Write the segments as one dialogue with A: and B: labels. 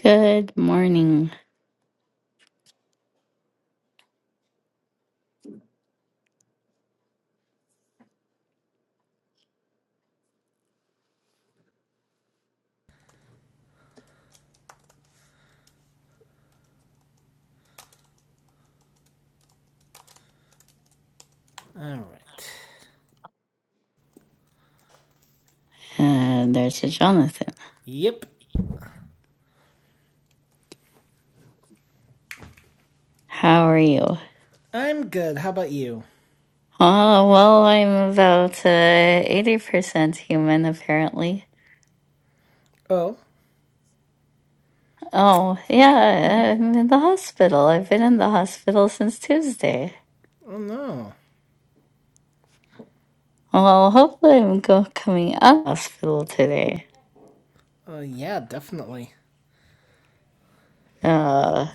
A: Good morning,
B: All right.
A: uh, there's a Jonathan.
B: Yep.
A: How are you?
B: I'm good. How about you?
A: Oh, well, I'm about uh, 80% human, apparently.
B: Oh.
A: Oh, yeah, I'm in the hospital. I've been in the hospital since Tuesday.
B: Oh no.
A: Well, hopefully I'm go coming out of hospital today.
B: Oh uh, yeah, definitely.
A: Uh,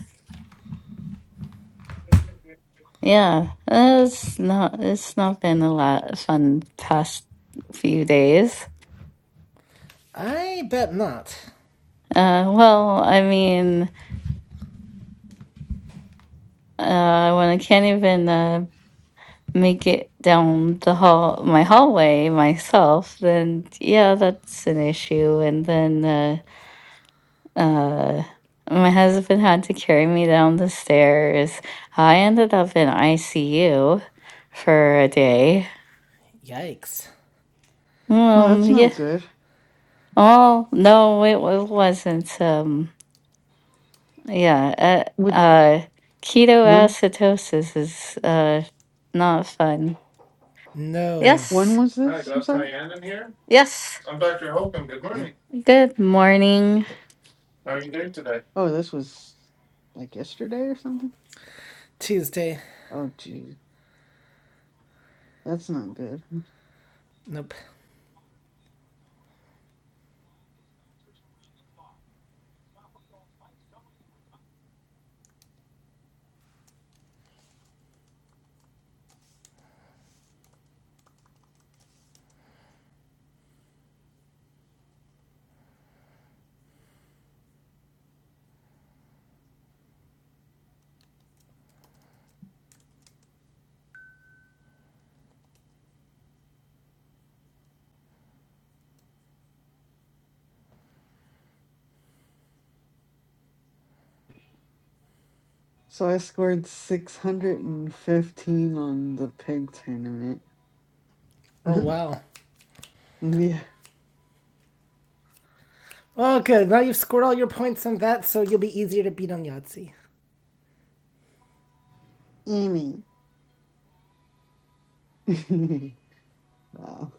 A: yeah, it's not, it's not been a lot fun past few days.
B: I bet not.
A: Uh, well, I mean, uh, when I can't even uh, make it down the hall my hallway myself then yeah that's an issue and then uh uh my husband had to carry me down the stairs i ended up in icu for a day
B: Yikes.
C: Well,
A: um
C: that's
A: yeah
C: not good.
A: oh no it, wa- it wasn't um yeah uh,
C: What
A: uh
C: when
A: ketoacidosis is uh not fun
B: No.
C: when
A: yes
C: was this? I'm sorry.
A: yes
C: Oh
A: good morning
C: oh, this was like yesterday or something.
B: Tuesday.
C: Oh gee, that's not good.
B: Nope.
C: So I scored six hundred and fifteen on the pig tournament.
B: Oh wow.
C: yeah,
B: Oh good. Now you've scored all your points on that, so you'll be easier to beat on Yahtzee.
C: Amy. wow.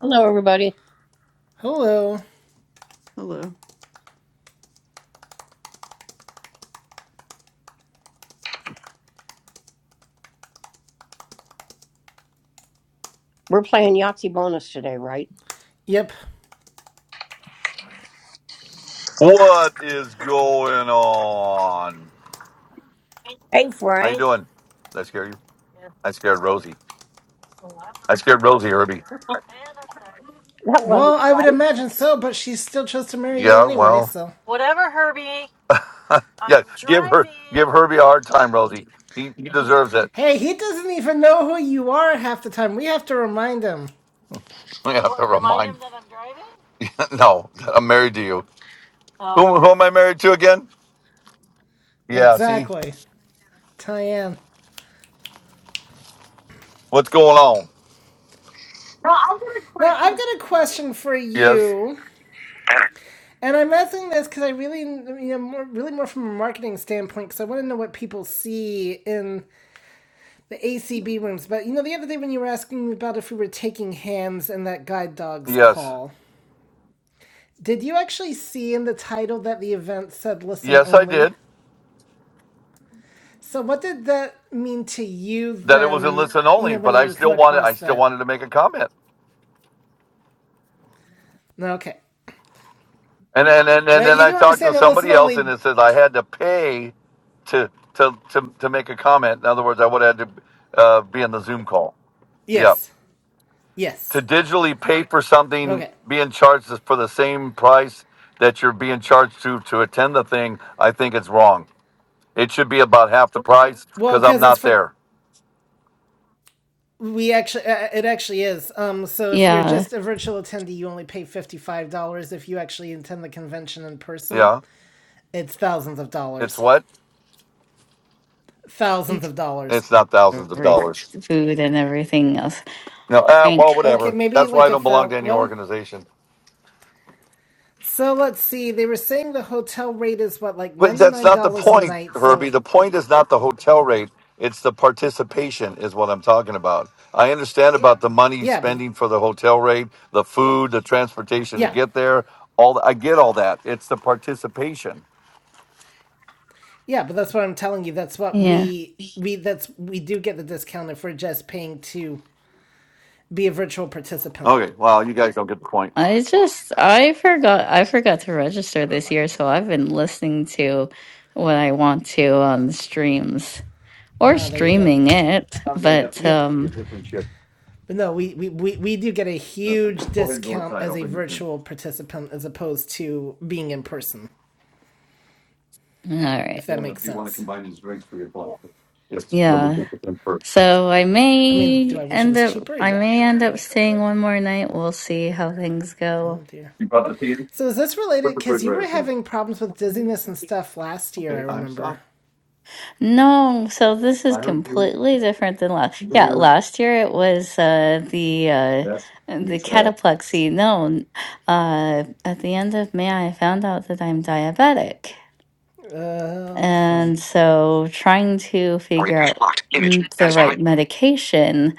D: Hello, everybody.
B: Hello.
C: Hello.
D: We're playing Yahtzee bonus today, right?
B: Yep.
E: What is going on?
D: Hey,
E: How you
D: Frank.
E: doing? Did I scare you? I scared Rosie. I scared Rosie, Herbie.
D: That wasn't
B: Well, I would
D: nice.
B: imagine so, but she still chose to marry you
E: Yeah,
B: anyway,
E: well,
B: so.
E: yeah. Give her, give Herbie a hard time, Rosie. He, he deserves it.
B: Hey, he doesn't even know who you are half the time. We have to remind him.
E: We have to remind. no, I'm married to you. Who, who am I married to again? Yeah. See
B: Exactly. Tyann.
E: what's going on?
B: Now I've got a question for
E: Yes,
B: you, and I'm asking this because I really, you know, more, really more from a marketing standpoint, because I want to know what people see in the ACB rooms. But you know, the other day when you were asking me about if we were taking hands in that guide dogs
E: yes,
B: call, did you actually see in the title that the event said "listen
E: yes. I
B: only"?
E: did
B: So what did that mean to you
E: that. It was a
B: then?
E: listen
B: You
E: only,
B: know, when
E: but
B: you
E: I
B: would come
E: still wanted. I
B: across
E: still
B: that.
E: wanted to make a comment.
B: No, Okay,
E: And then and, and
B: but
E: then
B: you
E: I
B: do
E: talked to
B: understand that listen
E: somebody else, and
B: only.
E: it says I had to pay to to to, to make a comment. In other words, I would have had to uh, be in the Zoom call. Yeah,
B: Yes.
E: to
B: Yes.
E: digitally pay for something,
B: Okay.
E: being charged is for the same price that you're being charged to to attend the thing, I think it's wrong. It should be about half the price
B: Well,
E: because I'm
B: because it's
E: not
B: for.
E: there.
B: We actually, uh, it actually is. Um, so if you're
A: yeah
B: just a virtual attendee, you only pay $55. If you actually attend the convention in person,
E: Yeah,
B: it's thousands of
E: it's
B: dollars.
E: what?
B: Thousands of dollars.
E: It's not thousands of
A: every
E: dollars.
A: food and everything else.
E: No, uh,
A: Drink.
E: well,
B: Okay,
E: whatever.
B: maybe
E: That's why
B: like
E: I
B: a
E: don't belong
B: thou.
E: to any
B: Well,
E: organization.
B: so let's see. They were saying the hotel rate is what, like
E: But that's
B: $99
E: not the
B: a
E: point,
B: night.
E: Herbie.
B: So
E: The point is not the hotel rate. It's the participation is what I'm talking about. I understand about the money
B: yeah, but
E: spending for the hotel rate, the food, the transportation to
B: yeah,
E: get there. All I get all that. It's the participation.
B: yeah, but that's what I'm telling you. That's what
A: Yeah.
B: we, we, that's, we do get the discount if we're just paying to be a virtual participant.
E: Okay. Well, you guys don't get the point.
A: I just I forgot I forgot to register
E: Heather and
A: this
E: I
A: year,
E: getting the
A: so I've
E: point.
A: been listening to what I want to on the streams or
B: Ah, there you go.
A: streaming it.
E: I'm gonna have to
A: But
B: Yep.
E: get
A: um
E: this and shit.
B: But no, we, we, we, we do get a
E: No,
B: huge
E: just go ahead and go
B: discount
E: inside.
B: as
E: I'll
B: a
E: bring this in.
B: virtual participant as opposed to being in person,
A: all
B: if
A: right.
E: You
B: that
E: wanna
B: makes
E: you wanna
B: sense.
E: combine these drinks for your block? Yes, let me
A: Yeah.
E: get this in first.
A: So I
B: I mean,
A: may
B: do I wish it
A: end
B: was
A: up
B: cheaper?
A: I
B: Yeah,
A: may
B: but
A: end up staying one more night. We'll see how things
B: oh
A: go.
B: dear.
E: You brought the tea?
B: So is this related?
E: Put the
B: Because you
E: refrigerator,
B: were
E: please.
B: having problems with dizziness and stuff last year, I
E: Okay, I'm
B: remember.
E: stopped.
A: No, so this is
E: I heard you.
A: completely different than last. Yeah,
E: here,
A: last year it was uh, the uh,
E: that's gonna be
A: the
E: trash.
A: cataplexy. No, uh, at the end of May, I found out that I'm diabetic,
B: Oh, fun.
A: and so trying to figure
D: Orientation
A: out
D: locked. Image
A: mm, the
D: satisfied.
A: right medication.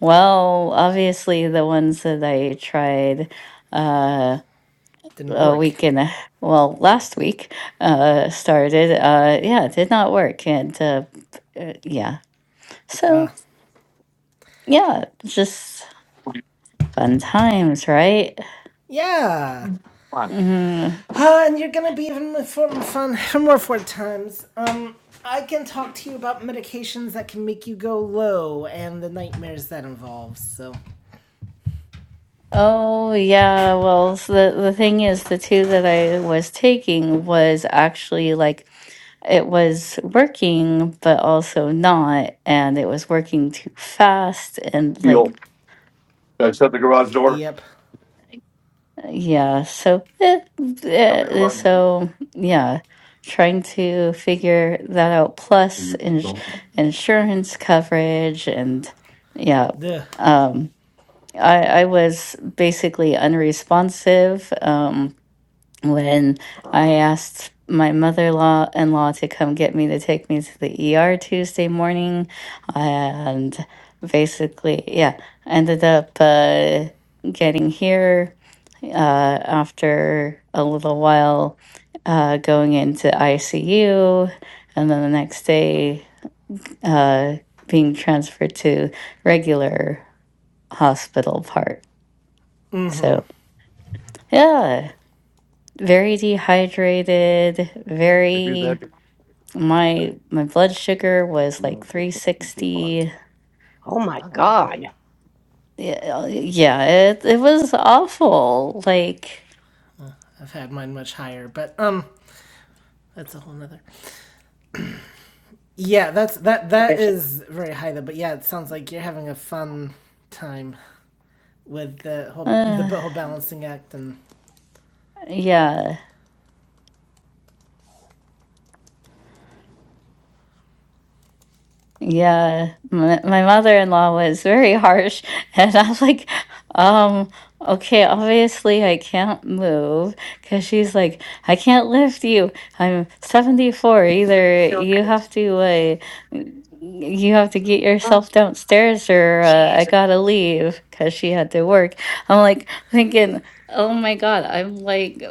A: Well, obviously the ones that I tried uh,
B: Didn't
A: a
B: work.
A: week and a, well last week uh, started. Uh, yeah, it did not work, and uh, uh, yeah. So yeah, just fun times, right?
B: Yeah.
E: Fine.
A: Mm.
B: Uh, and you're gonna be even more fun for more four times. Um, I can talk to you about medications that can make you go low and the nightmares that involves. So
A: Oh yeah, well s the the thing is, the two that I was taking was actually like it was working, but also not, and it was working too fast, and
E: Feel.
A: like
E: Guys, shut the garage door.
B: Yep.
A: yeah, so eh,
E: Shut the
A: eh,
E: garage door.
A: so yeah, trying to figure that out, plus ins
E: Don't-
A: insurance coverage, and yeah.
B: ugh,
A: um, I, I was basically unresponsive um, when I asked my mother law in law to come get me to take me to the ER Tuesday morning. And basically, yeah, ended up uh, getting here uh, after a little while uh, going into ICU. And then the next day, uh, being transferred to regular hospital part. So, Yeah, very dehydrated,
E: If you're
A: very
E: that,
A: my my blood sugar was
E: you
A: like
E: don't get attention to your body.
A: 360.
D: Oh
E: I
D: my
E: don't know,
D: God.
E: Dave.
A: Yeah, yeah, it it was awful. Like
B: I've had mine much higher, but um, that's a whole nother. Yeah, that's that that is very high though. But yeah, it sounds like you're having a fun time with the whole the
A: uh,
B: whole balancing act and
A: yeah. Yeah, my, my mother-in-law was very harsh, and I was like, um, okay, obviously I can't move because she's like, I can't lift you. I'm 74. Either you have to uh, n- you have to get yourself downstairs or uh, I gotta leave because she had to work. I'm like thinking, oh my God, I'm like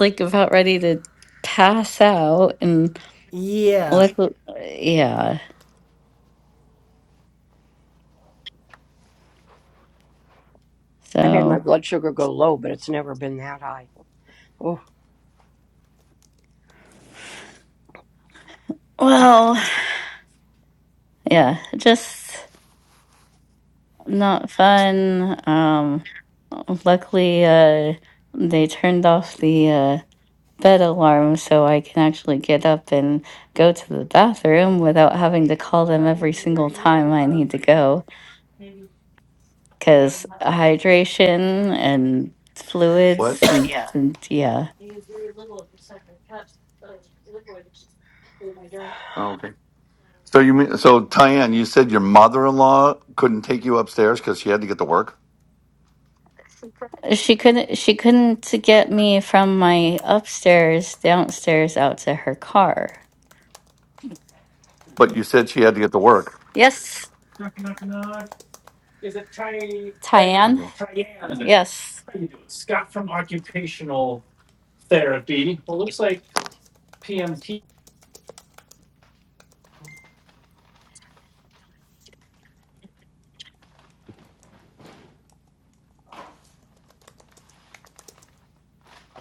A: like about ready to pass out and
B: yeah,
A: like yeah,
D: I've had
A: so.
D: my blood sugar go low, but it's never been that high. Oh,
A: Well, yeah, just not fun. Um, luckily, uh, they turned off the uh, bed alarm so I can actually get up and go to the bathroom without having to call them every single time I need to go. Because hydration and fluids
E: What?
A: and, and yeah.
E: Oh, okay. So you mean so Tyann, you said your mother-in-law couldn't take you upstairs because she had to get to work,
A: She couldn't she couldn't get me from my upstairs downstairs out to her car.
E: but you said she had to get to work.
A: Yes, Tyann?
E: Okay.
A: Yes.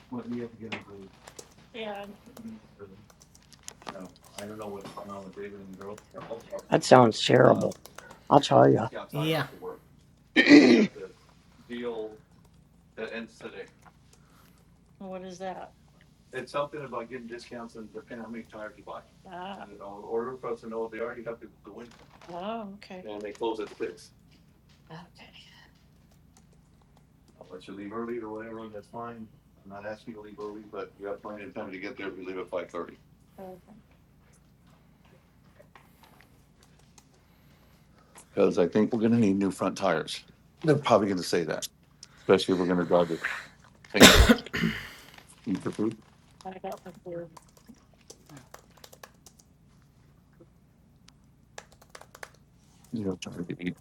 E: What do you have to get into? No, I don't know what's going on with David and the girls.
D: that sounds
E: Uh,
D: terrible. I'll tell you.
E: just got tired
B: yeah.
E: after work because they got the deal. that ends today. It's something about getting discounts and depending on how many tires you buy. And in order for us to know, they already have to go in and they close at six. I'll let you leave early or whatever, and that's fine. I'm not asking you to leave early, but you have plenty of time to get there if you leave at five thirty. Cause I think we're gonna need new front tires. They're probably gonna say that, especially if we're gonna drive the thing over. Eat the food. You know, trying to eat.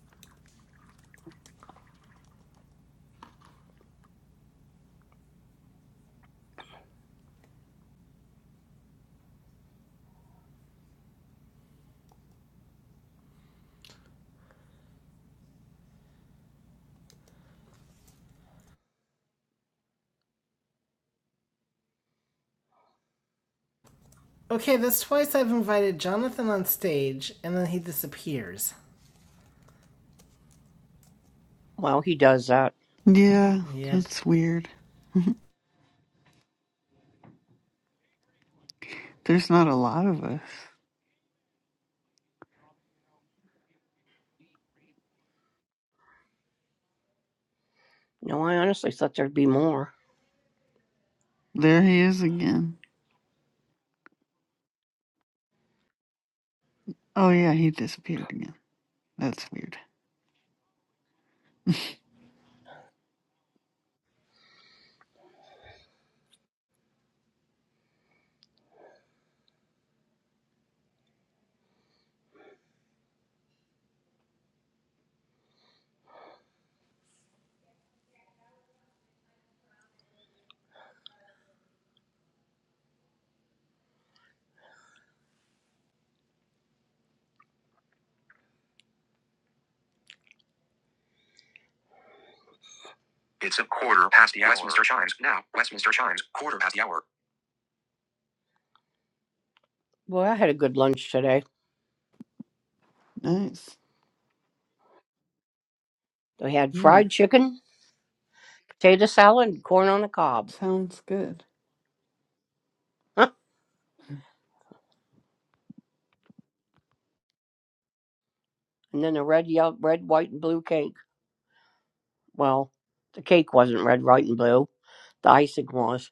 B: Okay, that's twice I've invited Jonathan on stage and then he disappears.
D: well, he does that.
C: Yeah,
B: Yep.
C: it's weird. There's not a lot of us.
D: No, I honestly thought there'd be more.
C: There he is again. Oh yeah, he disappeared again. That's weird.
D: It's a quarter past the hour. Westminster chimes. Now, Westminster chimes. Quarter past the hour. Boy, I had a good lunch today.
C: Nice.
D: I had
C: Hmm.
D: fried chicken, potato salad, and corn on the cob.
C: Sounds good.
D: and then a red, yellow, red, white, and blue cake. Well, the cake wasn't red, white, and blue. The icing was.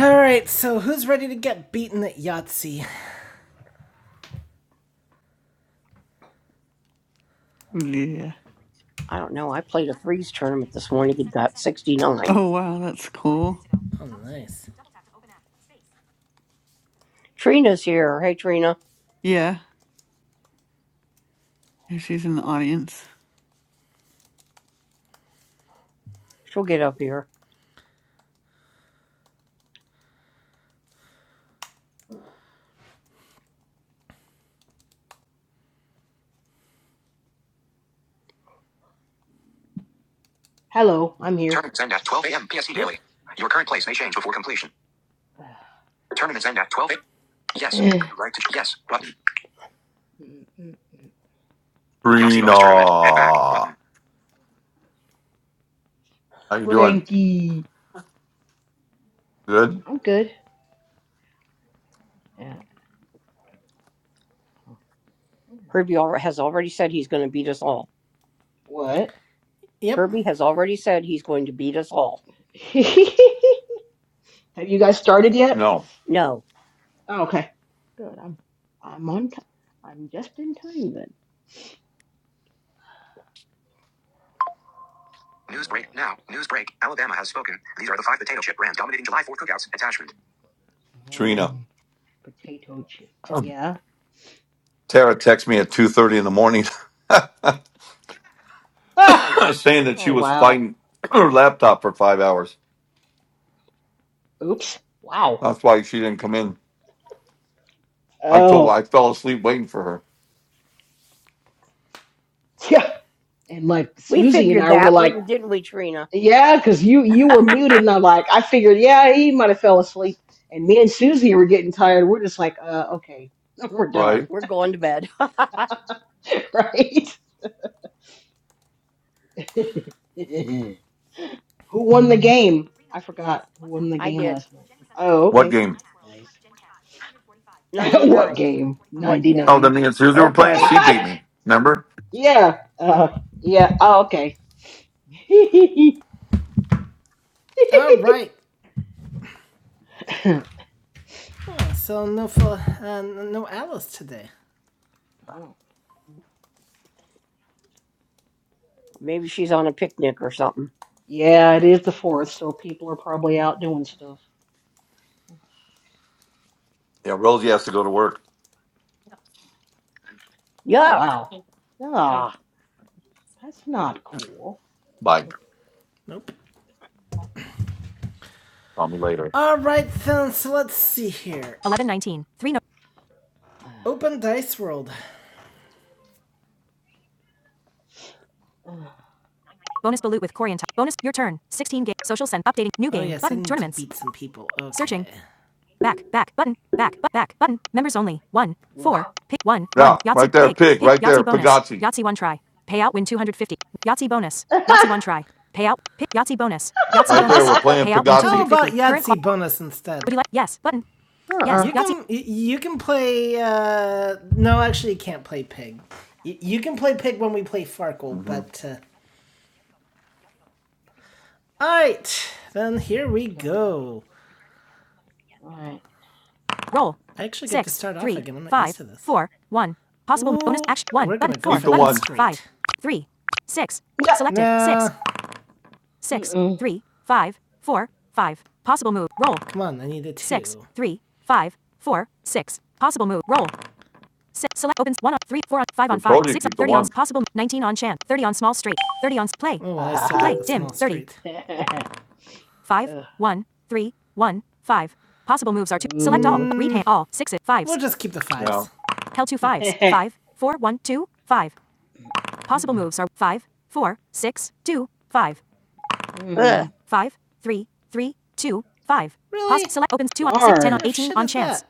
B: All right, so who's ready to get beaten at Yahtzee?
C: Yeah.
D: I don't know. I played a freeze tournament this morning and got 69.
C: Oh wow, that's cool.
B: Oh, nice.
D: Trina's here. Hey, Trina.
C: Yeah, if she's in the audience.
D: She'll get up here.
F: Hello, I'm here.
D: Tournaments end at 12 a.m. PST
B: Yep.
D: daily. Your current place may change before completion. Tournaments end at 12 a.m. Yes. Would you like to? Yes. Button.
F: Mm, mm, mm.
D: Yahtzee
E: Trina,
D: bonus tournament. Head back. Button.
E: how you doing?
F: Frankie.
E: Good?
F: I'm good. Yeah.
D: Herbie al- has already said he's going to beat us all.
F: What?
B: Yep.
D: Herbie has already said he's going to beat us all.
F: Have you guys started yet?
E: No,
D: No.
F: Oh, okay. Good. I'm I'm on t- I'm just in time then.
D: News break now.
F: Uh,
D: News break. Alabama has spoken. These are the five potato chip brands dominating July 4th cookouts. Attachment.
E: Trina.
F: mm, potato chip. Yeah.
E: Tara texted me at two thirty in the morning
F: Ah!
E: saying that
F: Oh
E: she was
F: wow.
E: fighting her laptop for five hours.
F: Oops. Wow.
E: That's why she didn't come in. I told her I
F: Oh.
E: fell asleep waiting for her.
F: Yeah. And like
D: We
F: Susie and
D: figured
F: I were
D: that,
F: like
D: wouldn't didn't we, Trina?
F: Yeah, because you you were muted, and I'm like, I figured, yeah, he might have fell asleep. And me and Susie were getting tired. We're just like, uh, okay, we're
E: Right?
F: done,
D: We're going to bed.
F: right? Who won the game? I forgot who won the
D: I
F: game
D: did.
F: last night. Oh,
E: What
F: okay,
E: game?
F: nice. what
D: 99.
F: game?
D: What
F: Ninety
E: Oh,
D: game?
E: the
F: nine.
E: me and Susie were playing.
D: Okay.
E: She beat me. Remember?
F: yeah, uh, yeah. Oh, okay.
B: All right. Hmm, So no for uh, no Alice today.
D: Maybe she's on a picnic or something.
F: yeah, it is the fourth, so people are probably out doing stuff.
E: Yeah, Rosie has to go to work.
F: Oh
D: Yuck.
F: wow. Ah. That's not cool.
E: Bye.
B: Nope.
E: Call me later.
B: All right, then. So let's see here. Open Dice World.
F: Ugh.
B: Oh Oh, yes, beat some people. Okay.
F: Ugh.
E: Yeah, right there, pig. Right there, Pagazzi. Right there, we're playing Pagazzi.
B: bonus instead? Would
F: uh-uh.
B: you can play. Uh, no, actually, you can't play pig. Y- You can play pig when we play Farkle,
E: hmm
B: but uh, all right, then here we
F: Okay.
B: go.
F: All right.
B: I actually to
E: Keep the one.
F: Yeah. Mm-mm.
B: come on, I need a two.
E: I told you to keep the one.
B: well,
F: Ha
B: I still
F: ha
B: straight.
F: ha. Ugh. Ooh.
B: 5s just keep the
E: Yeah.
B: fives.
F: Mm.
D: Ugh.
F: Mm.
B: Really?
F: Darn.
B: What that?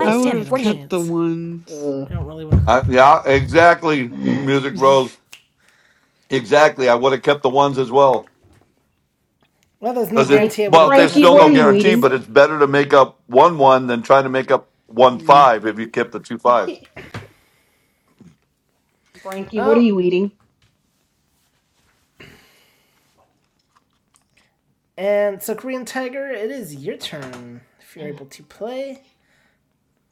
C: I would have kept the ones.
F: Ugh.
B: I don't really want.
E: I,
B: to...
E: yeah, exactly. Music Rose.
C: but
E: Exactly. I would have kept the ones as
C: yeah.
E: well.
B: Well, there's no
E: Because it's
F: Frank,
B: guarantee I would
E: well,
B: have
E: there's
B: gotten a
F: Frankie,
E: still
B: three
F: what
E: no
F: are
B: on
F: you
B: one.
E: guarantee,
F: eating?
E: but
B: So.
E: it's better to make up one one than trying to make up one
F: Mm.
E: five if you kept the two fives.
F: Frankie, what are
B: Oh,
F: you eating?
B: and so Korean Tiger, it is your turn if you're able to play.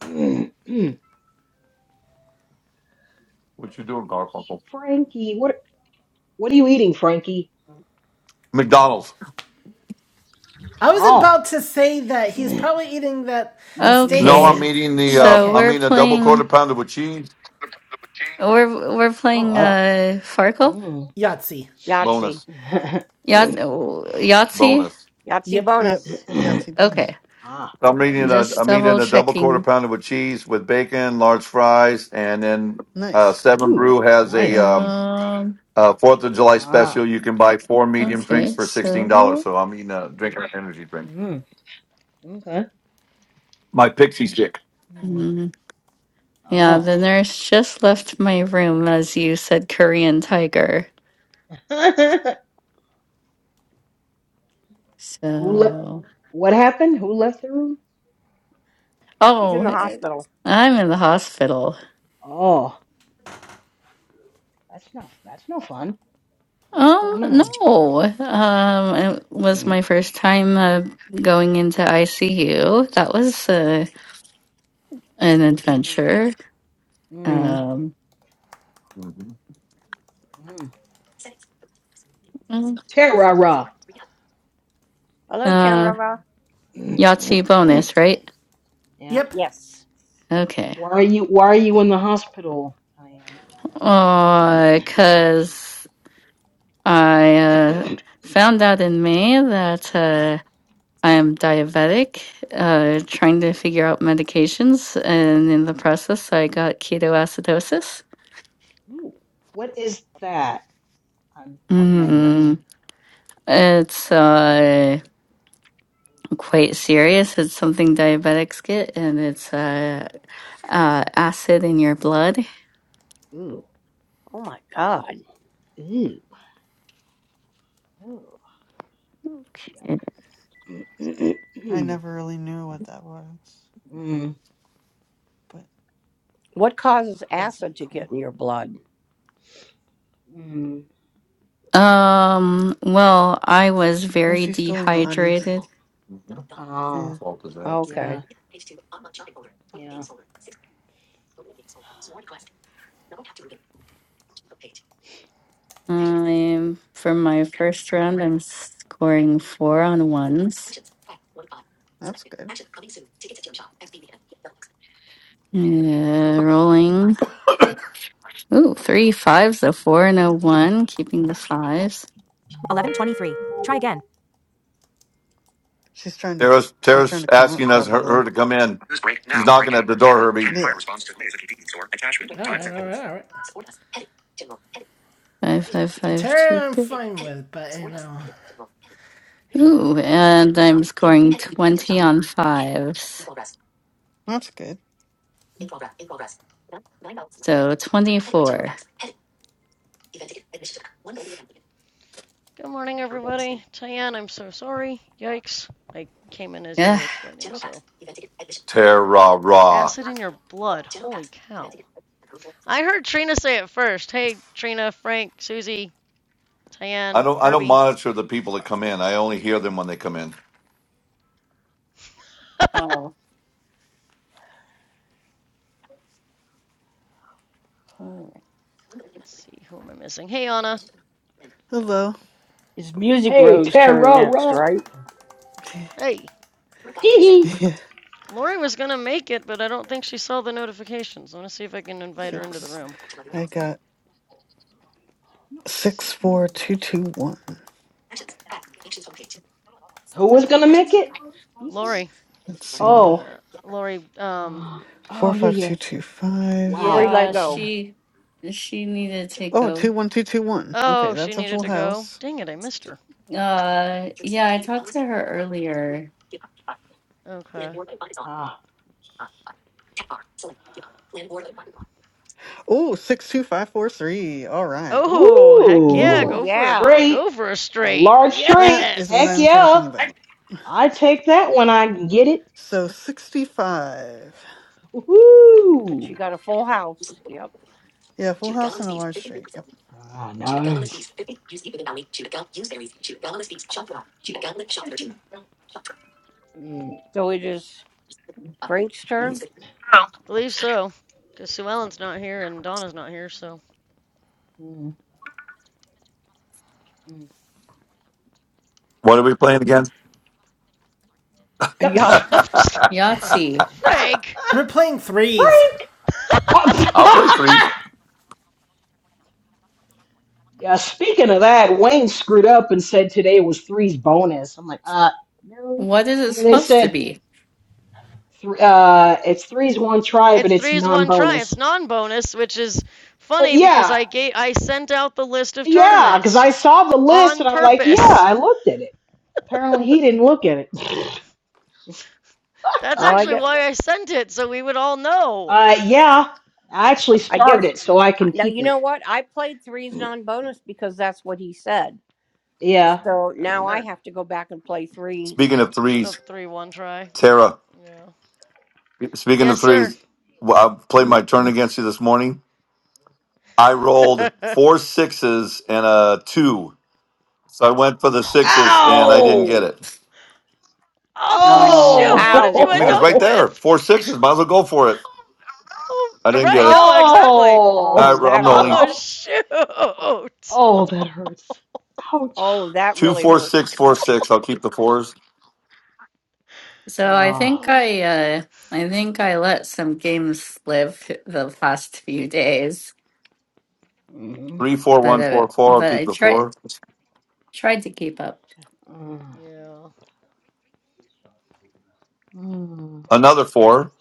F: Mm.
E: What you doing, Garfunkel?
F: Frankie, what what are you eating, Frankie?
E: McDonald's.
B: I was
F: Oh,
B: about to say that he's probably eating that
F: Mickey
E: No,
B: steaks.
E: I'm
F: D's.
A: Okay.
E: eating the. Uh,
A: So
B: Okay,
E: I'm
A: we're
E: eating a double quarter
A: playing
E: pounder with cheese.
A: we're we're
F: Oh
A: playing
F: wow.
A: uh Farkle?
F: Mm.
B: Yahtzee.
D: Yahtzee.
E: Bonus,
A: Yahtzee? Yahtzee?
E: bonus.
D: Yahtzee
B: Yep.
C: Yep.
D: bonus.
C: Yahtzee buttons.
A: Okay.
F: ah,
E: I'm eating a.
A: Just
E: I'm eating
A: double
E: a double quarter
A: checking.
E: pounder with cheese with bacon, large fries, and then uh,
C: Nice.
E: Seven
F: ooh,
E: Brew has a
F: nice.
E: um,
A: Um
E: uh, Fourth of July
F: Ah,
E: special. You can buy four medium drinks
A: okay,
E: for sixteen dollars.
A: so
E: So I'm eating a drinking an energy drink.
F: mm, okay.
E: My pixie stick.
F: Mm,
A: mm, yeah,
F: oh,
A: the nurse just left my room as you said Korean tiger.
F: who left?
A: So
F: What happened? Who left the room?
D: She's in the
A: oh
D: hospital.
A: I'm in the hospital.
F: Oh, that's not that's no fun. What's
A: Um,
F: going on?
A: no. Um, it was
F: Mm,
A: my first time uh, going into ICU. That was uh, an
F: mm,
A: adventure.
F: mm.
A: Um,
F: mm. Terra.
D: Hello,
A: uh,
D: Tara.
A: Yahtzee bonus, right?
F: yeah.
B: Yep.
D: Yes.
A: Okay.
F: Why are you Why are you in the hospital, Diane?
A: Uh, cause I uh, found out in May that uh, I am diabetic, uh, trying to figure out medications, and in the process, I got ketoacidosis.
F: Ooh, what is that? I'm pardon my ignorance.
A: Mm, it's uh. quite serious. It's something diabetics get, and it's uh, uh, acid in your blood.
F: Ooh,
D: Oh my God.
F: ooh, ooh. Yeah.
C: I never really knew what that was,
F: Mm,
C: but
D: What causes
C: that's not
D: acid to get
C: cool.
D: in your blood?
F: mm.
A: Um, well, I was
C: Oh,
A: very
C: she's still in the audience.
A: dehydrated.
E: Mhm.
F: Oh,
E: What
C: Yeah,
E: fault is that?
D: Okay.
F: yeah, yeah.
A: Um, for my first round, I'm scoring four on ones.
C: that's good.
A: Uh, rolling. Ooh, three fives, a four, and a one, keeping the fives.
C: She's trying to
E: Tara's,
C: she's trying
E: Tara's
C: to come up
E: asking us her, her
C: probably.
E: to come in.
D: News break
E: She's
D: now.
E: knocking at
D: Breaking.
E: the door,
D: Canton.
E: Herbie.
D: Canton
C: Yeah,
D: fire response to Blaze at convenience store. Attachment.
B: All
D: Time
B: right. All
D: sensitive.
B: right. All right.
A: Five, five, five, two,
B: Terra, I'm
A: three.
B: fine with, but you know, yeah,
A: Ooh, and I'm scoring 20 on fives.
C: that's good.
A: So 24.
G: Good morning, everybody. Cheyenne, I'm so sorry. Yikes. I came in as you
A: Yeah.
G: were explaining, so.
E: Tara, raw.
G: Acid in your blood. Holy cow. I heard Trina say it first. Hey, Trina, Frank, Susie,
E: I
G: Cheyenne,
E: don't, I don't
G: Herbie.
E: monitor the people that come in. I only hear them when they come in.
G: Let's
A: Oh. Mm,
G: see, who am I missing? Hey, Anna.
C: Hello.
D: It's Music
F: Hey,
D: Row's turn next,
F: Tara.
D: right?
G: Hey.
F: Hee hee.
C: yeah.
G: Lori was going to make it, but I don't think she saw the notifications. I'm going to see if I can invite her into the
C: Six.
G: room.
C: I got
G: Let's See
C: six
G: if I
C: four
G: can.
F: Mm.
C: two two one.
F: Who was gonna make it? You said?
G: Lori.
C: Let's see me.
F: Oh,
G: Uh, Lori, um.
F: uh, oh
C: Four
F: yeah,
C: five
F: yeah.
C: two two five.
D: Lori
F: Wow.
A: Yeah,
F: But
D: Lego.
F: uh,
A: she she needed to
C: Oh, two
A: go.
C: one two two one. Okay,
G: Oh, she
C: that's a
G: needed
C: full
G: to go.
C: house.
G: Dang it, I missed her.
A: Uh, yeah, I talked to her earlier.
G: Okay.
F: ah,
C: Oh, six two five four three. All right,
G: Oh, heck yeah,
D: Oh
F: ooh,
G: go
A: Woo,
G: for a
D: yeah,
F: straight,
G: go for a
F: a
G: straight.
F: large
C: that
F: straight.
C: is what
F: Heck
G: Yes.
C: I'm
F: yeah,
C: talking about.
F: I take that when I can get it.
C: So sixty five.
F: Ooh,
D: she got a full house. Yep.
C: Yeah, full house and a large straight. Yep.
F: ah, nice. Mm,
D: So it is Frank's
F: mm,
D: turn.
G: I Believe so. Cause Sue Ellen's not here and Donna's not here, so
F: mm,
E: What are we playing again?
F: mm.
D: Yeah.
G: oh,
A: Yahtzee.
G: Frank!
B: we're playing threes.
F: Frank!
E: I'll play threes.
F: yeah, speaking of that, Wayne screwed up and said today was three's bonus. I'm like, uh, no.
A: What is it
F: And then they
A: supposed to
F: said,
A: be?
F: th- uh, it's three's one try,
G: It's
F: but it's
G: threes
F: non
G: one try. It's
F: bonus.
G: non bonus, which is
F: Uh,
G: funny because
F: yeah,
G: I gave I sent out the list of
F: yeah, because
G: tournaments
F: I saw the list
G: on
F: and I'm like, yeah,
G: purpose.
F: I looked at it. Apparently he didn't look at it.
G: That's
D: Well, I
G: actually
D: guess
G: why I sent it, so we would all know.
F: Uh, yeah, I actually
D: I
F: starred
D: guess
F: it so I
D: uh,
F: can
D: now
F: keep
D: you
F: it.
D: know what I played threes non-bonus because that's what he said.
F: Yeah.
D: So now I
G: Or
D: have to go back and play threes.
E: Speaking of
G: the
E: threes,
G: three one try.
E: Tara.
G: Yeah.
E: Speaking
G: Yes,
E: of
G: sir.
E: threes, well, I played my turn against you this morning. I rolled four sixes and a two, so I went for the sixes and I didn't
F: Ow!
E: get it.
G: oh shoot,
A: Oh,
G: what did you
E: I
G: end
E: mean, it was
D: Ouch!
G: up
E: right
F: Oh!
G: with?
E: there. Four sixes. Might as well go for it.
G: Oh,
E: I didn't get
G: right.
E: it.
G: No, exactly.
E: All
D: Oh,
F: Oh!
E: right, I'm
D: that
E: rolling.
G: Oh,
F: Oh!
D: hurts.
G: shoot.
F: Oh, that hurts. Ouch.
D: Oh, that
E: Two,
D: really
E: four, six,
D: hurts.
E: four, six. I'll keep the fours.
A: so I
F: Ah.
A: think
G: Oh,
A: I uh I think I let some games live the past few days,
F: Mm,
E: Three, four,
A: but
E: one,
A: uh,
E: four, four. I'll
A: but
E: keep
A: I
E: the
A: tried
E: four.
A: tried to keep up.
F: mm,
G: yeah.
F: mm.
E: Another four.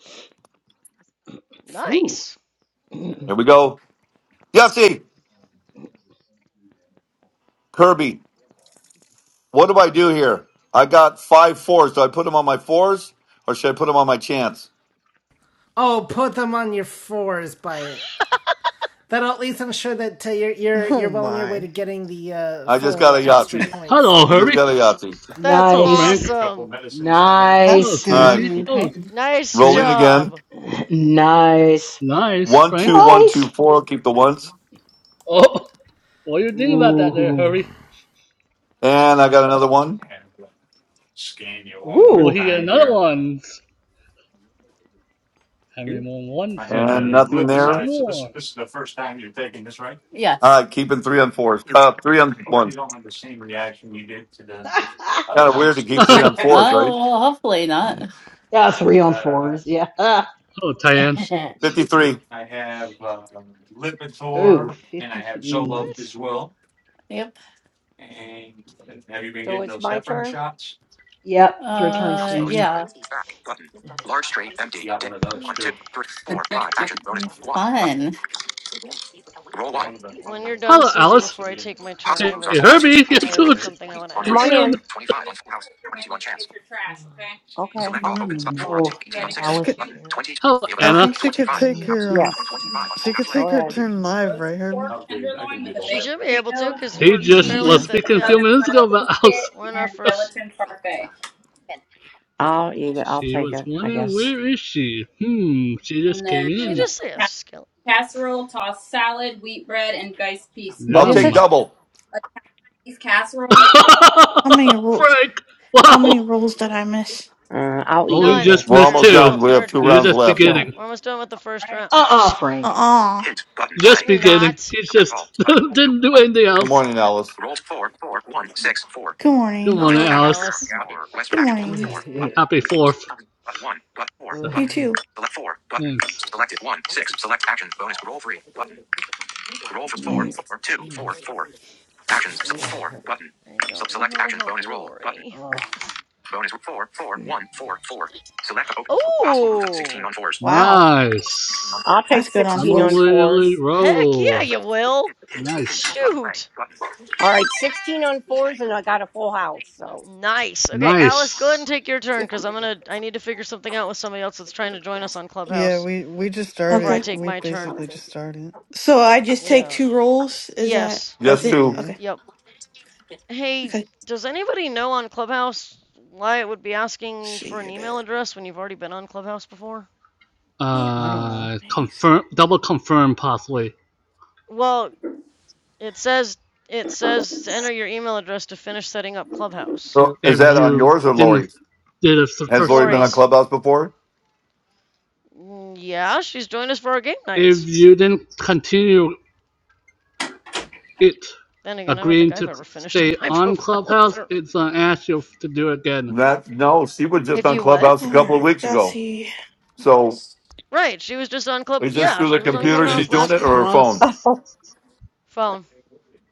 F: Ooh.
G: Nice.
E: Here we go. Jesse, Kirby, what do I do here? I got five fours. Do I put them on my fours or should I put them on my chance?
B: Oh, put them on your fours, but that'll at least ensure that uh, you're you're
C: Oh
B: you're well on your way to
C: my,
B: getting the uh,
E: I just
B: full
E: got
B: uh,
E: a
B: extra
E: Yahtzee.
B: points.
H: Hello,
E: I just
H: Herbie.
E: got a Yahtzee.
G: That's
H: Hello,
F: Nice.
H: Frank.
G: awesome.
H: Hello,
C: that's
F: Nice.
E: All
C: good.
H: Susie.
A: Mm,
E: right,
H: Hello,
A: Okay.
G: Nice
E: rolling
H: Trina.
E: again.
G: job.
F: Nice.
H: Nice,
E: One, two,
H: Frank.
E: one,
F: Nice.
E: two, four. I'll keep the ones.
H: Oh, what do you think about that there,
F: Ooh.
H: Herbie?
E: And I got another one.
H: Will
F: Ooh.
H: he get another one? How many more ones do he
E: And
H: need?
E: nothing
H: Maybe two
E: there.
H: more.
E: All
A: Yes.
E: right, keeping three on fours. Uh, three on ones. Kind of weird to keep three
H: Hello,
E: on
A: Oh,
E: fours, right?
A: well, hopefully not.
F: yeah, three on fours. Yeah.
H: Diane.
E: 53.
F: Ooh, 53.
G: What?
A: Yep.
D: So it's my turn.
F: Yep, it's your turn,
D: Yahtzee
A: Uh,
D: bonus
F: Susie.
A: yeah.
D: tournament. Back button. Large straight empty. Dip. One,
G: Okay.
D: two, three, four, five. Action bonus. One button.
A: Fun.
D: Roll one.
G: When you're done,
H: Hello,
G: Susie,
H: Alice.
G: before I take my turn, I
D: Possible
H: Hey,
G: have
D: moves are
G: a
D: 4 on 2s,
H: Herbie, you
G: I
D: 18 on
G: have
D: 6s,
H: two
G: something I
D: 20
G: want to
D: on Come 3
H: came
D: on and
G: ask.
H: in.
D: on 4 houses, 22 on chance. Your
F: Uh,
D: trash, Okay. Okay. Select all open spot 4 on 2,
F: Oh,
D: 18
F: uh,
D: on
C: She
D: 6s,
F: Alice
C: could.
F: is
D: button,
F: here.
D: 22 on
H: Hello,
D: 3 of a
C: I
D: kind,
H: Anna.
C: think she could
D: 25
C: take
F: Mm.
D: house,
C: her.
D: Yes.
C: Um,
D: 25 on full
C: she
D: house
C: could
D: play.
C: take
D: Go
C: her
D: ahead.
C: turn live,
D: Roasted
C: right,
D: pork
C: Herbie?
D: tenderloin with a
G: She
D: baked
G: should be able to,
D: potato,
G: cause
H: He
G: we're
D: green
H: just
G: barely
H: was
G: at
C: Yeah.
D: beans,
G: the
H: speaking a
D: a
G: yeah.
H: few
D: southern
H: minutes ago
D: style
H: about Alice.
D: biscuit,
G: We're in our
D: and
G: first.
D: gelatin parfait. I'll eat it. I'll
H: She
D: take
H: was
D: it, I
H: wondering
D: guess.
H: where is she? Hmm, she
D: And and
H: just came
G: She
H: in.
D: then
G: just say a
D: ca-
G: skill.
D: casserole, tossed salad, wheat bread, and diced peas. What
E: I'll
D: is
E: take
D: it?
H: Yum.
E: double.
D: A cheese casserole.
I: How many rule?
H: Frank!
I: How many
H: Wow!
I: rules did I miss?
D: Uh, I'll eat
H: Only
D: in
G: None.
D: here.
H: just
E: We're
H: missed
G: You're
E: almost
G: we've
H: two.
E: done. We
D: No,
E: have
G: we're
E: two
H: It was
E: rounds
D: nothing.
H: just
E: left.
D: No.
H: beginning.
G: we're almost done with the first round.
F: Uh-uh, Frank.
I: Uh-uh.
D: Hint. Button.
H: Just
D: Play.
G: You're
D: Button.
H: beginning.
G: not.
H: He
D: Select
H: just
D: all. Button. Roll two.
H: didn't do
D: Button.
H: anything
E: Good
H: else.
E: morning, Alice.
D: Roll four, four, one, six, four.
I: Good
H: Good
I: morning.
D: Four.
G: Good
D: One. Roll is
H: morning,
G: morning,
H: Alice.
D: after.
G: Alice.
D: Hour. West
I: Good
D: action.
I: morning.
D: Four. Button.
H: Happy
D: Select
H: fourth.
D: But one. But four.
H: So,
F: Ugh.
I: You
D: Button.
I: too.
D: Select four. Button.
H: thanks.
D: Selected one. Six. Select action. Bonus. Roll three. Button. Roll for four. four two four four Actions. So
F: Eh,
D: four. Button.
G: I
D: So
G: don't know
D: select
G: how to
D: action.
G: help
D: Bonus
G: you,
D: roll. Button.
G: Lori.
F: oh,
D: Bonus four, four, one, four, four. Select open. Possible moves of 16
G: Oh,
D: on fours. Button.
I: Wow,
H: Nice.
D: I'll take
I: that's good on
D: 16 on
I: fours.
H: Unbelievably
D: fours.
G: heck yeah,
H: roll.
G: you will.
H: Nice.
G: Shoot.
D: All right, 16 on fours, and I got a full house. So,
G: Nice. Okay, Alice, go ahead
H: Nice.
G: and take your turn because I'm gonna. I need to figure something out with somebody else that's trying to join us on
C: Yeah.
G: Clubhouse
C: We we just
G: before I
C: started.
I: Okay.
G: take
C: We
G: my turn.
C: basically just started.
I: So I just take
G: Yeah.
I: two rolls. Is that
G: Yes.
I: that's
E: Yes,
I: it?
E: two.
C: Yeah.
I: Okay.
G: Yep. Hey,
I: Okay.
G: does anybody know on Clubhouse why it would be
I: Let's
G: asking for
I: See
G: an
I: you
G: email
I: there.
G: address when you've already been on Clubhouse before?
C: I don't know.
H: Uh,
I: Amazing.
H: confirm, double confirm possibly.
G: Well, it says it says to enter your email address to finish setting up Clubhouse.
E: So is
H: If
E: that on
H: you
E: yours or
H: didn't
E: Lori's?
H: did it the
E: Has
H: first
E: Lori been on
H: round.
G: Lori's.
E: Clubhouse before?
G: mm, Yeah, she's joined us for our game nights.
H: If you didn't continue It,
G: Then again, I don't think
H: agreeing
G: I've
H: to
G: ever finished on
H: stay
G: my
H: on
G: profile
H: Clubhouse,
G: either.
H: it's gonna ask you to do it again.
E: Not, no, she was just
G: If
E: on
G: you what?
E: Clubhouse a
I: All
E: couple of
I: right.
E: weeks
I: Y'all
E: ago.
I: see.
E: So
G: Right, she was just on Club.
E: is this
G: Yeah,
E: through the
G: she was on
E: computer
G: Clubhouse
E: she's
H: It's
E: doing
G: last
E: it
G: week
E: or
G: or
E: her
I: Okay.
E: phone?
H: pos,
D: oh,
G: phone,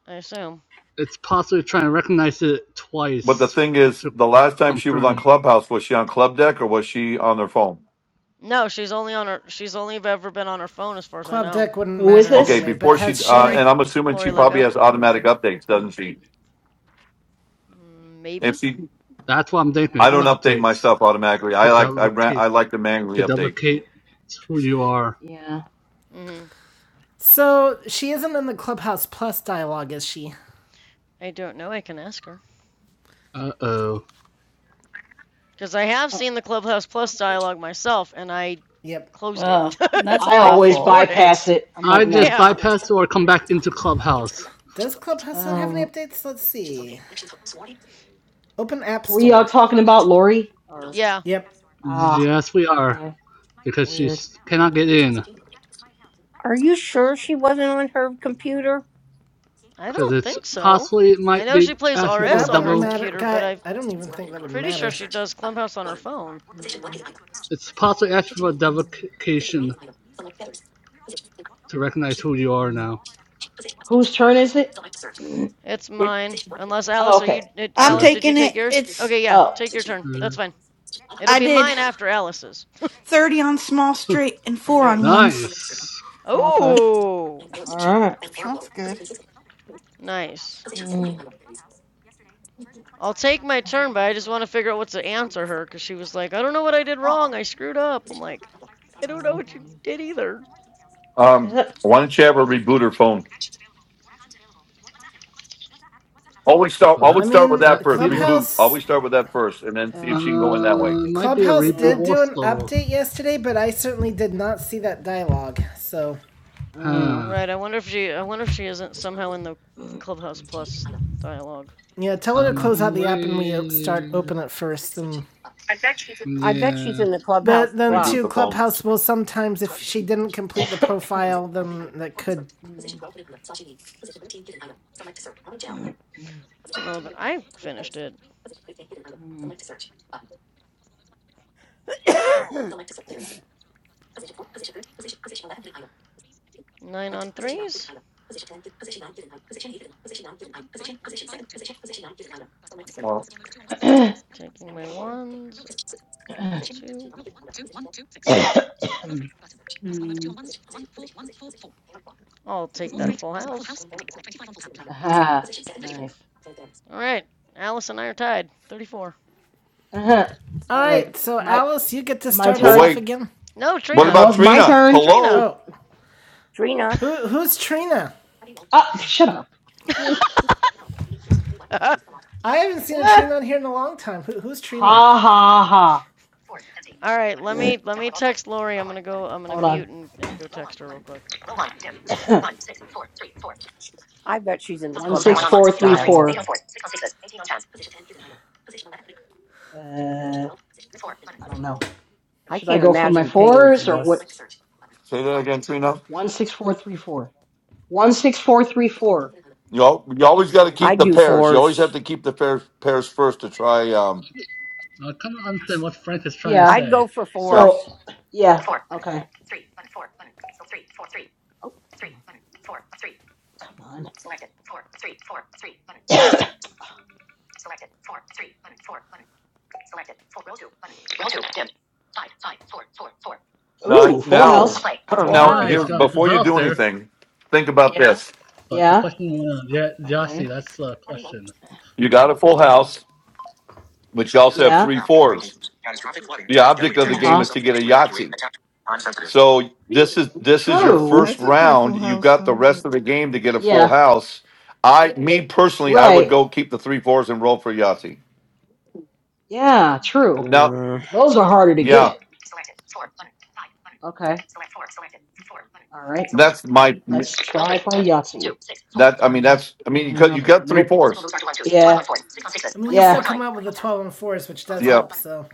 G: I assume.
H: it's possibly trying to recognize it
E: But the
H: twice
E: thing is,
H: to
E: the last time she was
H: confirm
E: on
H: it.
E: Clubhouse, was she on Club Deck or was she on her phone?
G: No, she's only on her. She's only ever been on her phone, as far as I
B: Club
G: know.
B: deck wouldn't
F: who is
B: matter
E: Okay,
F: this?
B: anyway. But
E: before
B: has
E: she, uh,
B: she?
G: Lori,
E: and I'm assuming she
G: Lori
E: probably
G: Lego,
E: has automatic
F: Oh,
E: updates, doesn't she?
G: Mm,
E: If
G: maybe.
E: she,
H: That's what I'm
F: I
H: thinking.
F: don't
E: I
H: It's
E: don't
H: the
F: know.
E: update my
H: updates,
E: stuff automatically.
H: the
E: I like, I ran,
H: duplicate,
E: I like to manually
H: the
E: update.
H: duplicate who you are.
F: Yeah.
G: hmm
B: So she isn't in the Clubhouse Plus dialogue, is she?
G: I don't know. I can ask her
H: Uh oh.
G: because I have
F: Uh,
G: seen the Clubhouse Plus dialogue myself, and I
B: Yep.
G: closed it,
A: Oh,
F: I
A: that's
F: I always
A: awful.
G: ignored it.
F: bypass it. I'm
H: I
F: like,
H: just
F: no.
G: Yeah,
H: bypass or come back into Clubhouse.
B: Does Clubhouse not have any
F: Um,
B: updates? Let's see. Open App
F: Were y'all
B: Store.
F: talking about, Lori? Or
G: yeah.
B: Yep.
F: ah,
H: Yes, we are
F: okay,
H: because she
F: weird.
H: s- cannot
F: Okay.
H: get in
D: are you sure
F: Str-
D: she wasn't on her computer?
G: I
H: because
G: don't
H: it's
G: think so.
H: possibly it
G: I
H: might
G: know she
H: be
G: plays
H: asking
B: But
H: for a
G: RS
B: that
G: on
B: wouldn't
G: her
H: double
B: matter.
G: computer, but
B: God,
G: I'm
B: I don't even think that would
G: pretty sure
B: matter.
G: she does Clubhouse on her phone.
F: Mm,
H: It's possibly to ask for
F: mm,
H: identification to recognize who you are
F: um,
H: now,
F: whose turn is it? Mm.
G: It's
D: Did
G: mine, unless
F: Oh,
G: Alice, are you?
F: okay.
G: Did,
I: I'm
G: Alice,
H: Jared.
G: did you
I: taking
G: take
I: it.
G: yours?
I: It's
G: Okay, yeah,
F: Oh,
G: take your turn. That's
H: Uh,
G: fine. It'll
I: I
G: be
I: did
G: mine after Alice's.
I: thirty on small
H: huh,
I: straight and four on
G: nice.
I: ones.
H: nice.
F: okay.
G: Oh,
F: All right.
C: That's good.
G: nice.
F: Mm,
G: I'll take my turn, but I just want to figure out what to answer her because she was like, "I don't know what I did
I: Uh-uh.
G: wrong. I screwed up." I'm like, "I don't know
F: oh
G: what you
F: boy.
G: did either."
E: Um,
F: Yep.
E: why don't you have her reboot her phone? Always start,
H: Oh,
B: I
H: that
E: always start with
B: mean,
E: that
H: that could
E: first.
H: be also.
E: Reboot.
B: Clubhouse
E: Always start with that first, and then see if
F: Uh,
E: she can go in that way.
H: Uh, it might be a
B: Clubhouse
H: reboot
F: yeah.
B: did do an
H: also.
B: update yesterday, but I certainly did not see that dialogue. So
F: Uh.
H: Huh.
G: Right, I wonder if she I wonder if she isn't somehow in the Clubhouse Plus dialogue.
B: yeah, tell her to
H: I'm
B: close
F: mm,
B: out the app and we start
H: afraid.
B: open it first. And
D: I bet she's
H: Yeah.
D: in the
B: but
D: clubhouse
B: then
E: Reboot
B: too,
D: plus.
E: the phone.
B: Clubhouse will sometimes if she didn't complete the profile, then that could.
G: I don't know that I finished it. Nine on threes. Taking my ones. Roll two.
A: Mm.
G: I'll take that full house.
F: Ah, nice.
G: All right. Alice and I are tied. 34.
F: Uh-huh.
B: All
F: All right,
B: right, so
F: my
B: Alice, you get to
F: my
E: Well,
B: start
E: well,
B: us
F: turn.
B: off
E: wait.
B: again.
G: No,
E: What
G: Trina.
F: No,
E: about
F: it's my
E: Trina?
F: turn.
G: Trina.
E: Hello.
B: Oh,
D: Trina,
B: who who's Trina?
F: Ah, shut up.
G: All
B: I haven't seen a
F: ha
B: Trina on here in a long time. Who, who's Trina?
F: ha ha.
G: right, let me let me text Lori. I'm gonna go. I'm gonna
F: Hold on.
G: mute and, and go text her real quick.
F: One six four
D: I bet she's in the clubhouse
F: three four.
D: dialogue.
F: Uh, I don't know.
D: I
F: Should I
D: can't
F: go for my
D: imagine paying for
F: fours or what?
D: this.
E: Say that again, Trina.
F: One six four three four. One six four three
E: You
F: four.
E: know, you always got to keep
D: I'd
E: the
D: do
E: pairs. You always have
D: fours.
E: to keep the pairs pairs first to try. Um,
H: I kind of understand what Frank is trying to
F: Yeah.
D: I'd
H: say.
D: go for
E: yeah.
D: fours.
F: So yeah. Four. Okay. Three. Three. Three. Four. Four. Oh, Three. Three. Four. Three. come on. Selected. Four. Three. Four. Three. Three.
E: Now,
F: Ooh, full house.
D: Ooh,
E: now,
F: Play. Play to
D: full
F: one
E: now,
F: times.
H: Nice,
E: here
F: Button.
D: house.
H: got a full
E: before you
H: house
E: do
H: there.
E: anything, think about Yeah. this.
H: But the
F: Yeah.
H: question went on. Yeah, Yossi,
F: Okay.
H: that's the question.
E: You got a full house, but you
D: News
E: also have
D: break
F: Yeah.
E: three
D: now. Breaking
E: fours.
D: news. Catastrophic flooding
E: The
D: turns deadly
E: object
D: in
E: of
C: But
E: the
F: Uh
C: it,
D: Texas.
E: game
F: huh.
E: is
D: Some
E: to get a
D: forced to evacuate.
E: Yahtzee.
D: Attack. Time sensitive.
E: So this is this is your
C: I
E: first
F: True.
C: took my
E: round.
C: full
E: You've
C: house
E: got the
C: though.
E: rest
C: But.
E: of the game to get a full
F: Yeah.
E: house. I, me personally, I would
F: Right.
E: go keep the three fours and roll for Yahtzee.
F: Yeah. True.
E: Now,
D: Mm.
F: 'Cause Those are harder to
E: yeah,
F: get. Okay. All
E: that's my.
F: Let's Button. Yahtzee.
E: That I mean, that's I mean, you got
F: Mm,
E: you
F: okay.
E: got three
F: Nope.
E: fours.
B: I mean, you still come out with the twelve and fours, which does
E: Yeah.
B: help. So,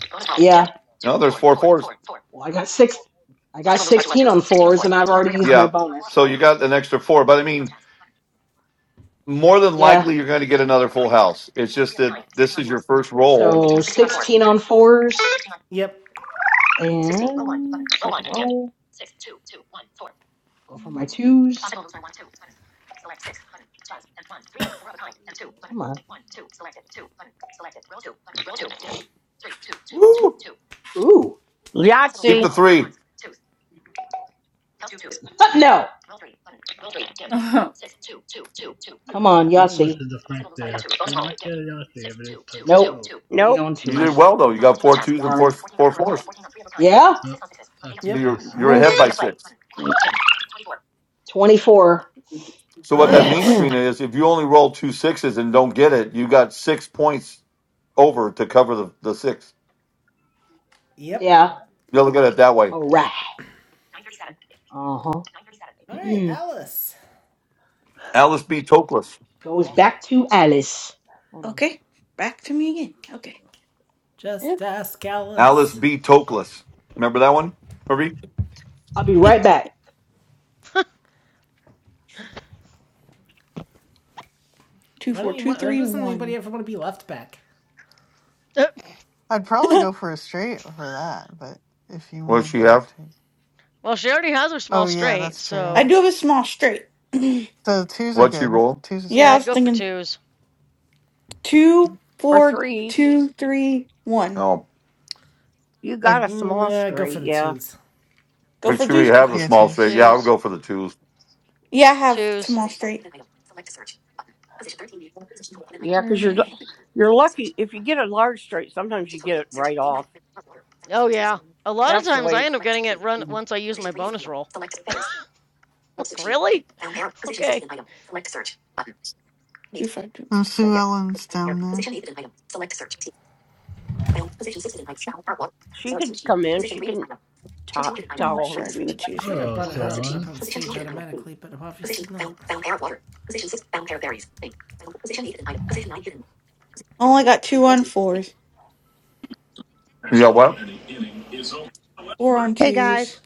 E: No, there's four fours.
F: Well, I got six. I 16
E: Yeah. So you got an extra four, but I mean, more than
F: yeah.
E: likely you're going to get another full house. It's just that this is your first roll.
F: on fours. 16 on
B: yep,
F: 4s Go for my twos.
E: Woo!
F: Ooh.
E: Keep
D: Yahtzee.
E: the three.
F: no. Come on,
H: Don't
F: Yahtzee.
H: listen to Frank there. You might get a Yossi if it is to
F: Nope. Eight
D: Nope.
F: on
E: You did
F: twos.
E: well though. You got four twos and
F: Darn.
E: four four fours.
F: Yeah?
H: Oh, that's
E: So
B: yep.
E: You're
F: All
H: nice.
E: you're
F: right.
E: ahead by six.
F: 24.
E: So
B: All
E: what that means,
B: right,
E: Trina, is if you only roll two sixes and don't get it, you got six points over to cover the, the six.
B: yep.
F: yeah.
E: You'll look at it that way.
F: All right. Uh huh.
B: All right, Alice.
E: Alice B. Toklas.
F: Goes back to Alice. Hold on.
I: Okay. Back to me again. Okay.
B: Just
I: Yep.
B: ask
E: Alice
B: Alice.
E: B.
B: Oh,
E: Toklas. Remember that one, Marie?
F: I'll be right back.
I: Two
B: why
I: four
B: don't you?
I: two
B: Want, why
I: three
B: doesn't anybody
I: one.
B: ever want to be left back?
G: Uh,
C: I'd probably go for a straight for that, but if you want
E: What she
C: to go
E: have?
C: to,
G: Well, she already has her small
C: oh yeah,
G: straight,
C: that's true.
I: I
G: so
I: do have a small straight. yeah,
C: So twos are
E: What she
C: good.
E: roll?
C: Twos is
G: yeah,
I: I
C: good.
G: I'd
I: was
G: go for
I: thinking
G: twos,
I: two,
D: Or
I: four,
D: threes.
I: two, three, one.
E: Oh,
D: You
C: Uh,
D: got a
B: Mm,
D: small
B: yeah, go for
D: straight,
B: the
D: yeah.
B: twos.
I: Go
E: make
I: for
E: sure
I: twos?
E: you have
I: Okay.
E: the
C: yeah,
E: small straight.
C: twos.
E: Yeah, I would
G: twos,
E: go for the twos.
I: Yeah, I have
G: twos.
I: small straight.
D: Yeah, because you're
I: Alright.
D: you're lucky if you get a large straight. Sometimes you get it right off.
G: Oh yeah, a lot of
D: That's the
G: times I
D: way
G: end up getting it run once I use my bonus roll. like really? Okay.
I: Two, five, two.
C: Oh, Sue Ellen's down there.
D: she can come in. She can top
I: I'll
D: toggle her
I: try for the
D: mute.
B: I
I: twos
B: thought I
I: here.
H: Oh,
B: brought
H: so
B: her up,
H: Alan.
B: up on stage automatically, but obviously not.
I: I only got two on fours,
E: You got what?
I: four on
J: Hey guys.
I: twos.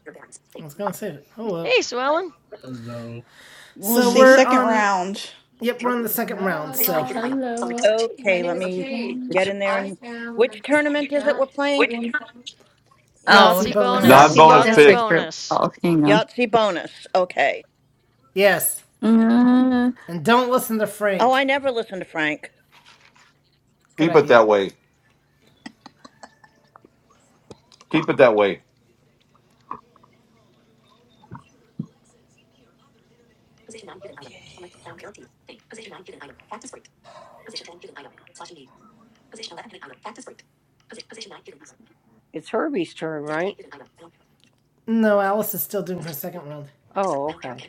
B: I was gonna save it. Oh well.
G: Hey, Sue Ellen.
H: Hello.
I: We'll
B: So
I: see.
B: we're
A: Mhm.
I: Second
B: on.
I: round.
B: Yep, we're on the second round. So
A: Hello.
J: Okay, let me
I: One.
J: get
D: It's
J: in there and which tournament is it we're
A: What
J: playing?
A: did you- Oh,
B: Yahtzee
G: Yahtzee
B: bonus.
A: uh,
G: bonus,
D: Yahtzee
E: Non-bonus
A: that's
G: Yahtzee
A: a
E: pig.
D: bonus.
A: group
G: bonus.
A: call. Hang on.
J: Yahtzee bonus. Okay.
B: Yes,
A: Uh,
B: and don't listen to
J: Oh,
B: Frank.
J: I never listen to Frank.
B: Good
E: Keep it
B: idea.
E: that way. Keep it that way.
D: It's Herbie's turn, right?
B: No, Alice is still doing her second round.
D: Oh, okay.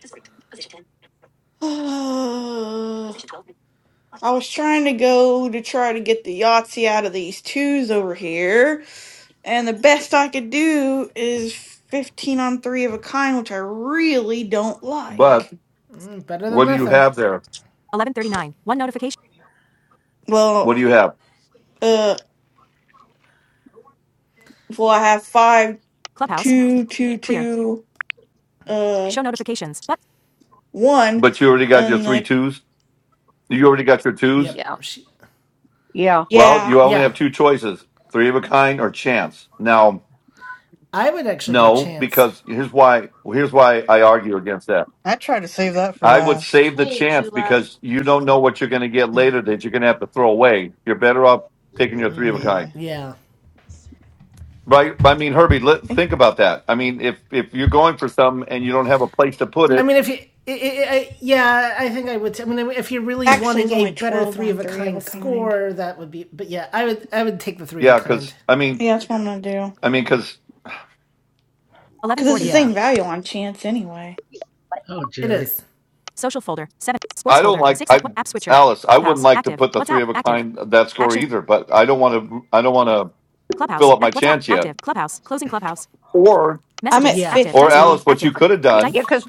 I: I was trying to go to try to get the Yahtzee out of these twos over here. And the best I could do is 15 on 3 of a kind, which I really don't like.
E: But
B: Mm, better than
E: what do you
B: nothing.
E: have there? What do
I: Well,
E: you have?
I: uh, well, I have 5, 2, 2, 2, uh, 1,
E: But you already got your
I: and
E: three
I: I,
E: twos. You already got your twos.
B: Yep.
D: Yeah,
B: She.
D: yeah,
E: Well,
I: yeah.
E: you only
B: Yeah,
E: have two choices: three of a kind or chance. Now,
B: I would actually go
E: no,
B: chance.
E: because here's why. Here's why I argue against that.
C: I try to save that for
E: I would
C: last.
E: save the chance because you don't know what you're going to get later that you're going to have to throw away. You're better off taking your three of a kind.
C: Yeah.
B: Yeah.
E: Right. I mean, Herbie, let, think about that. I mean, if if you're going for something and you don't have a place to put
B: I
E: it,
B: mean, if you. i i I, yeah, I think I would. T- I mean, if you're really
I: Actually,
B: wanting
I: it's
B: a
I: only
B: better
I: 12
B: three of
I: on
B: a
I: 3 of
B: kind
I: a kind.
B: score, that would be. But yeah, I would. I would take the three of a
E: yeah.
B: kind.
E: Because I mean,
I: Yeah, that's what I'm gonna do.
E: I mean, because
I: Cause it's the
B: Yeah,
I: same value on chance anyway.
H: Oh,
B: it
H: Jerry.
B: is.
E: I don't like I Alice. I wouldn't like to put the three of a kind of that score either. But I don't want to. I don't want to fill up my chance yet. Or
I: I'm at
B: Yeah.
E: or Alice,
I: 50.
E: what you could have
D: yeah.
E: done,
D: Because.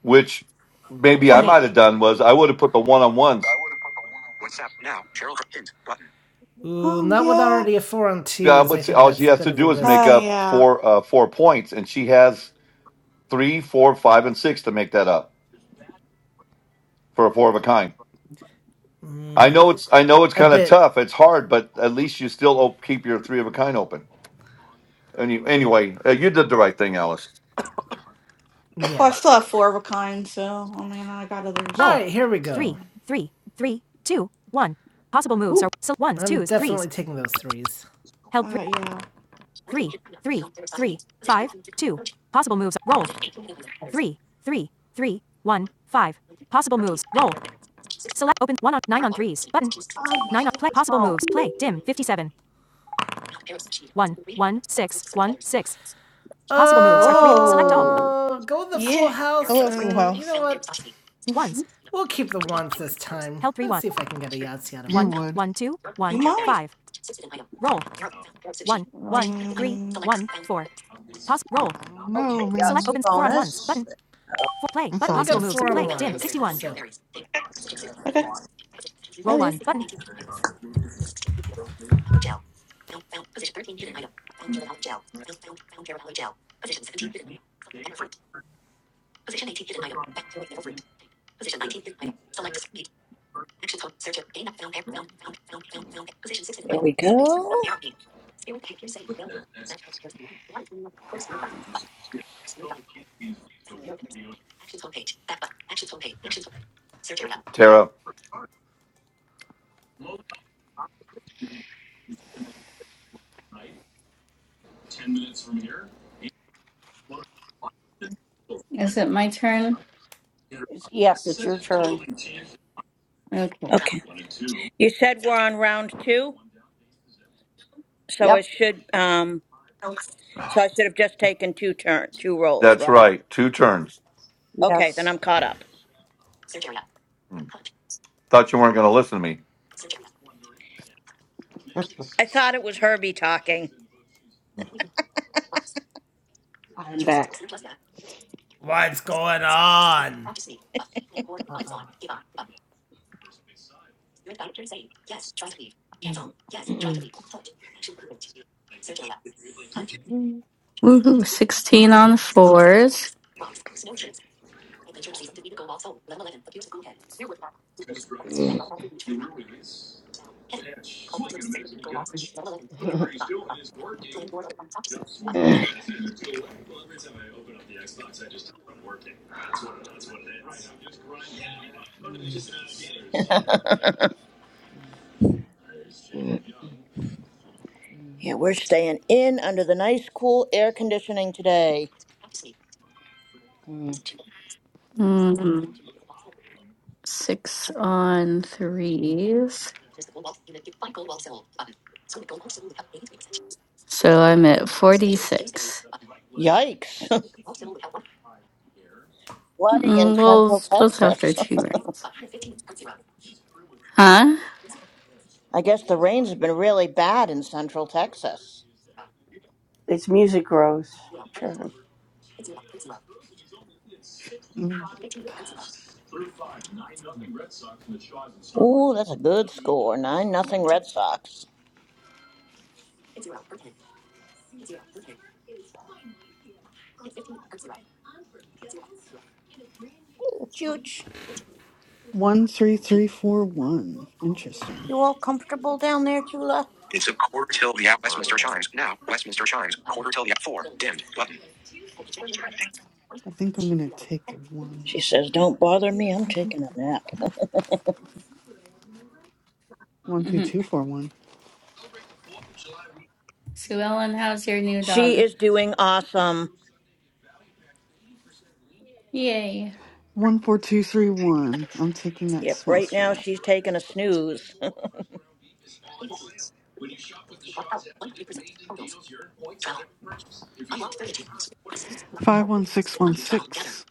E: which maybe I
I: Oh,
E: might have done, was I would have put the one on
D: I
E: ones.
D: would have put the one on WhatsApp now. Cheryl hint button.
B: Ooh,
I: oh
B: not with
I: yeah.
B: already a four on
E: Yeah,
B: twos. I
E: but see,
B: think
E: all she
B: that's a
E: has
B: bit
E: to
B: of a
E: do is make
B: risk.
I: Ah,
E: up
I: yeah.
E: four uh, four points, and she has three, four, five, and six to make that up for a four of a kind. I know it's I know it's
B: A
E: kind of
B: bit.
E: tough. It's hard, but at least you still op- keep your three of a kind open. Any, anyway, uh, you did the right thing, Alice.
I: Well, I
B: Yeah.
I: still have 4 of a kind, so, I mean, I got
B: Roll.
I: others.
B: All right, here we go.
I: So, Ooh.
B: I'm I'm definitely taking those threes.
I: Uh, yeah.
J: Oh,
B: uh,
I: Whoa.
B: all. Uh, go with the full
I: Yeah,
B: house,
C: Hello, Full
B: or you
C: House.
B: know what?
C: you
B: We'll keep the ones this time. Help Let's see if I can get a Yahtzee out of it. it.
C: would.
I: you might. Um,
C: I don't know,
J: okay.
C: man.
J: Yahtzee bonus.
C: It's all good.
B: four ones, So.
I: okay. Oh, yeah.
J: There we go.
E: Tara,
A: is it my turn?
D: It's, yes, it's your turn.
A: Okay.
J: Okay. You said we're on round two, so it
D: Yep.
J: should um so I should have just taken two turn two rolls,
E: that's
J: right?
E: right. Two turns.
J: Okay, then
D: Yes.
J: I'm caught up.
E: Hmm, Thought you weren't going to listen to me.
J: I thought it was Herbie talking.
F: I'm back.
B: What's going on?
F: Uh uh
A: Woohoo. 16 on fours,
J: Yeah, we're staying in under the nice cool air conditioning today.
A: mm, six on threes. So I'm at 46.
J: Yikes. flooding in
A: Mm, well,
J: central
A: that's after
J: Texas.
A: two rounds. Huh?
J: I guess the rains have been really bad in central Texas.
D: It's music rose. Turn.
C: Mm.
J: Ooh, that's a good score. 9 nothing Red Sox. Ooh, Chooch,
C: One three three four one. Interesting.
J: you all comfortable down there, Chula?
D: It's a quarter till the hour. Westminster chimes now. Westminster chimes. Quarter till the hour. Four. Dimmed button.
C: I think I'm gonna take the
J: She
C: ones.
J: says, Don't bother me, I'm taking a nap.
C: One two
A: hmm
C: two four one.
A: Sue Ellen, how's your new
J: She
A: dog?
J: is doing awesome.
A: Yay.
C: One four two three one. I'm taking that
J: Yep,
C: small
J: right now
C: street.
J: she's taking a snooze.
C: Five one six one six.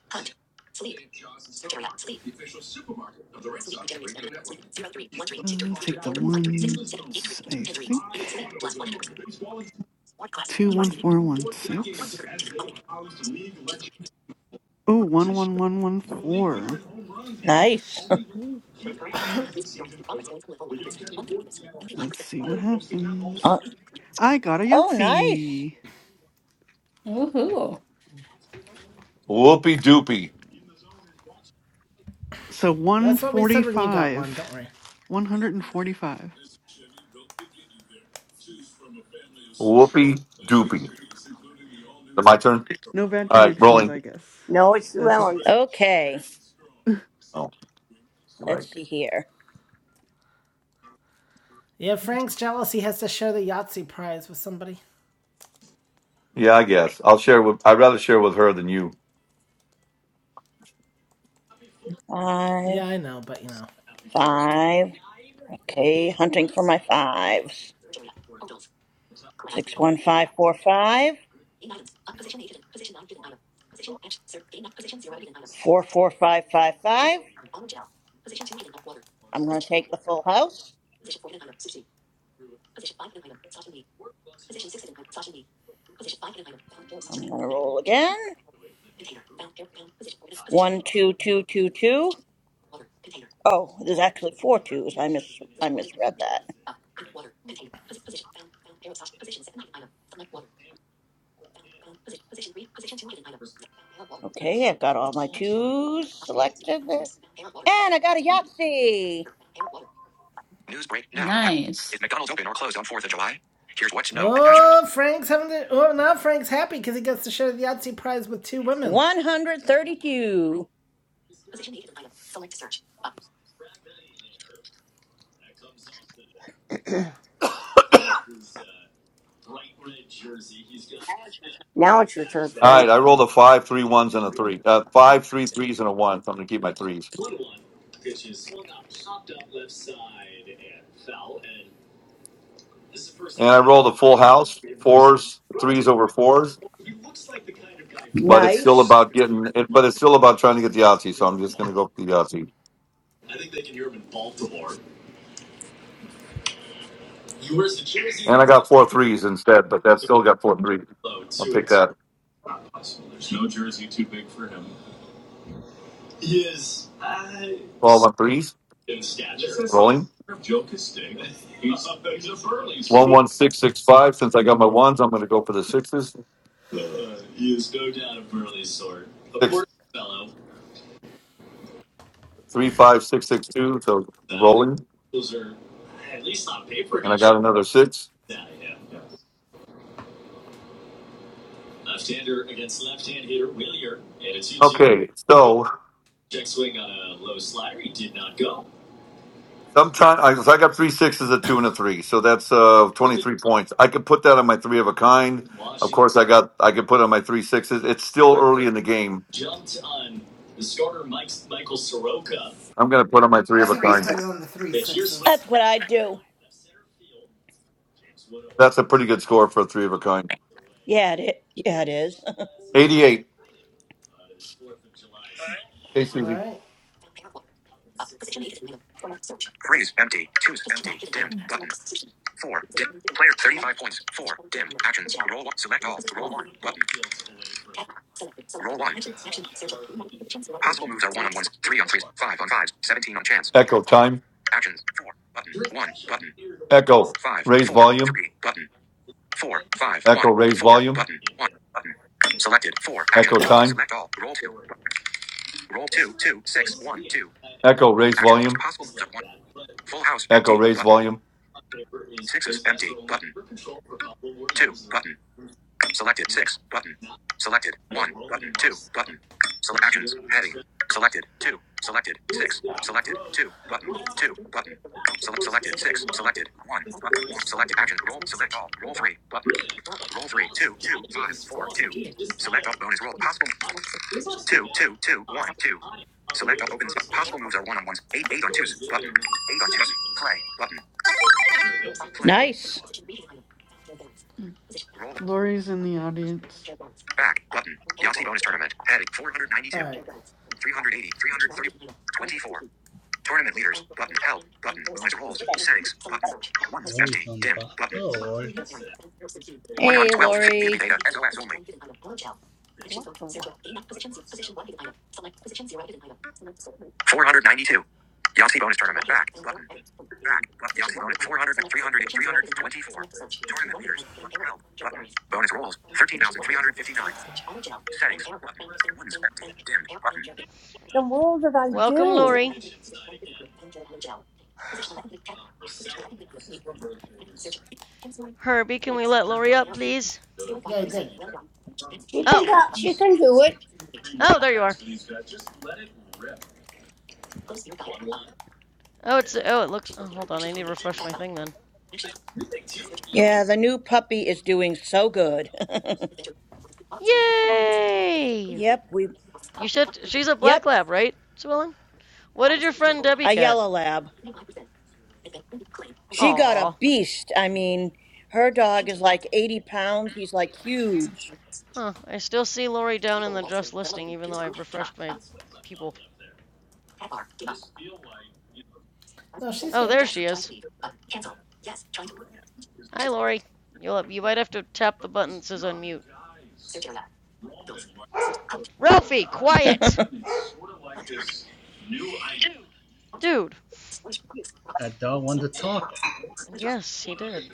C: Uh, take the ones. I think two one four one six. Oh, one one one one four.
J: nice.
C: Let's see what
J: Uh,
C: happens. I got a
J: oh, nice.
C: Yahtzee.
A: Woohoo.
E: Whoopee doopy.
C: So one
B: That's what we
C: forty
B: said when you got one.
C: five.
B: Don't worry.
C: One hundred and forty five.
E: Whoopee doopy. Is it my turn?
C: No bad
E: All right,
C: connections,
E: rolling.
C: I guess.
D: No, it's
C: That's okay.
D: Llewellyn's.
J: Okay,
E: Oh, you're right.
J: let's see here.
B: Yeah, Frank's jealous. He has to share the Yahtzee prize with somebody.
E: Yeah, I guess I'll share with. I'd rather share with her than you.
J: Five,
B: Yeah, I know, but you know.
J: five. Okay, hunting for my fives. Six one five four five four four five five five. I'm going to take the full house. I'm going to roll again. 12222. Oh, there's actually four twos. I mis I misread that. Okay, I've got all my twos selected there. And I got a Yahtzee.
D: News break now.
A: Nice.
D: Is McDonald's open or closed on Fourth of July? Here's what to know. Attachment.
B: Oh, Frank's having to. Oh, now Frank's happy because he gets to share the Yahtzee prize with two women.
J: 132.
D: now it's your turn,
E: All
D: Frank.
E: right, I rolled a five, three ones, and a three. Uh, five, three threes, and a one. So I'm going to keep my threes. And I rolled a full house, fours, threes over fours. but it's still
J: Nice.
E: about getting it. But it's still about trying to get the Yahtzee. So I'm just going to go for the Yahtzee. And I got four threes instead, but that still got four threes. I'll take that. All on threes. Rolling one one six six five. Since I got my ones, I'm going to go for the sixes. Six three five six six two. So rolling, and I got another six. Okay, so sometime I, so I got three sixes, a two, and a three. So that's uh 23 points. I could put that on my three of a kind. Of course, I got I could put on my three sixes. It's still early in the game I'm going to put on my three
B: I
E: of a
B: think I
E: kind.
B: put it on the three sixes.
J: That's what I do.
E: That's a pretty good score for a three of a kind.
J: Yeah, it, yeah, it is.
E: 88. Hey,
B: All
E: Susie.
B: right.
D: Freeze. Empty. Choose empty. Dimmed button. Four. Dim. Player 35 points. Four. Dimmed. Actions. Roll one. Select all. Roll one. Button. Roll one. Possible moves are 1 on 1s, 3 on 3s, 5 on 5s, 17 on chance.
E: Echo time.
D: Actions 4, button, 1, button,
E: Echo.
D: 5
E: Raise
D: 4
E: volume.
D: 3 button, four five
E: Echo.
D: one
E: Raise
D: four
E: volume.
D: button, 1, button. Selected 4, actions,
E: Echo
D: roll,
E: time.
D: select all, roll 2, roll two two six one two
E: Echo. Raise
D: Actions,
E: volume.
D: possible moves are 1, full house,
E: Echo.
D: empty,
E: Raise
D: button,
E: volume.
D: 6s, empty, button, 2, button. Selected. Six. Button. Selected. One. Button. Two. Button. Select actions. Heading. Selected. Two. Selected. Six. Selected. Two. Button. Two. Button. Select. Selected. Six. Selected. One. Button. One. Selected. action Roll. Select all. Roll three. Button. Roll three. Two. Two. Five. Four. Two. Select all. Bonus roll. Possible. Two. Two. Two. One. Two. Select all. Opens. Possible moves are one on ones. Eight. Eight on twos. Button. Eight on twos. Play. Button. Play.
J: Nice.
C: Mm.
D: Roll.
C: Lori's in the audience.
D: Back. Button. Yahtzee bonus tournament. Heading.
B: All
D: 492.
B: right.
D: 380, 330, 24. Tournament leaders, button, help, button, bonus rolls, settings, button, ones,
H: Lori's
D: empty,
H: on the
D: dimmed,
H: phone.
D: button,
H: Oh, Lori.
D: 112,
J: Hey,
D: PUP
J: Lori.
D: data, SOS only. What the what? 492. Yahtzee bonus tournament, back, button, back, but Yahtzee bonus, 400, 300, 324. Tournament leaders, button, help, button, bonus rolls, 13,359. Settings, button, ones, empty, dimmed, button. Then what did I
G: Welcome,
D: do?
G: Lori. Herbie, can we let Lori up, please?
B: Yeah, he did.
D: She can
G: Oh,
D: She can do it.
G: oh, there you are. Oh, it's oh, it looks. Oh, hold on, I need to refresh my thing then.
J: Yeah, the new puppy is doing so good.
G: Yay!
J: yep, we.
G: You should. She's a black
J: Yep,
G: lab, right, Sue Ellen? What did your friend Debbie
J: a
G: get?
J: yellow lab. She got
G: Aw.
J: a beast. I mean, her dog is like 80 pounds. He's like huge.
G: Huh. I still see Lori down in the just listening, even though I've refreshed my people.
B: No, she's
G: Oh,
B: here.
G: there she is. Hi, Lori. You'll you might have to tap the button that says unmute. Ralphie, quiet, dude.
H: I don't want to talk.
G: Yes, he did.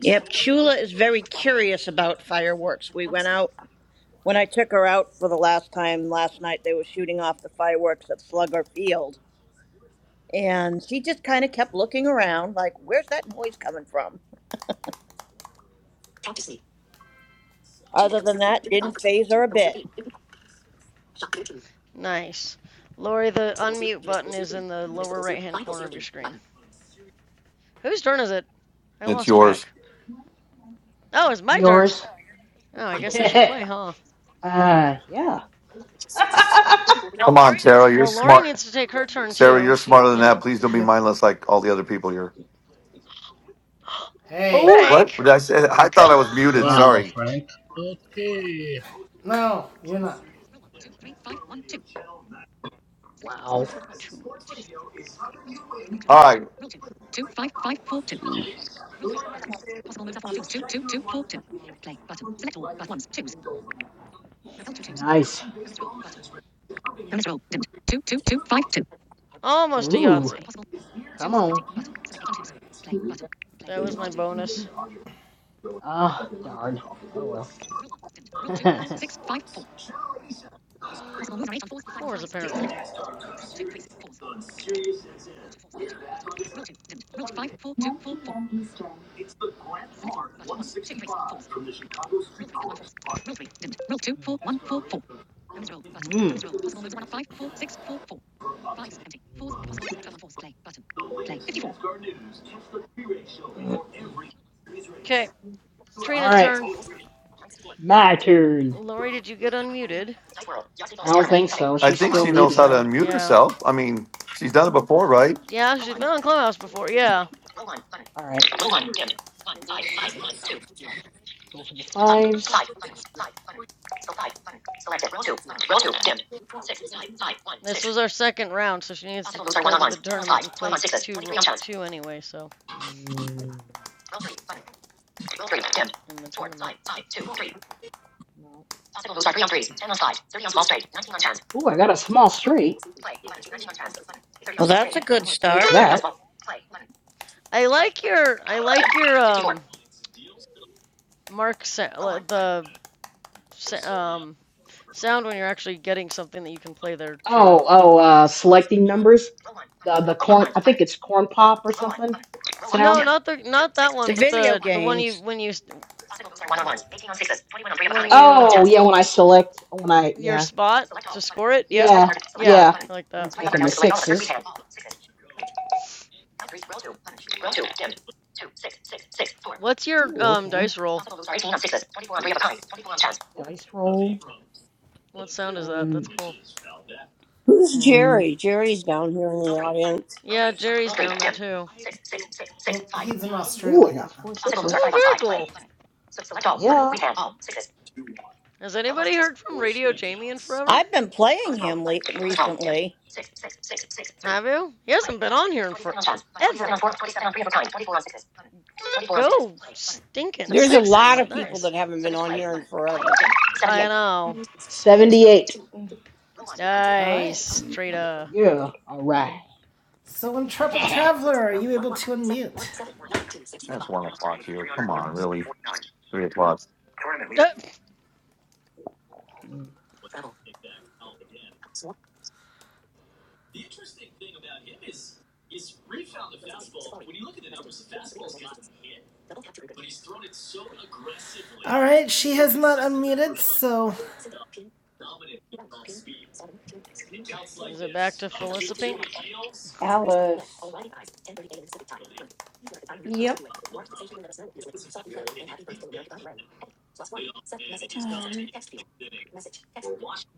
J: Yep, Chula is very curious about fireworks. We went out when I took her out for the last time last night. They were shooting off the fireworks at Slugger Field, and she just kind of kept looking around, like, "Where's that noise coming from?" Other than that, didn't phase her a bit.
G: Nice. Lori, the unmute button is in the lower right hand corner of your screen. Whose turn is it? I
E: It's
G: lost
E: yours.
G: track. Oh, it's my turn.
F: Yours?
G: Oh, I guess I should play, huh?
F: Uh, yeah.
E: Come on, Tara. You're
G: Well, Lori
E: smart.
G: needs to take her turn
E: Sarah,
G: too.
E: you're
G: She,
E: smarter than
G: you
E: that.
G: know.
E: Please don't be
B: Yep.
E: mindless like all the other people here.
B: Hey.
F: oh,
E: What? What
G: Frank.
E: Did I say? I
G: Go.
E: thought I was muted.
F: damn.
H: Wow,
E: Sorry.
H: Frank. Okay.
B: No, you're not.
G: Going
F: Wow.
G: for twos.
E: All right.
F: Mm, Nice.
G: Almost a
F: Ooh,
G: Yahtzee.
F: come on.
G: That was my bonus.
F: Ah, darn. Oh, well.
G: apparently.
F: mm. Mm.
G: Okay, Trina
F: All right,
G: turn.
F: my turn.
G: Lori, did you get unmuted?
F: I don't think so.
E: I
F: She's
G: I
E: think
F: still
E: she
G: don't think
E: knows how
F: muted.
E: to
G: so.
E: unmute
G: Yeah.
E: herself. I mean, she's done it before, right?
G: Yeah, she's been on Clubhouse before. Yeah.
F: All right, go for the fives.
G: This was our second round, so she needs to go to the tournament and play two ro- two anyway, so
F: Mm,
G: in the tournament.
F: no. Ooh, I got a small straight.
J: Well, that's a good
F: I'll take
J: start
F: that.
G: I like your I like your um mark sa- the um sound when you're actually getting something that you can play there, Trina.
F: Oh, oh, uh, selecting numbers. The the corn. I think it's corn pop or something.
G: No,
F: Sound.
G: not the not that one,
J: to
G: but
J: video
G: the the one you
J: games.
G: when you when you
F: Oh yeah, when I select, when I
G: your
F: yeah
G: spot to score it. Yeah,
F: yeah
G: yeah,
F: yeah,
G: I like
F: I'm
G: that.
F: taking the sixes.
G: What's your
F: Ooh,
G: um
F: okay.
G: dice roll?
F: Dice roll.
G: What sound is that? That's
F: Um
G: cool.
D: Who's
F: um.
D: Jerry? Jerry's down here in the audience.
G: Yeah, Jerry's down there too.
B: Mm, He's in
F: Ooh, I
B: Australia.
F: got four sixes.
G: Oh, very cool.
F: Yeah.
G: Has anybody heard from Radio Jamie in forever?
J: I've been playing him le- recently.
G: Have you? He hasn't been on here in forever. Go stinking
D: There's a lot
G: sixes.
D: of people
G: Nice.
D: that haven't been on here in forever.
G: I know.
F: Seventy-eight.
B: All right.
G: Nice, Trita.
F: Yeah. All right.
B: So, Intrepid Traveler, are you able to unmute?
E: That's one o'clock
D: 380,
E: here. Come on,
F: Mhm.
E: really? Three o'clock.
D: Tournament
G: Uh,
D: leader.
B: All right, she has not unmuted, so
G: Is it back to Felissa Pink?
D: Alice.
I: Yep. All right.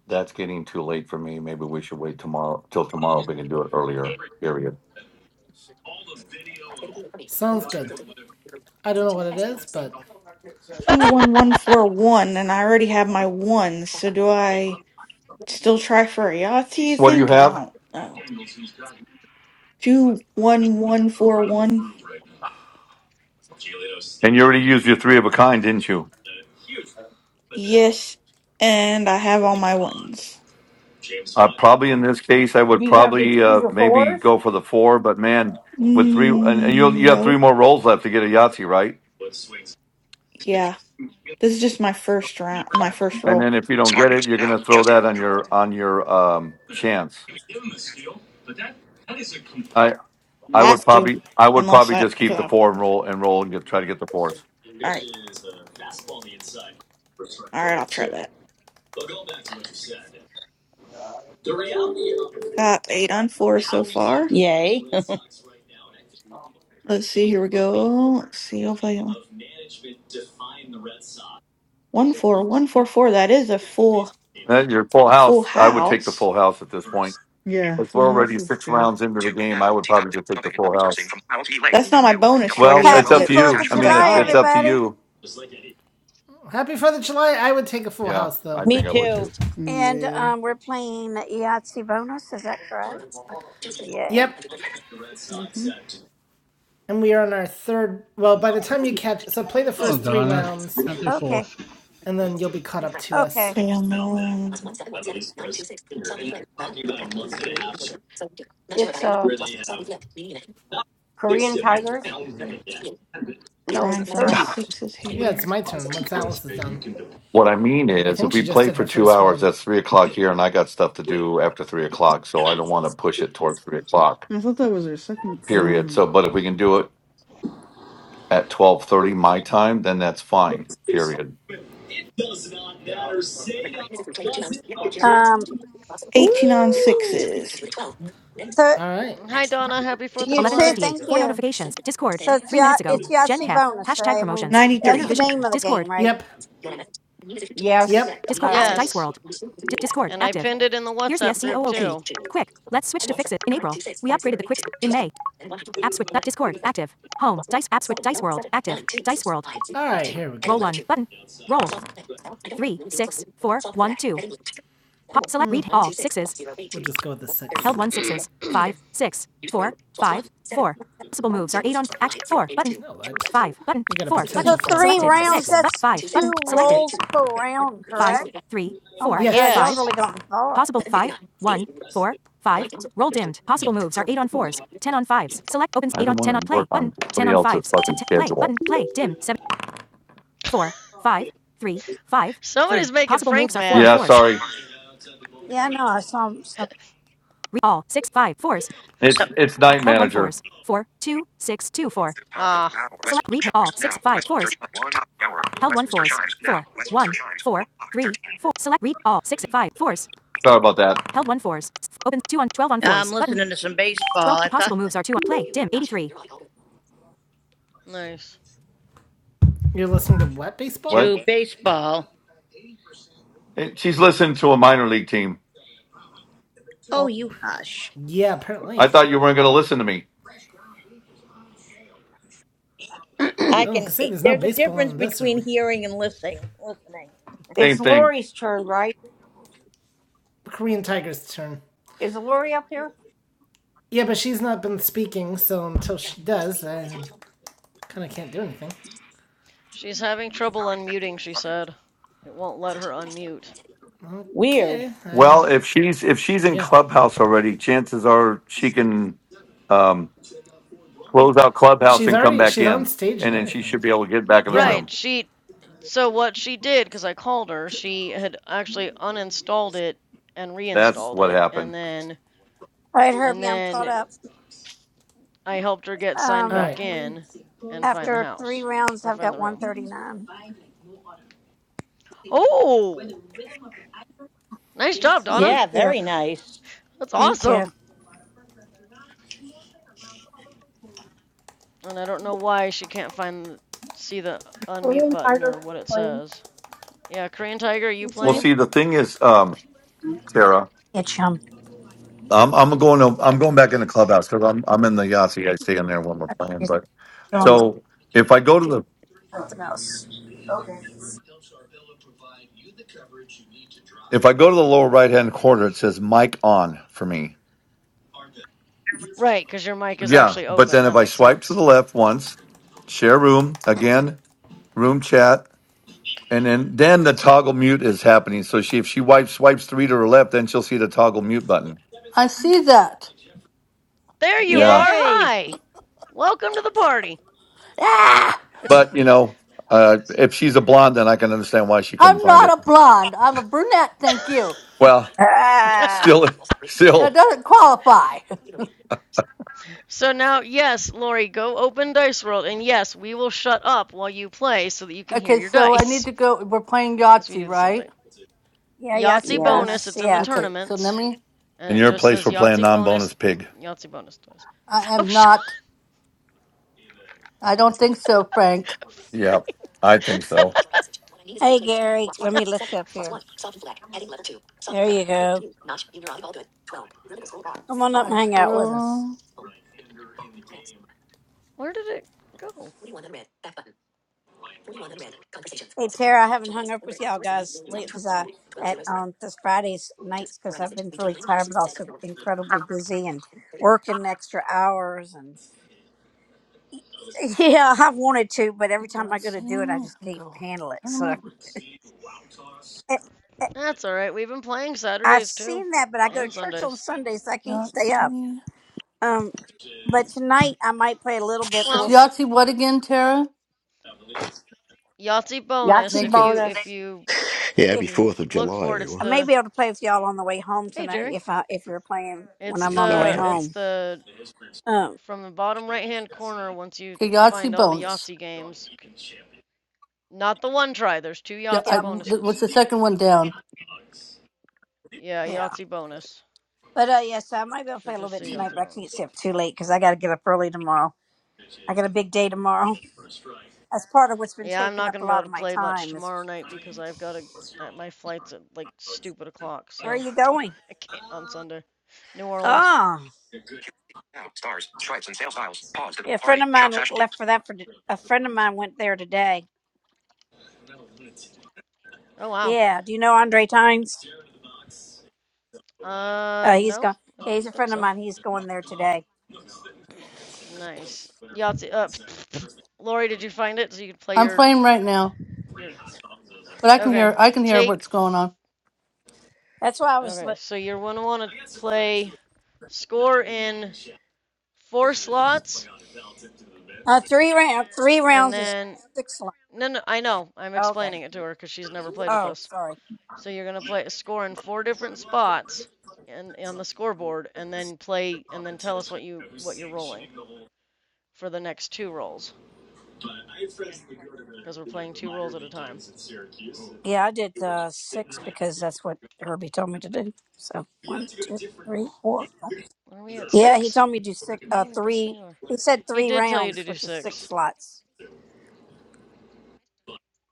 E: That's getting too late for me. Maybe we should wait tomorrow till tomorrow if we can do it earlier. Period.
B: sounds good. I don't know what it is, but
I: 21141, and I already have my one, so do I still try for a Yahtzee, you
E: What do you
I: think? I
E: have?
I: don't know. 21141.
E: And you already used your three of a kind, didn't you?
I: Yes, and I have all my ones.
E: Uh, probably in this case, I would
D: Do you have your
E: probably
D: twos
E: uh,
D: or
E: maybe
D: fours?
E: go for the four. But man, with three, and, and you
I: Mm,
E: you have three
I: nope.
E: more rolls left to get a Yahtzee, right?
I: Yeah. This is just my first round, my first
E: And
I: roll.
E: then if you don't
D: Smart
E: get it,
D: news
E: you're going
D: now.
E: to throw
D: Just in.
E: that on your on your um, chance. I would
I: Have to.
E: probably I would
I: Unless
E: probably
I: I,
E: just keep
I: because
E: the
I: I
E: four and roll and roll and get, try to get the fours.
I: All right. All right, I'll try that. Got eight on four so far.
J: Yay.
I: Let's see. Here we go. Let's see. Hopefully, uh, one four, one four four. That is a full
E: And your full
I: full
E: house, I would take the
I: house.
E: full house at this point.
C: Yeah,
E: If
C: Full
E: we're
C: House
E: already
C: is
E: six
C: good.
E: rounds into the
D: Two
E: game,
D: now.
E: I would
D: T dot
E: probably
D: dot
E: just take
D: job
E: the
D: and
E: full
D: servicing
E: house.
D: from Powell T Lake
I: That's
D: for
I: not my
D: you.
I: bonus roll
E: Well,
D: WISN
E: it's
I: yet,
D: 12
K: Happy
E: up to
I: but
D: news
K: Fourth
E: you.
K: of
E: I
D: attachment.
I: since
E: mean,
I: I
E: it's
K: July,
I: got
E: it's
I: it,
E: up to
K: everybody!
E: you.
B: happy 4th of July. I would take a full
E: Yeah,
B: house,
E: I
B: though.
J: Me
E: think I would too.
J: too.
K: And
C: Yeah.
K: um, we're playing the Yahtzee bonus. Is that correct? Yay!
B: Yep.
C: Mhm.
B: And we are on our third. Well, by the time you catch. So, play the
H: Oh,
B: first three
H: Donna.
B: rounds,
H: Happy
K: Okay,
H: fourth.
B: and then you'll be caught up to us.
K: okay.
I: okay. I'm um,
D: It's uh Korean tigers. No,
I: trying
D: it's
I: for my
D: Turbies.
I: sixes
B: Yeah, it's
I: here.
B: my turn once Alice is done.
E: What I mean
B: But I
E: is, if
B: think
E: we
B: she just
E: play
B: did
E: for
B: her
E: two
B: first
E: hours,
B: round.
E: that's three o'clock here, and I got stuff to do after three o'clock, so I don't want to push it towards three o'clock.
C: I thought that was her second. Well, I
E: Period.
C: don't
E: So,
C: know.
E: but if we can do it at twelve thirty my time, then that's fine. Period.
K: Um,
I: Eighteen on
J: Woo!
I: sixes.
K: so
B: All right.
G: Hi, Donna. Happy Fourth of
K: you
G: July.
K: too. Thank you. So it's Yah- it's Yahtzee bonus, right? I mean,
I: Ninety
K: that's
I: three.
K: the name of the game, right?
B: Yep.
D: Yes.
B: Yep.
K: All right.
G: Yes, and I pinned it in the WhatsApp group too.
B: All right, here we go. We'll just go with the six. No,
K: So three rounds.
B: here.
K: That's two rolls per round, correct? Oh my
B: Yes.
K: God, y'all
G: yes.
K: really gotten far.
E: I don't want to work on somebody else's fucking schedule.
G: Somebody's making Frank mad.
E: Yeah, sorry.
K: Yeah, I know. I saw some. some-
J: So,
E: It's it's night manager.
D: The top of
G: Ah,
D: hour. Westminster chimes now. Westminster chimes. One. Top hour. Westminster chimes now. Westminster chimes. One
E: Sorry about that.
J: I'm listening to some baseball. I thought
G: nice.
B: You're listening to what baseball?
E: What?
J: to baseball.
E: Hey, She's listening to a minor league team.
J: Oh,
K: All
J: you hush.
B: Yeah,
E: I
B: apparently.
E: thought you weren't going to listen to me.
D: o'clock.
B: I
J: I
D: Thirteen.
B: don't
J: can.
B: say there's no
J: There's a
B: baseball
J: difference
B: on this
J: between
B: early.
J: hearing and listening. Listening.
D: it's
E: Same thing.
D: Lori's turn, right?
B: Korean Tiger's turn.
D: Is Lori up here?
B: Yeah, but she's not been speaking, so until she does, I kind of can't do anything.
G: She's having
D: Three
G: trouble
D: behind. Empty.
G: unmuting, she
D: Button.
G: said. It won't let her unmute.
J: Weird.
B: Okay, I
E: Well, if
B: don't.
E: she's if she's in
B: Yeah,
E: clubhouse already, chances are she can um, close out clubhouse
B: she's
E: and come
B: already
E: back
B: she's on
E: in,
B: stage and
E: and then she
B: everything.
E: should be able to get back in the
B: Yeah.
E: room.
G: Right, she. So, what she did, because I called her, she had actually uninstalled it and
E: That's
G: reinstalled
E: what
G: it, and
E: happened.
G: then.
K: right,
G: And
K: Herbie, I'm caught
G: then
K: up.
G: I helped her get signed
B: All
K: Um,
B: right.
G: back in and find the
K: after three
G: house,
K: rounds,
G: or
K: I've
G: find
K: got
G: the
K: one
G: room.
K: thirty nine.
G: Oh! Nice job, Donna!
K: Thank
J: Yeah,
K: you.
J: very nice.
G: That's
K: Thank
G: awesome!
K: you.
G: And I don't know why she can't find see the unmute button or what it says. Yeah, Korean Tiger, are you
K: Thank
E: Well,
G: playing?
E: see, the thing is, um,
K: you.
E: Tara.
K: Yeah, chum.
E: I'm I'm going to I'm going back in the clubhouse because I'm I'm in the Yahtzee. I stay in there when we're playing.
K: She's
E: But
K: doing
E: so if I go to the
K: something else.
E: if I go to the lower right hand corner, it says mic on for me.
G: Right, because your mic is
E: Yeah,
G: actually
E: but
G: open.
E: then
G: That
E: if I
G: makes
E: swipe to
G: sense.
E: the left once, share room again, room chat, and then then the toggle mute is happening. So she if she wipes swipes three to her left, then she'll see the toggle mute button.
L: I see that.
G: There you
E: Yeah,
G: are.
J: Yay!
G: Hi. Welcome to the party.
L: Ah!
E: but you know, uh, if she's a blonde, then I can understand why she couldn't
L: I'm
E: find it.
L: not a blonde. I'm a brunette, thank you.
E: Well,
K: Ah,
E: still,
L: That
E: still.
L: doesn't qualify.
G: so now, yes, Lori, go open Dice World, and yes, we will shut up while you play so that you can hear
L: Okay,
G: your
L: so I need
G: dice.
L: to go. We're playing
G: Because we
L: Yahtzee,
G: do the same thing.
L: right?
K: yeah,
G: Yahtzee
K: Yahtzee
G: bonus,
D: Yes.
K: bonus.
G: it's in the
K: Yeah.
L: Okay, so let
G: tournaments,
L: me.
G: and
E: In
G: it
E: your
G: just
E: place,
G: says
E: we're playing
G: Yahtzee bonus,
E: non-bonus pig.
G: Yahtzee bonus twice.
L: I
G: Oh,
L: am
G: shut
L: not. I don't think so, Frank.
G: up,
E: Yep,
G: Frank.
E: I think so.
K: Hey, Gary, let me let you up here. There you go. Come on up and
L: I
K: hang out with us.
L: swirl.
G: Where did it go?
K: Hey, Tara, I haven't hung up with y'all guys late because I at um this Friday's nights because I've been really tired but also incredibly busy and working extra hours and yeah, I wanted to, but every time I go to do it, I
L: Yahtzee.
K: just
L: I'll
K: can't
L: Go.
K: handle it. So.
L: Tournament.
G: That's all right. We've been playing
K: I've
G: Saturdays too,
K: seen that, but I go to
G: and
K: church on
G: Sundays.
K: Sunday, so I can't stay up.
L: Yahtzee.
K: Um, but tonight I might play a little bit. But
L: It's
K: we'll
G: Well,
K: see
L: Yahtzee what again, Tara?
G: Yahtzee bonus.
D: Yahtzee
L: Thank
G: If
L: you.
G: you if
D: bonus.
G: you
M: Yeah,
G: if
M: happy
K: if
G: you
M: 4th of
G: look
M: July,
G: for it, it's
K: I
M: everyone.
K: may
G: the
K: be able to play with y'all on the way home
G: hey
K: tonight.
G: Jerry.
K: If I if you're playing when
G: It's
M: I
K: I'm
M: just
K: on the
M: thought I'd
K: way
G: the
M: drop in.
G: it's
K: home.
G: the
K: Um,
G: from the bottom right hand corner. Once you
L: Okay, Yahtzee
G: find all the
L: bonus.
G: Yahtzee games, not the one try. There's two
L: Yeah, I,
G: Yahtzee
K: yep,
G: bonuses.
L: what's the second one down?
G: Yeah,
K: yeah.
G: Yahtzee bonus.
K: But uh, yeah, so I might be able to play
G: Should
K: a little
G: just
K: bit
G: say
K: tonight,
G: Yahtzee
K: but I can't
G: bonus.
K: stay up too late because I got to get up early tomorrow. I got a big day tomorrow. That's part of what's been
G: Yeah, I'm
K: taking
G: not
K: up
G: gonna
K: a
G: be able
K: lot
G: to
K: of my
G: play much
K: time. Is
G: tomorrow night because I've got a uh, my flight's at like stupid o'clock.
K: where are
G: So.
K: you going?
G: I can't on Sunday. New Orleans.
K: Oh,
D: Now, stars, stripes, and sale styles. Pause the
K: yeah.
D: pool
K: A friend
D: party.
K: of
D: Shop
K: mine
D: fashion deals.
K: left for that for a friend of mine went there today.
G: Oh wow.
K: Yeah. Do you know Andre Tynes?
G: Uh,
K: Uh, he's
G: no,
K: gone.
G: I
K: Yeah,
G: don't
K: he's a
G: think
K: friend of
G: so.
K: mine. He's going there today.
G: Nice. Yahtzee. Uh, Lori, did you find it so you could play
L: I'm
G: your
L: playing right now,
G: your?
L: but I can
G: Okay.
L: hear. I can hear
G: Take.
L: what's going on.
K: That's why I was.
G: Okay,
K: li-
G: so you're gonna want to play score in four slots,
K: Uh, three round. Three
G: and
K: rounds is
G: then
K: six. Line.
G: no, no, I know. I'm
K: Okay.
G: explaining it to her because she's never played with
K: Oh,
G: us.
K: sorry.
G: So you're gonna play a score in four different spots, and on the scoreboard, and then play, and then tell us what you what you're rolling for the next two rolls. because we're playing two rolls at a time.
K: Yeah, I did uh, six because that's what Herbie told me to do. So one, two, three, four, five.
G: Are we at
K: Yeah, he
G: six?
K: told me to do six. Uh,
G: Mm, I guess we
K: three.
G: are.
K: He said
G: He
K: three
G: did tell you
K: rounds,
G: to do
K: which is six
G: six.
K: slots.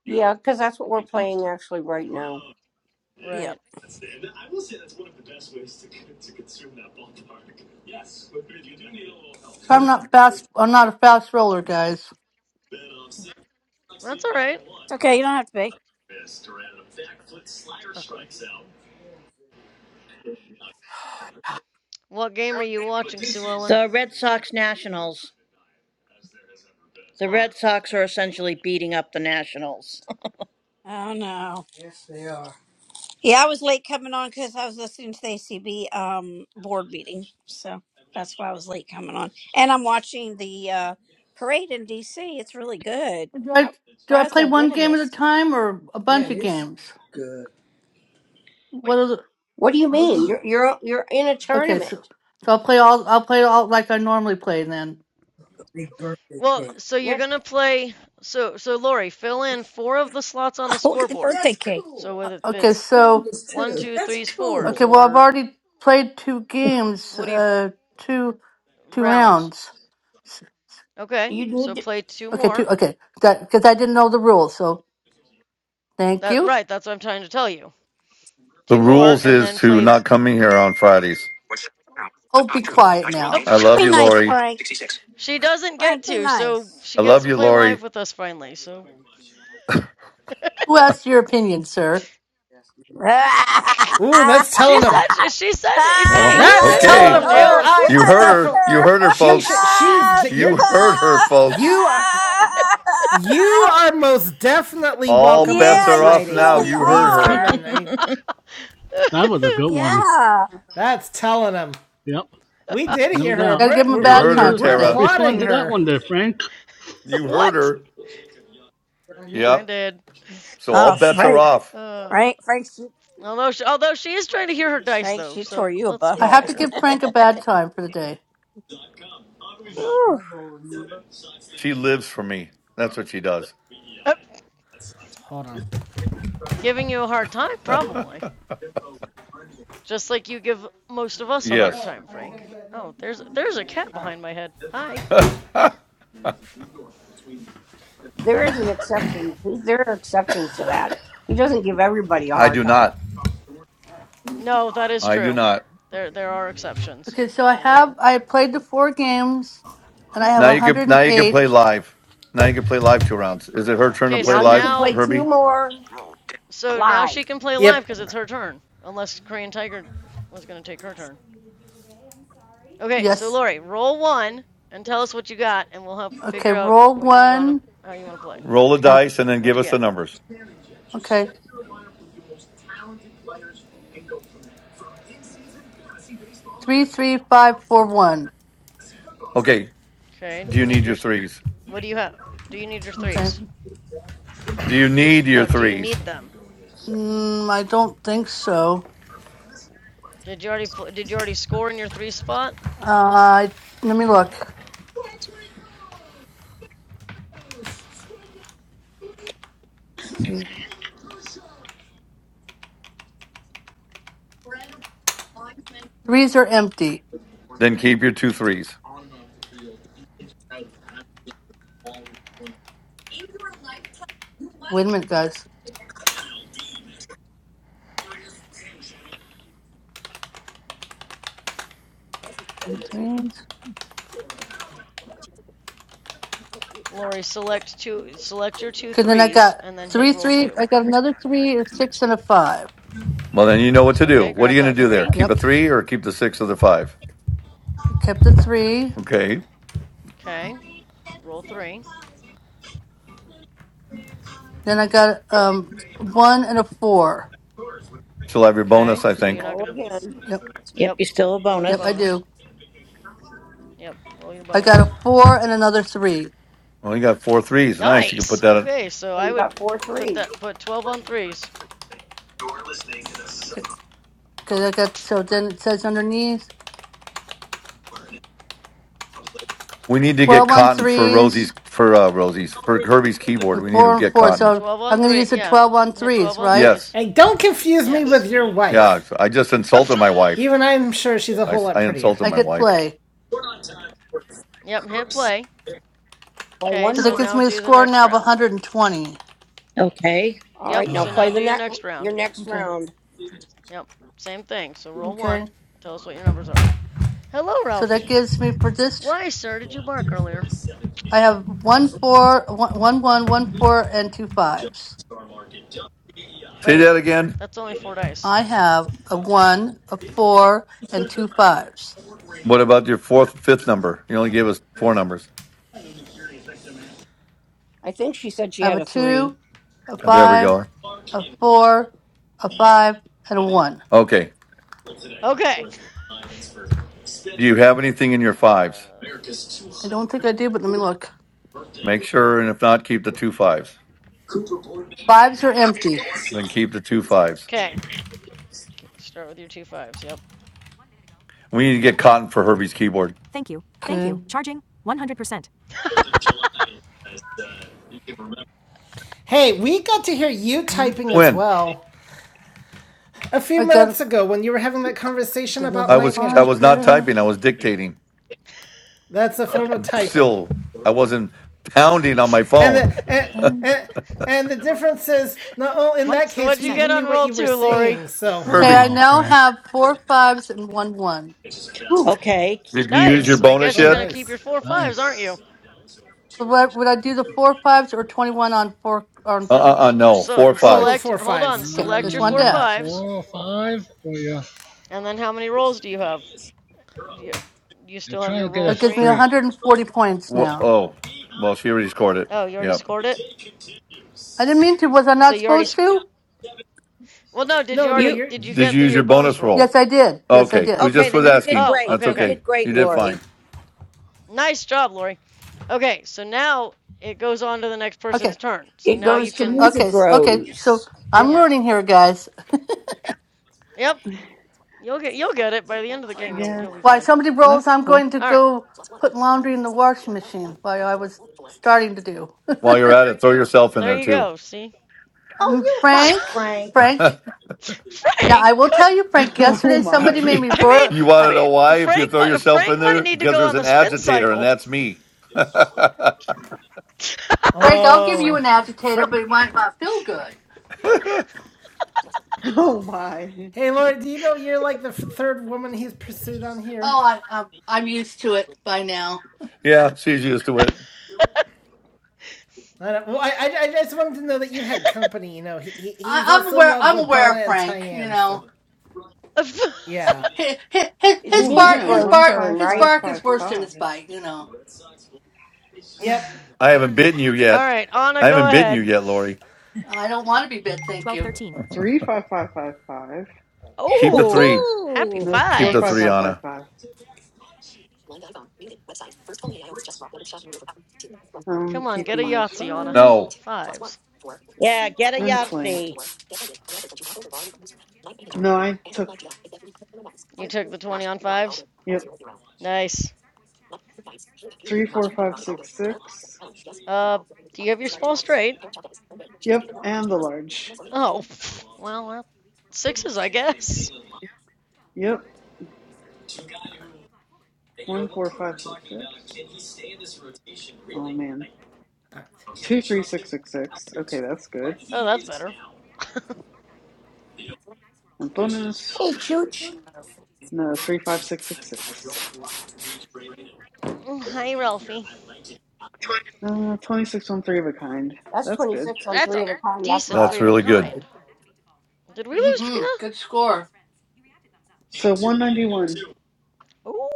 D: Yeah, because that's what we're playing actually right now.
K: Yep.
G: Right.
L: So I'm not fast. I'm not a fast roller, guys.
G: That's all right.
K: It's okay. You don't have to be.
G: Exactly. What game
D: You're
G: are
D: not
G: you
D: gaming.
G: watching, Sue Ellen?
J: The Red Sox Nationals. The
G: Ah.
J: Red Sox are essentially beating up the Nationals.
K: Oh no. Yeah, I was late coming on because I was listening to the ACB um, board meeting, so that's why I was late coming on. And I'm watching the uh, parade in DC. It's really good.
L: Do I
K: I'm
L: do I
K: surprised
L: play
K: how good
L: one
K: it
L: game at a
K: is.
L: time or a bunch of games? What are the,
D: What do you mean? You're you're you're in a
L: okay?
D: tournament.
L: So so I'll play all. I'll play all like I normally play then.
G: Well, so you're
D: Yeah,
G: gonna play. So, so Lori, fill in four of the slots on the
K: look at the
G: scoreboard.
K: birthday That's cake.
G: So
K: cool.
L: Uh,
G: whether it
L: Okay.
G: fits
L: So
G: one, two, threes, fours,
L: okay. Well, I've
G: or
L: already played two games.
G: what do you
L: Uh, two two
G: rounds?
L: rounds. S-
G: Okay.
D: you
G: So
D: need. To,
G: play two
L: Okay. Two.
G: more.
L: Okay. That because I didn't know the rules. So thank
G: That
L: you.
G: right. That's what I'm trying to tell you.
E: The
G: Two more,
E: rules
G: and
E: is
G: then
E: to
G: play.
E: not come in here on Fridays.
D: What's that now? The
L: Oh, be
D: top two.
L: quiet
D: Dice World Game
L: now.
E: I
D: Guide.
E: love
G: Oh,
K: Be
E: you,
D: Sports
K: nice,
D: at
E: Lori.
K: Frank.
D: 166.
G: She doesn't get
K: Frank, be
G: to, so
K: nice.
G: she
E: I
G: gets
E: love
G: to
E: you,
G: play
E: Lori.
G: live with us finally. So
L: Who asked your opinion, sir?
B: Ooh, that's
G: she
B: telling him.
G: said, she said, it, hey,
E: Well,
K: Ah,
G: he
B: That's
G: said
K: I
G: he
K: like
B: telling
E: okay.
B: him.
G: loves
J: Ooh.
B: Oh,
K: her.
G: you.
B: I
E: You
K: I
E: heard
K: like
E: her.
B: definitely.
E: You heard her,
B: She
E: folks.
B: should. She's
E: You
B: you're
E: heard her,
B: you
E: folks.
B: are
K: her.
B: you are most definitely
E: All
B: welcome on
E: bets
K: yeah,
E: are
K: you
E: off
B: Friday.
E: now.
B: Oh,
K: surely
E: You heard
B: please come
E: her.
K: are.
B: in. And he,
H: That was a good one.
K: Yeah.
B: that's telling him.
H: Yep,
B: We did
H: no
B: hear her.
H: doubt.
L: Gotta
B: We're
L: give him a
B: we're
E: You
H: How do
L: bad
B: we're,
E: heard her,
L: time
H: you
L: for the
B: we're
L: day.
E: Tara.
H: respond
B: applauding
H: to that
B: her.
H: one there, Frank?
E: You heard
G: what?
E: her.
G: I
E: Yep.
G: did.
E: So all
K: Oh,
E: bets are
K: Frank.
E: off.
G: Uh,
K: Frank, Frank, she,
G: although, she, although she is trying to hear her dice
K: Frank,
G: though,
K: she tore
G: so
K: you a
G: let's
L: I
G: be
L: have
K: butthole.
L: to
G: fair.
L: give Frank a bad time for the day.
K: Whew.
E: She lives for me. That's what she does.
G: Uh,
B: Hold on.
G: giving you a hard time, probably. Just like you give most of us a hard
E: yes.
B: Oh,
G: time,
B: are you
G: Frank.
B: gonna get
G: Oh,
B: them?
G: there's there's a cat
B: All right.
G: behind my head. Hi.
D: There is an exception. There are exceptions to that. He doesn't give everybody a
E: I
D: hard
E: do
D: time.
E: not.
G: No, that is
E: I do
G: true.
E: not.
G: There there are exceptions.
L: Okay, so I
G: You're right.
L: have I played the four games and I have
E: Now you can now
L: 108.
E: you can play live. Now you can play live two rounds. Is it her turn to
G: Okay,
E: play
G: so
D: Now you can
E: live,
G: now
D: play two
E: Herbie?
D: more Roll. Dim button.
G: So now
D: live.
G: she can play live
B: Yep.
G: because it's her turn, unless Korean Tiger was going to take her turn. Okay, so
L: Yes.
G: Lori, roll one and tell us what you got, and we'll help
L: Okay,
G: figure out
L: roll
G: what you want
L: one.
G: to, how you want to play.
E: Roll a
L: Uh,
E: dice and then
G: What'd
E: give
G: you
E: us the
G: get?
E: numbers.
L: okay. Three, three, five, four, one.
E: Okay.
G: Okay. Do
E: Do
G: you
E: you
G: need
E: need
G: your,
E: your threes?
G: what do you have? Do you need your threes?
L: Okay.
E: Do you
G: Do
E: need your
G: no? Do you
E: threes?
G: need them?
L: Mm, I don't think so.
G: Did you already did you already score in your three spot?
L: Uh, let me look. see. Threes are empty.
E: Then keep your two threes.
L: Wait a minute, guys. Two threes. threes.
G: Lori, select two, select your two
L: Cause then I
G: threes,
L: got
G: and then hit
L: three,
G: roll
L: three.
G: two.
L: I got another three, a six, and a five.
E: Well then you know what to do.
G: Okay,
E: What are
G: grab
E: you
D: So
E: gonna
G: that
E: do
L: Yep.
E: there?
G: three.
E: Keep
L: Yep.
E: a three or keep the six or the five?
L: Kept the three.
E: Okay.
G: Okay, roll three.
L: Then I got um one and a four.
E: She'll have your
G: Okay,
E: bonus, I
G: so you're
E: think.
G: not
D: roll
G: gonna.
D: again.
L: Yep.
J: yep,
G: Yep,
J: you still a
G: roll your
L: Yep, I
J: bonus.
G: bonus.
L: do.
G: Yep. Roll your
L: I got
G: bonus.
L: a four and another three.
E: Well you got four threes. Nice. You can
G: Nice.
E: put that
G: Okay, so
D: So
G: I
D: you
G: would
D: got four
G: put
D: threes.
G: that put 12 on threes.
L: Because I got, so then it says underneath
E: We need to get
L: 12 on
E: cotton for Rosie's
L: threes
E: for uh, Rosie's for Kirby's keyboard.
L: and
E: We need
L: four
E: to
L: on
E: get
L: four.
E: cotton.
L: So
G: 12
L: I'm
G: on
L: going to
G: three.
L: use the
G: Yeah,
L: 12 on
G: hit 12
L: threes,
G: on
L: right?
E: Yes,
G: threes.
B: And don't confuse me with
G: Yes.
B: your
E: yeah.
B: wife.
E: I just insulted my wife.
B: Even I'm sure she's a
E: I,
B: whole
E: s-
B: lot
E: I
B: prettier.
E: insulted
L: I
E: my
L: hit
E: wife.
L: play.
G: yep, hit play.
D: Play
G: Okay,
D: one
L: So
G: so
L: that
D: more.
L: gives
G: now
L: me a
G: do the
L: score
G: next
L: now of
G: round.
L: 120.
J: Okay.
D: All right,
G: Yep,
D: now
G: so now
D: play
G: do
D: the
E: Say
G: your
D: next
G: next
D: your
G: round.
D: next
L: Okay.
D: round.
G: Yep, same thing. So roll
L: Okay.
G: one. Tell us what your numbers are. Hello,
L: So that
G: Ralphie.
L: gives me for this,
G: Why, sir, did you bark earlier?
L: I have
G: Hi,
L: one
G: buddy.
L: four, one one, one, one four, and two fives.
G: Wait,
E: that again.
G: that's only four dice.
L: I have a one, a four, and two fives.
E: What about your fourth, fifth number? You only gave us four numbers.
D: I think she said she
L: I have
D: had
L: a
D: a three.
L: two, a
E: Uh, There we
L: five,
E: go.
L: a four, a five, and a one.
E: Okay.
G: Okay.
E: Do you have anything in your fives?
G: Uh,
L: I don't think I do, but let me look.
E: Make sure, and if not, keep the two fives.
L: Fives are empty.
E: Then keep the two fives.
G: okay. Start with your two fives. Yep.
E: We need to get cotton for Herbie's keyboard.
L: Okay.
B: Hey, we got to hear you
L: okay.
B: typing as
E: When
B: well a few
L: I got
B: minutes ago when you were having that conversation about
E: I
L: another
E: was
B: Night
E: I
L: five
E: was
B: Manager.
E: not
L: there.
E: typing, I was dictating.
B: That's a form of typing.
E: Still, I wasn't pounding on my
B: And
E: phone.
B: the, and,
L: Okay.
B: and, and the difference is, no, oh, in that
G: So
B: case,
G: what'd
B: we
G: you get
B: even knew
G: on
B: what
G: roll
B: you were
G: two, Lori?
B: saying, so.
L: Okay, I
E: Herbie,
H: Wow,
L: now
H: Frank.
L: have four fives and one one.
J: Okay.
E: did you use your
G: Nice.
H: Oh,
G: I
E: bonus
G: guess
B: Oh,
G: you're
E: yet?
G: gonna keep
B: nice.
G: your four fives, aren't you?
H: nice.
L: So what would I do the four fives or twenty one on four on
E: Uh uh uh. No,
G: So
E: four
B: Oh,
E: fives.
G: select.
B: four
G: Hold on.
B: fives.
L: okay,
G: Select
L: just
G: your
L: wanted to
G: four
H: Uh,
L: ask.
G: fives,
H: four or five for you.
G: and then how many rolls do you have? Do you, do you
H: You're
G: still have
H: trying
G: your
H: to get
G: roll
L: That
H: us
L: gives me
G: three?
H: straight.
L: hundred and forty points
E: Wha-
L: now.
E: oh, well, she already scored it.
G: Oh, you already
E: Yep.
G: scored it.
L: I didn't mean to, was I
G: So
L: not
G: you already.
L: supposed to?
G: Well, no. Did
B: No,
G: you
B: no,
J: You
G: already?
B: you're.
G: Did you
E: Did
G: get
E: you
G: through
E: use your
G: your bonus
E: bonus
G: roll?
E: roll?
L: Yes I did. Yes I
E: Okay,
L: did.
E: we
J: okay,
E: just was
J: then you did
E: asking.
G: Oh,
J: great.
E: That's
G: okay,
J: You
G: okay.
E: okay.
J: did
E: You
J: great,
E: did
J: Lori.
E: fine.
G: Nice job, Lori. Okay, so now it goes on to the next person's
L: Okay.
G: turn. So
D: It
G: now you
D: goes to
G: can.
L: Okay.
D: Music
L: s- Okay.
D: Rose.
L: So I'm
B: Yep.
G: Yeah.
L: learning here, guys.
G: Yep. You'll get. You'll get it by the end of the game. You'll.
C: Yeah,
G: You'll be
L: Why,
G: fine.
L: somebody rolls,
C: that's
L: I'm
C: cool.
L: going to
G: All right.
L: go put laundry in the washing machine, while I was starting to do.
E: While you're at it, throw yourself in
G: There
E: there
G: you
E: too.
G: go. See.
J: Oh,
L: Um,
J: you hush,
L: Frank,
J: Frank.
L: Frank, now I
G: Frank,
L: will
G: good.
L: tell you, Frank,
C: Oh
L: yesterday somebody
C: my.
L: made me
G: I mean,
L: roar.
E: you want
L: I,
E: to know
G: wait,
E: why? If you
G: Frank.
E: throw
G: might
E: yourself
G: Frank
E: in
G: might
E: there,
G: need to
E: because
G: go
E: there's
G: on the
E: an
G: spin
E: agitator, and
G: cycle.
E: that's me.
L: Frank, I'll give you
B: Oh.
L: an
B: Fr-
L: agitator, but it might not feel good.
C: Oh my.
B: hey, Laura, do you know you're like the f- third woman he's pursued on here?
L: Oh, I, I'm, I'm used to it by now.
E: yeah, she's used to it.
B: I don't, well, I, I, I just wanted to know that you had company. You know, he, he he's
L: I, I'm
B: also in
L: aware,
B: love
L: I'm
B: with
L: aware
B: Donna
L: of
B: and
L: Frank, you
B: Tyann. So
L: know.
B: yeah,
L: His, his,
D: It's
L: his
C: Oh
L: bark,
D: Music
C: man,
L: his
D: Row's
C: one
L: bark,
D: turn,
C: five
L: his
C: five
D: right?
L: bark
C: five
L: is worse than
C: five.
L: his bite, you know.
B: yep.
E: I haven't bitten you
G: All
E: yet.
G: right, Anna,
E: I
G: go
E: haven't bitten you
G: ahead.
E: yet, Lori.
L: I don't want to be bit, thank you.
C: Three five five five five.
E: Keep the three.
G: Oh, happy
J: Woohoo.
C: Nope,
E: Keep
C: four
E: the
C: five
E: three,
G: fives.
C: five five
E: Anna.
C: five. I'm
G: Come on, get a
C: keeping those
G: Yahtzee, Anna.
C: fives.
E: No,
G: Fives.
J: Yeah, get a
C: And play.
J: Yahtzee.
C: No, I took
G: You took the 20 on fives?
C: yep.
G: Nice.
C: Three four five six six.
G: Uh, do you have your small straight?
C: Yep, and the large.
G: Oh, well, that, sixes, I guess.
C: Yep. One four five six six. Oh man. Two three six six six. Okay, that's good.
G: Oh, that's better.
C: And
J: Hey,
C: bonus.
J: Chooch.
C: No, three five six six six.
G: Hi, Ralphie.
C: Uh twenty six on three of a kind.
D: That's
C: That's good.
D: 26 on
G: That's
D: three
G: a
D: of a kind. That's what
G: decent
D: I was
E: that's
G: three of a
D: going
E: really
D: to
E: good.
D: say.
G: kind. Did we
L: mm
G: lose
L: hmm
G: Trina?
L: good score.
C: So 191.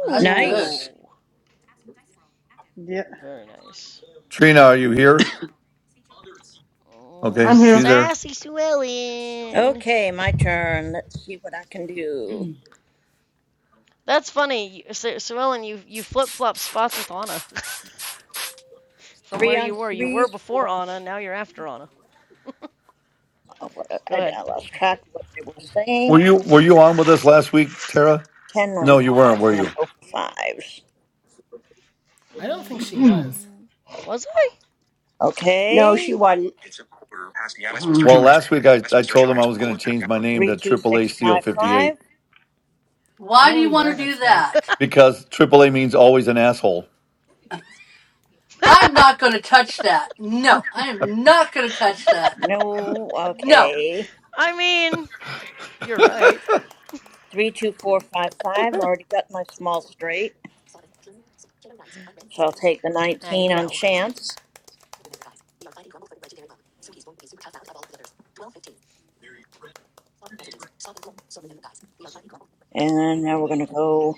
L: That's good.
J: Nice.
C: Yep.
G: very nice.
E: Trina, are you here?
G: Mm,
E: Okay,
F: I'm here.
E: she's there.
G: sassy Sue Ellen.
J: Okay, my turn. Let's see what I can do.
G: That's funny, you- Su- Sue Ellen. You you flip flop spots with Anna from where
J: Three
G: you
J: on
G: were. You were
J: threes,
G: before
J: four
G: Anna. Now you're after Anna.
J: Oh, what-
G: Go
J: I,
G: ahead.
J: I lost track of what they were saying.
E: Were you Were you on with us last week, Tara?
J: Ten on
E: No, you weren't.
J: fives.
E: Were
J: I'm going
E: you?
J: to go for fives.
B: I don't think she was.
G: Mm, Was I?
D: No, she
J: Okay.
D: wasn't. It's a quarter past the hour. Westminster
E: Well,
D: chimes.
E: last week I, I
D: Westminster
E: told him I
D: chimes.
E: was going
D: Quarter
E: to
D: past
E: change
D: the
E: my
D: hour.
E: name
J: Three,
E: to
J: two,
E: Triple A
J: six,
E: Steel
J: five, five.
E: 58
L: Why do
B: Oh
L: you want
B: yeah,
L: to do
B: that's right.
L: that?
E: because Triple A means always an asshole.
L: I'm not going to touch that. No, I am not going to touch that.
J: No.
L: No.
J: Okay.
G: I mean, you're right.
J: Three, two, four, five, five. Already got my small straight, so I'll take the
G: Hi,
J: nineteen on
G: Ralphie.
J: chance. And now we're going to go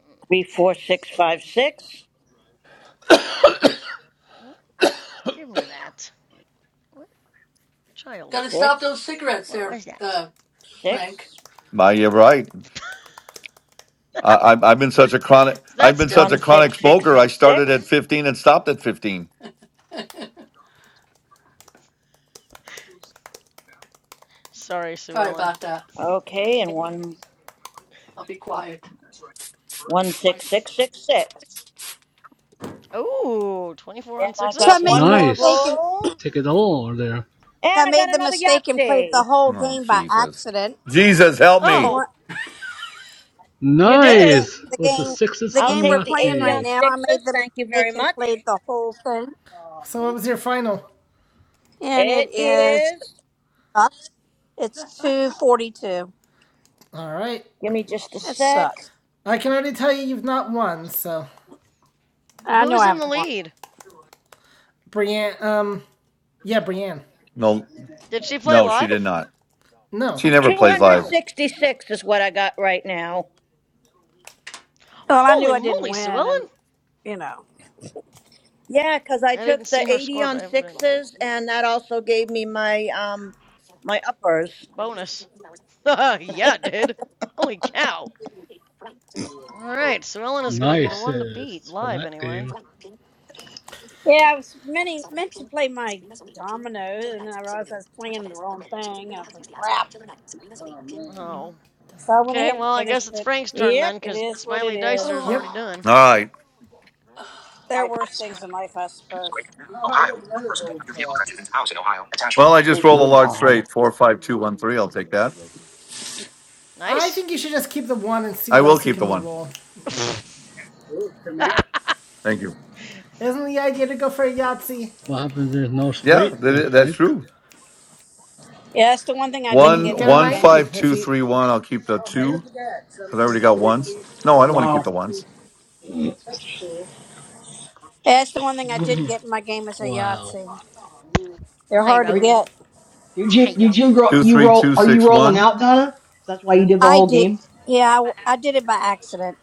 G: Mm,
J: three, four, six, five, six,
G: wh- Give me that. What child?
L: Got to stop those
J: six,
L: cigarettes
G: What
L: there,
G: was that?
L: uh, Frank.
J: six,
E: My, you're right. I, I, I've been such a chronic,
G: Is
E: I've
G: that
E: been
G: still?
E: such
J: one,
E: a chronic
J: six, six,
E: smoker. I
J: six,
E: started at
J: six.
E: 15 and stopped at 15.
G: Sorry, Sue
L: Sorry
G: Ellen.
L: about that.
J: Okay, and one,
L: I'll be quiet.
J: one, six, six, six, six.
G: Ooh, 24
J: And
G: on
J: I
K: so I
J: got
G: sixes.
J: one
K: made the
J: more
K: mistake
H: Nice.
K: and
J: roll.
H: Take it all there.
K: so I
J: And I got
K: made the
J: another
K: mistake and played the
J: Yahtzee.
K: whole
E: Oh,
K: game by
E: Jesus.
K: accident.
E: Jesus, help
K: The game,
E: me.
G: Oh,
K: we're-
G: you
K: so the
G: did.
K: game,
H: Nice.
K: the
H: With the
K: game,
H: sixes
K: the
J: I'll
H: on
K: game we're
J: take the
K: playing
J: 80
K: right
J: on
H: Yahtzee.
K: now. I made
J: sixes.
K: the
J: Thank you
K: mistake
J: very
K: and
J: much.
K: played the whole thing,
B: So what was your final?
K: and
J: It
K: it is
J: is,
K: sucks. It's two forty two.
B: All right.
J: give me just a
K: It
J: sec.
K: sucks.
B: I can already tell you you've not won. So
K: I know
G: Who's
K: I
G: in the
K: haven't won.
G: lead?
B: Brienne, um, yeah, Brienne.
E: No,
G: Did she play
E: no, she
G: live?
E: did not.
B: No.
E: She never plays live.
G: Oh.
J: 266 is what I got right now.
K: Well, I knew
G: Holy
K: I didn't
G: moly, Sue
K: win,
G: Ellen!
K: and you know.
J: Yeah, because I
G: I didn't
J: took
G: see
J: the
G: her
J: 80
G: score, but
J: on
G: I haven't been in the group.
J: sixes and that also gave me my um my uppers.
G: Bonus. yeah, it did. Holy cow. Alright, Sue Ellen is going to be the one to beat,
H: Nicest for
G: live
H: that
G: anyway.
H: game.
K: Yeah, I was many, meant to play my dominoes, and then I realized I was playing the wrong thing. I was like, crap.
G: Oh.
K: So I went
G: Okay,
K: ahead and
G: well, I guess
K: finished
G: it's
K: it.
G: Frank's turn
J: Yep.
G: then,
K: It
G: because
K: is what it
G: Smiley
K: is.
G: Dicer's
L: Oh,
G: already
B: Yep.
G: done.
E: All right.
K: There are worse things in life, I suppose.
D: Newsbreak Ohio. One person dead after vehicle crashes into house in Ohio. Attachment.
E: Well, I just
D: Oh,
E: rolled a
D: dear
E: large
D: God.
E: straight, four, five, two, one, three. I'll take that.
B: I
G: Nice?
B: think you should just keep the one and see
E: I
B: what
E: will
B: else you
E: keep the
B: can
E: one.
B: reroll.
E: Thank you.
B: Isn't the idea to go for a Yahtzee?
H: What happens there's no
E: Yeah,
H: straight there,
E: that, that's
H: Frank?
E: true.
K: Yeah, that's the one thing I
B: Then
K: didn't
B: you could
K: get
E: One,
B: get
K: in
B: a
K: my
E: one,
K: game.
B: ninety
E: five,
B: if
E: two,
B: you.
E: three, one. I'll keep the two. because I already got ones. No, I don't want to keep the
F: Wow.
E: ones.
K: Yeah, that's the one thing I didn't get in my game is a
H: Wow.
K: Yahtzee. They're hard to
F: Are you,
K: get.
F: did you did you grow
E: Two,
F: you
E: three,
F: roll
E: two,
F: are you
E: six,
F: rolling
E: one.
F: out Donna? That's why you did the
K: I
F: whole
K: did.
F: game.
K: Yeah, I, I did it by accident.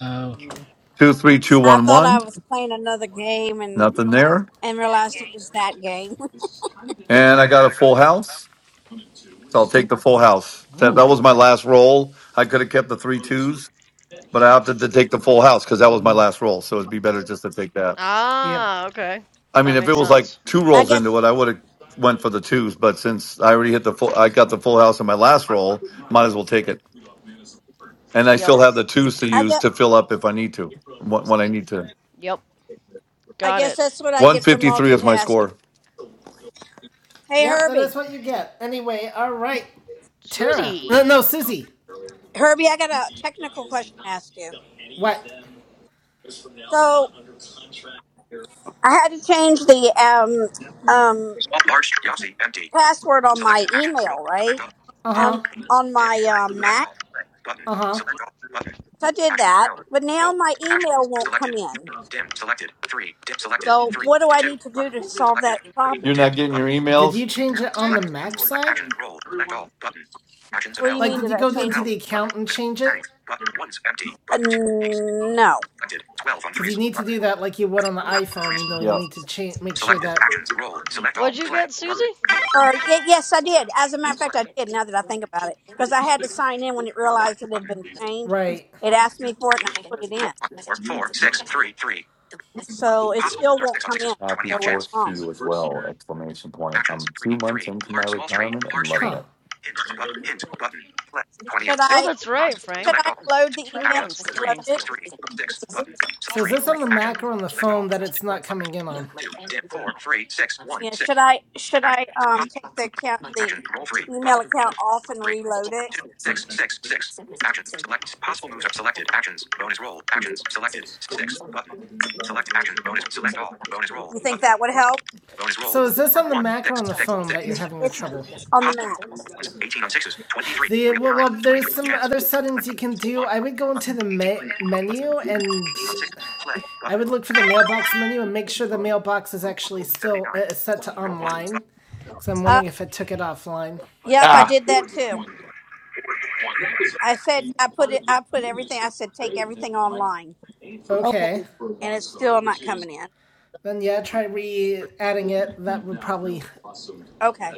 H: Oh.
F: Mm,
E: Two, three, two,
K: I
E: one,
K: thought I
E: one.
K: was playing another game and
E: Nothing there.
K: and realized it was that game.
E: And I
F: mm,
E: got a full house. So I'll take the full house. That, that
F: mm,
E: was my last roll. I could have kept the three twos, but I opted to take the full house because that was my
F: mm.
E: last roll. So it'd be better just to take that.
B: Yep.
G: ah, okay.
E: I
G: That
E: mean, if
G: makes
E: it was
G: sense.
E: like two
K: I
E: rolls
K: guess
E: into it, I would have went for the twos. But since I already hit the full, I got the full house in my last roll,
G: Ew.
E: might as well take it. And I
G: Yep,
E: still have the twos to
K: I
E: use
K: guess
E: to fill up if I need to, when when I need to.
G: yep,
K: I
G: got
K: guess
G: it.
K: that's what I get for
E: 153 is my
K: multitasking.
E: score.
K: Hey
B: Yep, that
K: Herbie.
B: is what you get. Anyway, all right. Tara. No,
G: Susie!
B: no Susie.
K: Herbie, I got a technical question to ask you.
B: What?
K: So I had to change the um, um,
D: Small, large, Yahtzee, empty.
K: password on my
D: Selected action. Roll.
K: email, right?
D: Select all.
B: Uh
D: Dimmed.
K: Um,
B: huh.
K: on
D: Dim.
K: my um,
D: Select
K: Mac.
D: all. Play. Button.
B: Uh huh.
D: Select all. Button.
K: So I did
D: Action.
K: that,
D: Failed.
K: but now
D: Roll.
K: my
D: Action.
K: email won't
D: Selected.
K: come in.
D: Three. Dimmed. Selected. Three. Dim. Selected.
K: So
D: Three.
K: what do
D: Di-
K: I
D: two.
K: need to do
D: Button.
K: to solve
D: Selected.
K: that
D: Three.
K: problem?
E: You're not
D: Dimmed.
E: getting your
D: Button.
B: Did
E: emails?
B: you change
D: Two.
B: it on the
D: Select. Select.
B: Mac side?
D: action. Roll. Select all. Button. Actions
K: What do you
D: available.
B: Like,
K: mean?
B: did
K: Did
B: you
K: I
B: go
K: change
B: into
K: it?
D: Help.
B: the
D: Button.
B: account and change it?
D: Settings. Button. Ones. Empty.
K: Uh,
D: Button. Two. Eight.
K: no.
D: Selected. Twelve on
B: Because you
D: threes.
B: need to
D: Button.
B: do that like you would on the
D: Twelve on
B: iPhone. You
D: threes.
B: know, you
E: Yep.
B: need to change, make sure
D: Selected.
B: that.
D: Actions. Roll. Select all.
G: What'd you
D: Play.
G: get, Susie?
D: Button.
K: Or y- yes, I did. As a matter of
D: Play.
K: fact, I did. Now that I think about it, because I had to sign in when it
D: Roll one.
K: realized it had
D: Button.
K: been changed.
B: Right.
K: It asked me for it, and I put it
D: Roll
K: in.
D: four, four, six, three, three.
K: So it
D: Possible
K: still
D: moves are
K: won't
D: six on
K: come in.
D: sixes, twenty
E: Happy
K: So
D: on
K: what's
D: chance.
E: fourth to
K: wrong?
E: you as well! Exclamation point.
D: Actions
E: I'm two
D: three,
E: months
D: three.
E: into my
D: Large, small, straight,
E: retirement and
D: large,
E: loving
D: straight.
B: Huh.
E: it.
D: Hint, button, hint, button. Play twenty on
K: Should
D: six
G: Oh,
K: I
G: that's right,
D: spots.
K: should
G: Frank.
D: Select
K: I
D: all.
K: load
D: Two.
K: the
G: Two
K: email?
D: Actions
G: months,
K: Load
D: three,
G: dang.
K: it?
D: three, six, button. So
B: So is
D: Three,
B: this
D: three.
B: on the
D: Action.
B: Mac or on the
D: Select
B: phone
D: all.
B: that
D: Roll
B: it's
D: two.
B: not
D: Button.
B: coming in on?
D: Two. Dim four, three, six, one,
K: Yeah.
D: six.
K: Should I should
D: Action.
K: I um
D: Possible.
K: take the account the
D: Action. Roll three. Button.
K: email account off and
D: three,
K: reload
D: four,
K: it?
D: two, six, six, six. Actions. Select possible moves are selected. Actions. Bonus roll. Actions. Selected. Six. Button. Select action. Bonus. Select all. Bonus roll.
K: You think
D: Button.
K: that would help?
D: Bonus roll.
B: So is this
D: Four,
B: on the
D: one,
B: Mac or
D: six,
B: on the
D: six,
B: phone
D: six.
B: that you're having the
K: It's
B: trouble?
K: on the
D: Possible
K: Mac.
D: moves. are ones, 18 on sixes. 23.
B: The
D: Real
B: well, well,
D: current.
B: there's
D: 23 on
B: some
D: chance.
B: other
D: Select
B: settings
D: the
B: you can do.
D: one.
B: I
D: one,
B: would go
D: Button.
B: into the
D: 18 on
B: ma-
D: sixes. button.
B: menu and
D: 18 on sixes. Play.
B: I
D: Button.
B: would look for the mailbox menu and make sure the mailbox is actually still
D: 79.
B: uh, set to
D: Roll one.
B: online,
D: Button.
B: because I'm wondering
K: Uh,
B: if it took it offline.
K: yep, I
E: Ah,
K: did that too.
D: One.
K: I said I put it. I put everything. I said take everything online,
D: Okay.
B: Okay,
K: and it's still not coming in.
B: then yeah, try re-adding it. That would probably
K: Okay.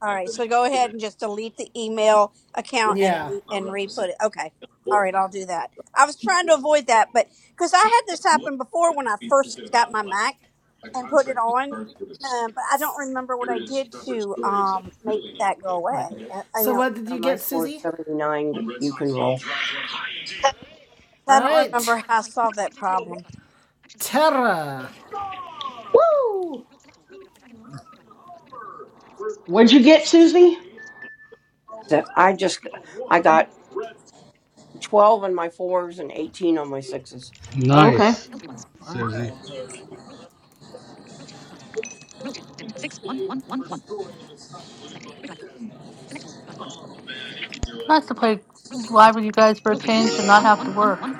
K: All right, so go ahead and just delete the email account and
B: yeah.
K: re- and re-put it. Okay. All right, I'll do that. I was trying to avoid that, but because I had this happen before when I first got my Mac and put it on, um, but I don't remember what I did to um, make that go
B: Right.
K: away. I, I
B: So
K: know
B: what did
D: Uh,
B: you
D: My
B: get,
D: score is
B: Susie?
D: 79. You can roll.
B: All
K: I don't
B: right,
K: remember how I solved that problem.
B: Terra.
F: What'd you get, Susie?
D: So I just, I got. 12 on my fours and 18 on my sixes.
F: Oh, okay.
H: Nice,
F: All right.
H: Susie.
L: nice to play live with you guys for a change and not have to work.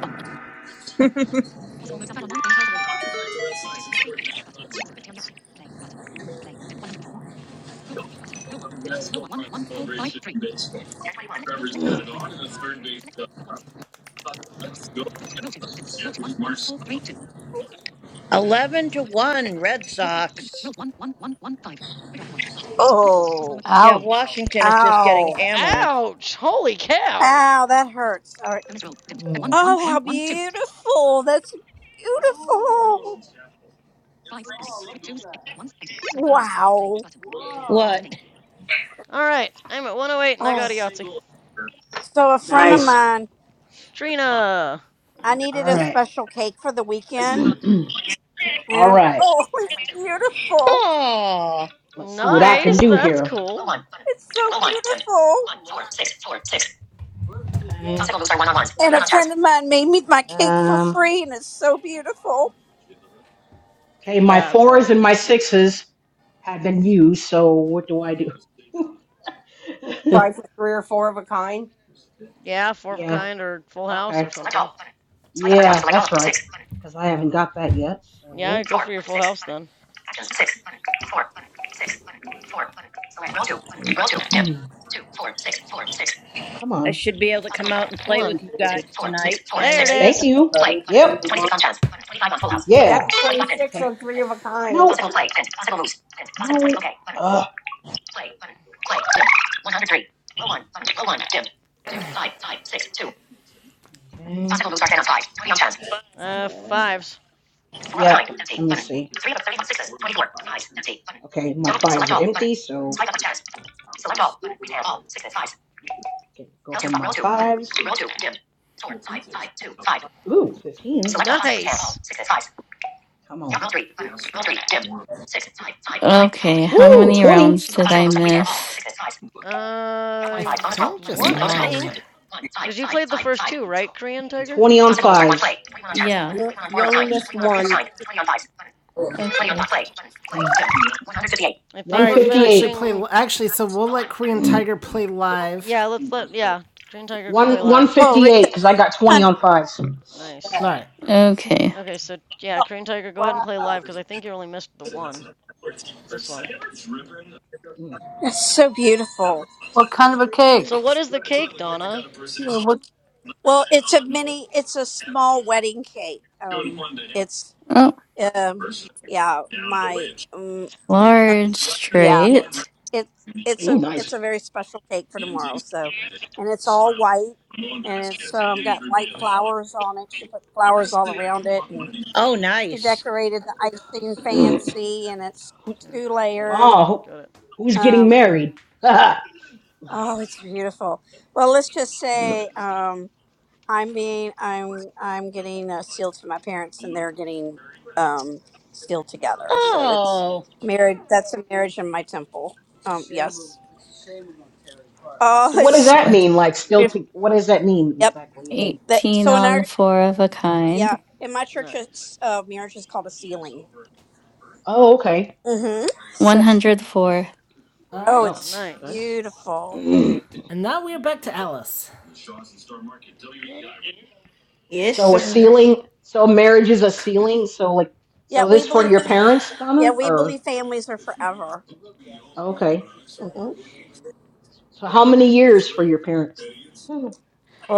J: 11 to 1 Red Sox.
K: Oh,
J: Yeah,
L: Ouch.
J: Washington is just getting
K: Ow!
J: hammered.
G: Ouch! Holy cow!
K: Ow! That hurts. All right.
F: Mm,
K: Oh, how beautiful! That's beautiful. Wow.
J: What?
G: Alright, I'm at 108 and I got
K: Oh.
G: a Yahtzee.
K: So a friend of
F: Nice.
K: mine,
G: Trina!
K: I
F: All
K: needed a
F: right.
K: special cake for the weekend,
F: All
K: and
F: right.
K: oh, it's beautiful.
J: Oh,
F: Let's see what I can
G: Nice,
F: do
G: that's
F: here.
G: cool.
K: It's so beautiful.
F: Okay.
K: And a friend of mine made me my cake for
F: Um.
K: free, and it's so beautiful.
F: Okay. My
G: That's
F: fours and my
G: awesome.
F: sixes have been used. So what do I do?
D: Try for three or four of a kind,
G: Yeah, four of a
F: yeah.
G: kind or full house
F: Okay.
G: or something.
F: Because I haven't got that yet. So.
G: Yeah, go for your full house then.
F: Dim. oh, come
J: I
F: on.
J: should be able to come out and
G: Come
J: play
G: on.
J: with you guys tonight
G: There it
J: finally.
F: Thank
G: is!
F: you. Yep.
D: but
F: Yeah.
D: that's 26 on three of a kind.
F: Okay. Uh,
G: Uh, fives.
F: see. Okay, my empty, so can go Ooh, 15.
G: Nice!
F: Come on.
A: Okay, how
F: Woo,
A: many
F: 20.
A: rounds did I miss?
G: Uh,
B: I think just
G: one, I
B: one.
G: think. Because you played the first two,
F: And
G: right, Korean Tiger?
F: 20
A: Yeah,
D: You, you only missed one.
A: okay.
G: I
B: All
G: think
B: right,
G: we're
B: you can actually
F: 158.
B: play.
G: finishing.
B: Actually, so we'll let Korean
F: Mm.
B: Tiger play live.
G: Yeah, let's let. Yeah, Korean Tiger can
F: One
G: play live.
K: Oh, Rick,
F: 158
K: that's
F: because I got 20
K: stunning.
F: on fives.
G: Nice.
B: All right.
A: Okay.
G: Okay, so yeah, Crane Tiger, go ahead and play live because I think you only missed the one. This one.
F: Mm.
K: It's so beautiful.
L: What kind of a cake?
G: So what is the cake, Donna?
L: You know, What,
K: Well, it's a mini, it's a small wedding cake. Um, it's
A: Oh,
K: um, yeah, my um, uh,
A: large
K: yeah.
A: straight.
K: it it's
F: Ooh,
K: a it's
F: nice.
K: a very special cake for tomorrow. So, and it's all white, and it's um, got white flowers on it. She put flowers all around it, and
J: Oh,
K: she
J: nice.
K: decorated the icing
G: Here,
F: Mm.
K: fancy, and it's
G: here.
K: two
G: Got it.
K: layers.
F: Oh,
G: Got it.
F: who- who's getting
K: Um,
F: married? so
K: oh, it's beautiful. Well, let's just say. Um, I'm being I'm I'm getting uh, sealed to my parents, and they're getting um, sealed together. So it's
J: Oh,
K: married. That's a marriage in my temple. Um, yes. Oh,
F: what
K: it's
F: does that
K: so
A: Ooh.
F: mean? Like still
K: beautiful.
F: to what does that mean
K: Yep.
F: exactly? Like
K: That,
A: 18
K: so in
A: on
K: our
A: four of a
K: yeah,
A: kind.
K: in my church,
G: Nice.
K: it's, uh, marriage is called a sealing.
F: oh okay.
K: Mm-hmm. So
A: 104.
B: All
K: oh,
F: Oh,
K: it's
B: right.
F: okay.
G: Nice.
K: beautiful.
B: And now we are back to Alice.
G: You got it?
I: Yes,
F: So a
I: sir.
F: ceiling. So marriage is a ceiling. So like,
K: Yeah,
F: so
K: we
F: this for
K: believe.
F: your
K: Fam-
F: parents,
K: yeah,
F: Donna,
K: we
F: or
K: believe families are forever.
F: okay.
K: hmm
F: So how many years for your parents? oh,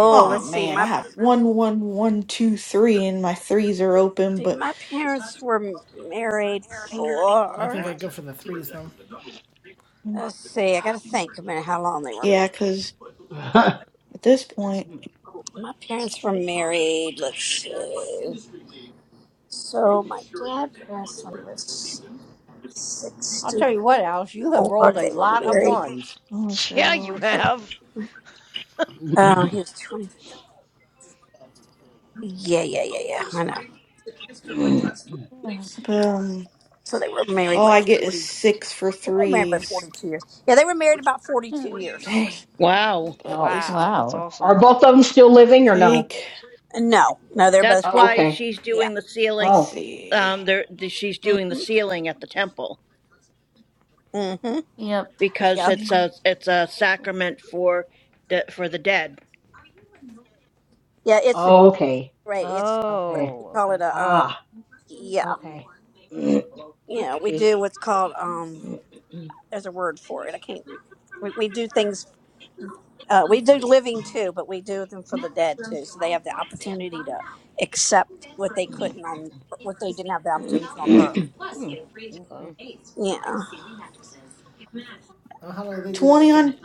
G: Or
I: Oh
F: oh.
K: let's see.
I: man, I
K: My
I: have one, one, one, two, three, and my threes are open,
K: See,
I: but
K: my parents were married
B: I think
K: for.
B: I'd go for the threes, though.
K: Let's see, I gotta think a minute how long they were married.
I: yeah, 'cause At this point,
K: My parents were married, let's see. So my dad passed when he was
D: I'll tell you
K: 64.
D: what, Alice, you have rolled a
K: They were
D: lot of
K: married.
D: ones.
I: I'm not sure.
G: yeah, you
I: I'll-
G: have.
K: Like, oh, he was 20. Yeah, yeah, yeah, yeah, I know.
I: But, um,
K: So they were married
I: all
K: like
I: I get is
K: 40.
I: six for
K: They were married by
I: threes.
K: 42 years. Yeah, they were married about 42
A: Yeah.
K: years.
I: Dang.
J: wow.
I: But at
F: Oh.
I: least it's
G: Wow, that's
A: Wow.
G: awesome.
F: are both of them still living or no?
I: take.
K: No, no, they're both
J: That's
K: passed.
F: Oh,
J: why
F: okay.
J: she's
K: Yeah.
J: doing the
I: Let's
J: ceiling.
F: Oh,
I: see.
J: Um, there, the- she's
K: Mm
J: doing the
K: hmm.
J: ceiling at the temple
K: Mm hmm.
A: Yep.
J: because
K: Yep.
J: it's a
I: 15.
J: it's a sacrament for the for the dead.
K: Yeah, it's a
F: oh, okay.
K: Right. It's what
F: Okay.
K: we
G: Oh,
K: call
G: okay.
K: it a um
F: Ah,
K: yeah.
F: okay.
K: Yeah, we
F: okay.
K: do what's called um
F: Hmm,
K: there's a word for it. I can't we, we do things uh we do living too, but we do them for the dead too. So they have the opportunity to accept what they couldn't on what they didn't have the opportunity on earth.
F: okay.
G: Hmm.
K: Yeah.
B: Oh, how do they do that
I: 20
B: after?
I: on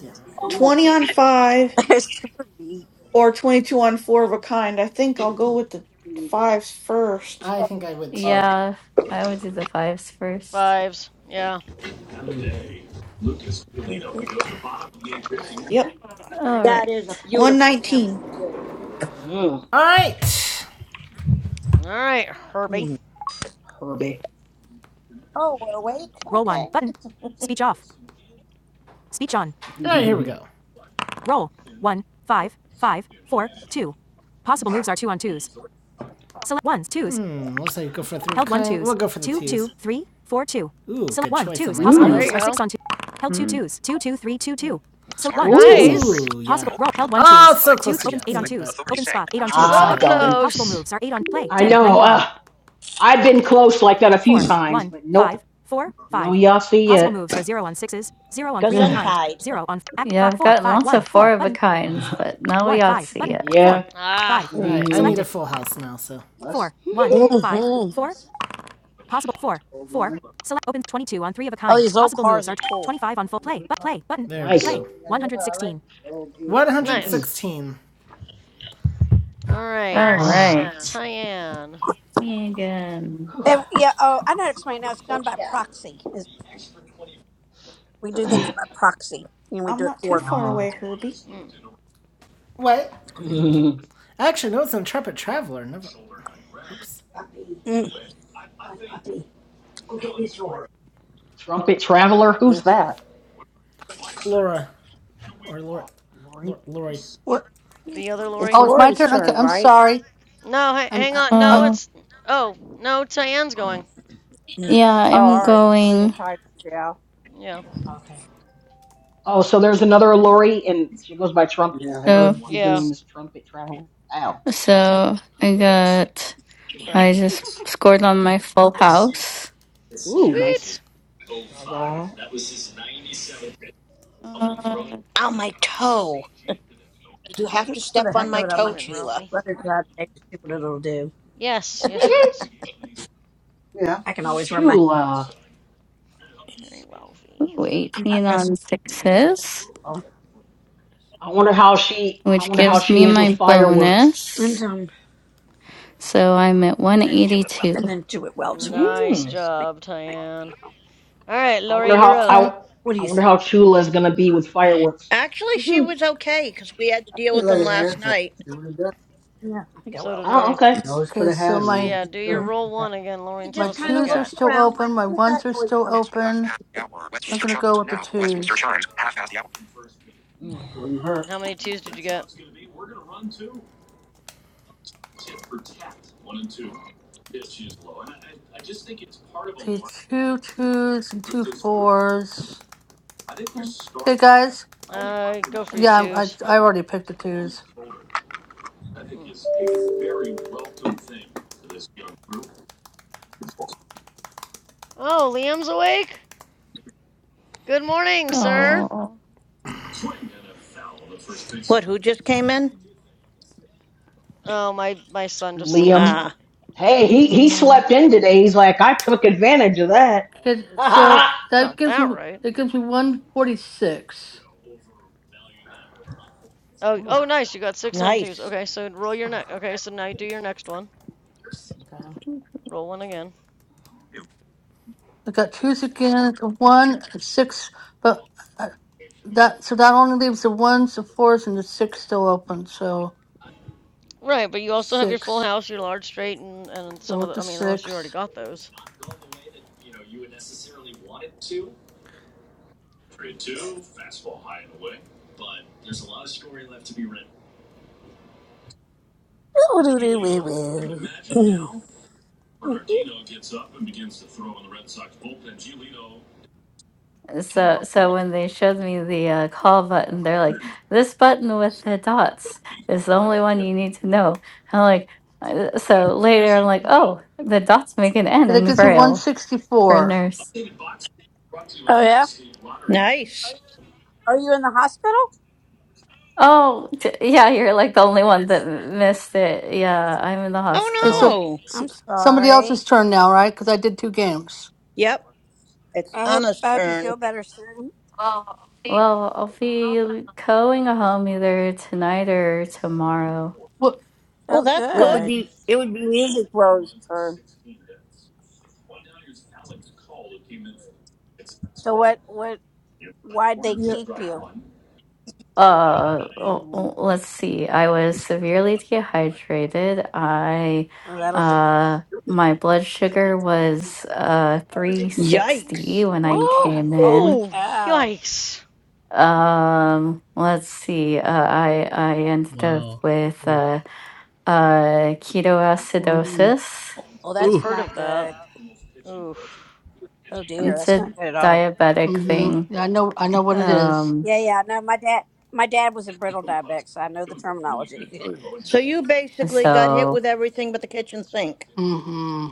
B: Yeah.
I: 20 on 5
K: it's pretty neat.
I: or 22 on 4 of a kind. I think I'll go with the fives first.
B: I think I would too.
A: Yeah, I would do the fives first.
G: Fives. Yeah.
F: Mhm.
K: Mm-hmm.
I: There we
A: All
I: go.
J: That
A: right.
J: is a beautiful
I: 119.
J: temple too.
F: Mm,
B: All right.
G: All right, Herbie.
K: Mm-hmm.
F: Herbie.
J: Oh, we're awake. Okay,
B: All right, here we
F: Ooh.
B: go. Mm, Let's say go for the three. we We'll go for the twos. Ooh, good choice
G: Oh,
B: part.
G: there you go.
A: Mm.
B: So
D: Smart news.
F: Ooh.
B: Ooh,
G: Nice.
D: Breaking
B: yeah.
D: news. Multiple people
B: Oh, so
D: flooding.
B: close to
D: Rescues underway. Authorities say attachment.
B: We'll take
G: So
F: Ah,
B: it.
F: darn.
G: close.
F: I know. Uh, I've been close like that a few times, but nope. No Yahtzee yet.
J: Gesundheit.
A: Yeah, I've gotten lots of four of a kinds, but now we ought to see it.
F: yeah.
G: Ah,
B: All right, I
F: hmm
B: need a full house now, so.
K: Mm-hmm. Oh, these old cars are cool.
B: There we
F: nice.
B: go.
G: nice.
F: Mm.
B: 116.
G: All right,
A: All
F: Ah.
A: right.
G: Tyann.
A: Megan.
K: And yeah, oh, I know how to explain it now. It's done by proxy. It's, we do things
F: Whew.
K: by proxy, and we
I: I'm
K: do it
I: not too
K: for them.
I: far
F: ah.
I: away, Herbie.
G: Mm.
B: What? I Actually, no, it's Intrepid Traveler. Never. Oops.
F: Trumpet Traveler.
K: Mm.
F: Who's that?
B: Laura. Or Laura.
F: Lori.
B: Lor- Lori.
L: what?
G: The other Lori.
D: It's
L: Oh, it's my
D: Lori's
L: turn. Okay,
D: turn,
L: I'm
D: right?
L: sorry.
G: No, ha-
L: I'm,
G: hang on. No,
L: uh,
G: it's. Oh, no, Tyann's going.
K: Mm.
A: Yeah,
D: Oh,
A: I'm
D: all right. It's Korean
A: going.
D: Tigers, yeah.
G: Yeah.
F: Okay. Oh, so there's another Lori, and she goes by Trump.
A: So,
F: Her
G: Yeah.
F: username is Trumpet Traveler. Ow.
A: so I got.
G: Hey,
A: I
G: Ralphie.
A: just scored on my full house.
F: Ooh, nice.
G: Sweet.
F: All right.
A: Uh,
J: Ow, my toe. You have to
K: Just for
J: step
K: the
G: What are
J: on
K: heck
G: you
J: my
K: of it, I
J: toe,
K: might
G: doing,
K: just
J: Chula.
G: Ralphie?
K: let her grab it, see what it'll do.
G: Yes. Yes, she does.
K: I can always wear my.
F: Chula.
G: Very Ralphie.
K: I'm not
A: waiting
K: dressing,
A: on sixes,
F: I wonder how she. I
A: which
F: wonder how
A: gives me
F: she is with
A: my
F: fireworks.
K: and
A: bonus.
K: um,
A: So I'm at 182.
K: and then do it well tomorrow.
G: Nice
F: Mm.
K: Make
G: job,
K: it nice.
G: Tyann. All right,
F: I
G: Lori,
F: wonder
G: you're
F: how
G: up.
L: Okay.
F: I,
K: What do
F: I
K: you
F: wonder
K: think?
F: how Chula is gonna be with fireworks.
J: Actually, she
F: Mhm.
J: was okay because we had to deal with them last night.
K: Yeah, I think I
G: So
K: will.
G: did
F: oh,
G: we.
F: okay.
K: You
L: Okay, so
G: So,
L: my
G: yeah, do your
K: Mhm.
G: roll
K: Okay.
G: one again, Lori,
J: He
G: and
L: my
G: tell
J: just
G: us
J: kind
G: what you
J: of
L: twos are
J: looked
G: got.
L: still
J: around like,
L: open, my
J: where's that
L: ones are
J: noise
L: still
J: coming
D: It's half
L: open.
D: past the hour.
L: So I'm
D: Westminster
L: gonna
D: chimes.
L: go with the
D: Now, Westminster
L: twos.
D: chimes. Half past the hour.
F: Mm.
G: How many twos did you get?
L: See two twos and two fours. Okay, guys.
G: Uh, go for your
L: Yeah, I'm, I
G: twos.
L: I already picked the twos.
G: Mm. Oh, Liam's awake? Good morning, sir.
J: from? What, who just came in?
G: Oh, my, my son just woke up.
F: Liam,
J: Ah,
F: hey, he
A: Oh,
F: he slept in today. He's like, I took advantage of that.
L: Okay,
G: Uh,
L: so
G: you
L: that
G: got
L: gives
G: that
L: me
G: right.
L: it gives me one forty six.
G: Oh,
F: Ooh,
G: oh, nice. You got six on twos.
J: nice.
G: Okay, so roll your
F: ooh,
G: next. Okay, so now you do your next one.
F: okay.
G: Roll one again.
L: I got twos again, it's one, a six, but uh, that so that only leaves the ones, the fours, and the six still open. So
G: Right, but you also have your full
L: six.
G: house, your large straight, and and
L: Go
G: some of
L: with
G: the.
L: the
G: I mean, unless you already
L: six.
G: got those.
K: Woo, doo, doo, woo, woo. Mm.
A: So, so when they showed me the uh, call button, they're like, "This button with the dots is the only one you need to know." I'm like, uh, so later I'm like, "Oh, the dots make an N
L: That
A: in
L: gets me
A: Braille for
L: 164.
A: nurse."
K: oh yeah,
J: Nice.
K: are you in the hospital?
A: Oh, t- yeah, you're like the only one that m- missed it. Yeah, I'm in the
L: Okay,
A: hospital.
L: so
J: Oh, no.
L: s-
K: I'm
L: somebody
K: sorry.
L: else's turn now, right? Because I did two games.
J: Yep, it's
K: I hope
J: Anna's
K: I hope you
J: turn.
K: feel better soon.
A: Well, I'll be going home either tonight or tomorrow.
L: What?
J: Oh,
K: Oh
J: that's
D: What would
J: good.
K: good.
D: be? It would be music rose turn.
K: So what what why'd they
C: Yep.
K: keep you?
A: Uh, oh,
C: All right.
A: oh, let's see. I was severely dehydrated. I,
K: Oh, that'll do.
A: uh, my blood sugar was uh
L: Oh
J: Yikes.
A: 360 when
L: my
A: I
L: god.
K: Woo!
A: came
K: Holy
A: in.
G: Oh,
K: cow!
G: yikes!
A: Um, let's see. Uh, I I ended up
H: Wow.
A: with
H: Oof.
A: uh uh
L: Mm,
A: ketoacidosis.
K: Oh,
G: I've
K: that's
G: heard
H: Oof.
G: of
K: not
G: that.
K: good.
G: Oof.
K: Oh dear,
A: It's
K: that's
A: a
K: not good at all.
A: diabetic
L: hmm
A: thing.
L: Yeah, I know. I know what it is.
A: Um,
K: Yeah, yeah, no, my dad my dad was a brittle diabetic, so I know the terminology.
J: So you basically got
G: Hmm.
J: hit
A: so
J: with everything but the kitchen sink.
L: Mm-hmm.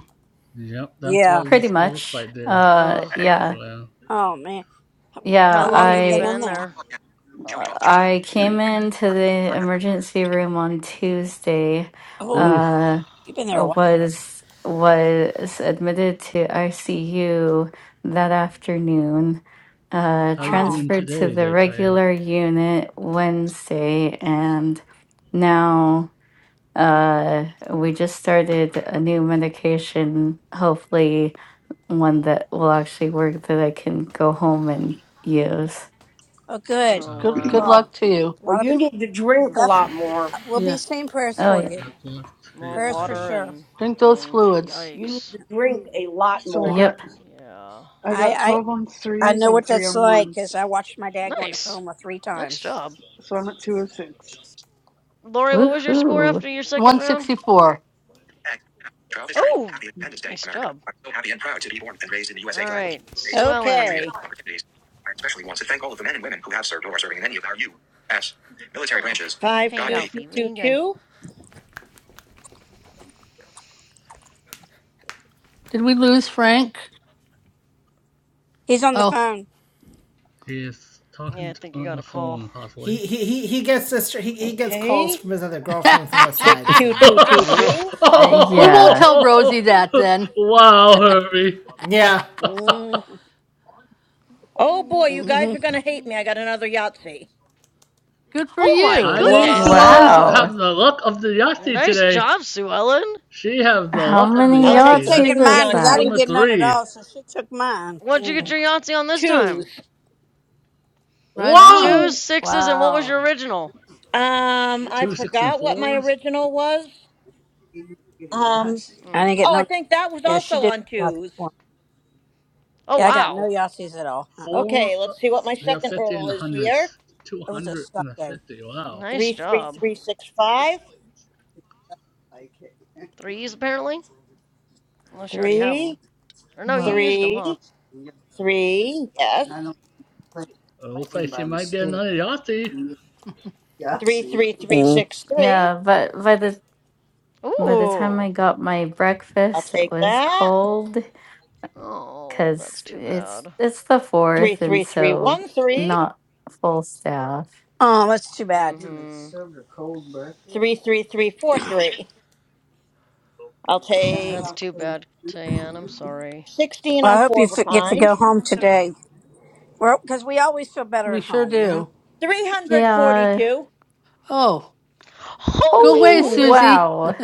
H: Yep, that's what
K: yeah.
A: pretty
H: it looks
A: much.
H: like there.
A: Uh,
G: Oh.
A: yeah,
H: Wow.
K: Oh man. How
G: How
K: how
G: long
K: long
A: yeah.
K: you
G: have you
K: been
G: been
K: in
G: in
K: there?
G: there?
A: I came into the emergency room on Tuesday.
K: Oh,
H: Oof.
A: Uh,
K: you've been there a while.
A: was was admitted to ICU that afternoon. Uh,
H: How you
K: Oh.
H: doing
A: transferred to
H: today
A: the
H: there, Tyan?
A: regular unit Wednesday, and now uh, we just started a new medication. Hopefully, one that will actually work that I can go home and use.
K: Oh good.
G: Oh
L: Good.
H: Okay.
L: Good
K: Well,
G: wow.
L: luck to you.
K: a
D: Well,
K: lot of
D: you need to drink a
K: that's
D: lot more.
K: we'll be
L: Yeah.
K: saying prayers
A: Oh
K: for
A: yeah,
K: you.
H: That left
G: More
H: you,
K: Prayers for
H: Tyan.
G: water
K: sure.
G: and.
L: Drink
G: I
L: those
G: mean,
L: fluids.
D: You need
G: yikes.
D: to drink a lot
C: So I
D: more.
C: got
A: yep.
G: Yeah.
C: I got
K: I
C: 12 on
K: I I
C: threes
K: know
C: and
K: what
C: three
K: that's
C: on
K: like cuz
C: ones.
K: I watched my dad go into
G: Nice.
K: coma 3
G: Nice
K: times.
G: job,
C: So I'm at 206.
G: Lori. What was your score
A: Woohoo.
G: after your second round?
L: 164.
D: X. Travis Trade.
G: Oh,
D: Happy Independence Day,
G: nice
D: America.
G: job.
D: I'm so happy and proud to be born and raised in the
G: All
D: USA flag of the
G: right,
D: United
G: Sue
D: States, a country
G: Ellen.
D: of
J: Okay.
D: opportunities. I especially want to thank all of the men and women who have served or are serving in any of our U.S. military
G: Oh,
D: branches.
G: hey,
D: God be.
G: Ralphie, what are you doing?
J: 52222.
L: Did we lose Frank?
K: He's on the
L: Oh.
K: phone.
H: He is
G: Yeah,
H: talking
G: I think you
H: on
G: got
H: the
G: a call.
H: phone,
B: He,
H: possibly.
B: he, he, he gets this. he, he gets calls
J: Okay.
B: from his other girlfriends on the side, so you know.
K: Mm-hmm.
J: 62222.
A: Uh,
L: we won't
A: yeah.
L: tell Rosie that then.
H: wow, Herbie.
B: Yeah.
G: What
J: Oh
G: are
J: boy,
G: you
J: you
G: eating,
J: guys are
K: Mm-hmm.
J: going to hate
G: Ralphie?
J: me. I got another Yahtzee.
L: Good for
G: Oh my
H: I
L: you.
H: think
G: goodness!
H: Suarez
A: Wow.
K: Whoa.
H: have the luck of the Yasti
G: Nice
H: today.
G: job, Sue Ellen.
H: She have the
A: How
H: luck of the
A: many
J: I'll
K: Yeah, she
J: take
H: Yasti.
J: the
A: yachts
H: That's
A: is
K: taking
J: 60
K: mine
A: this
J: on
K: because I
A: at?
K: didn't
H: number
K: get
J: twos.
K: none at
H: three.
K: all, so she took mine.
G: What'd you get
K: Mm.
G: your Yahtzee on this time?
J: Twos.
L: Right on.
G: Twos,
H: Whoa!
G: sixes, and what was your
K: Wow.
G: original?
J: Um, I
H: Two six and
J: forgot what my
H: fours.
J: original was.
K: Get a
J: Um,
K: Yahtzee. I
G: Hmm.
K: didn't get
J: oh, I
K: no.
J: think that was
K: Yeah, she
J: also
K: did
J: on
K: Yahtzee
J: twos.
K: one.
G: Oh
K: Yeah, I got no
G: wow.
K: Yahtzees at all. Uh-uh.
H: Four.
J: Okay,
H: Uh,
J: let's see what my
H: you
K: Mm.
H: have
J: second
H: fifty in
J: roll
H: the
J: is here.
H: hundreds. Two
K: It was a
H: hundred
K: suck
H: and a
K: game.
H: fifty. Wow.
G: Nice
J: Three, three,
G: job.
J: three, six, five.
G: Threes, apparently? Unless you already have
J: Three,
G: them. Or no, you
A: Well,
G: used them, huh?
J: three, three. Yes.
H: It looks like she might get another Yasti.
J: Three, three, three,
K: Mm.
J: six, three.
A: yeah, but by the by the time
G: Ooh.
A: I got my
J: I'll
A: breakfast, it
J: take
A: was
J: that.
A: cold
G: Oh, that's
A: because
G: too
A: it's
G: bad.
A: it's the
J: Three,
A: fourth, and
J: three, three,
A: so
J: one, three.
A: not full staff.
K: Oh, that's too bad.
G: Mm
K: And they
G: hmm.
K: served a cold breakfast.
J: Three, three, three, four, three. I'll take
G: That's too bad, Tayanne. I'm sorry.
J: sixteen
K: Well,
J: on
K: I hope
J: four
K: you
J: of a
K: fi- get to
J: kind.
K: go home today. Well, Because we always feel better
L: We
K: at
L: sure
K: home, you know?
L: do.
J: Three hundred
A: Yeah.
J: forty-two.
L: Oh. Go
G: Holy
L: away,
G: moly!
A: Oh
L: Susie.
A: wow,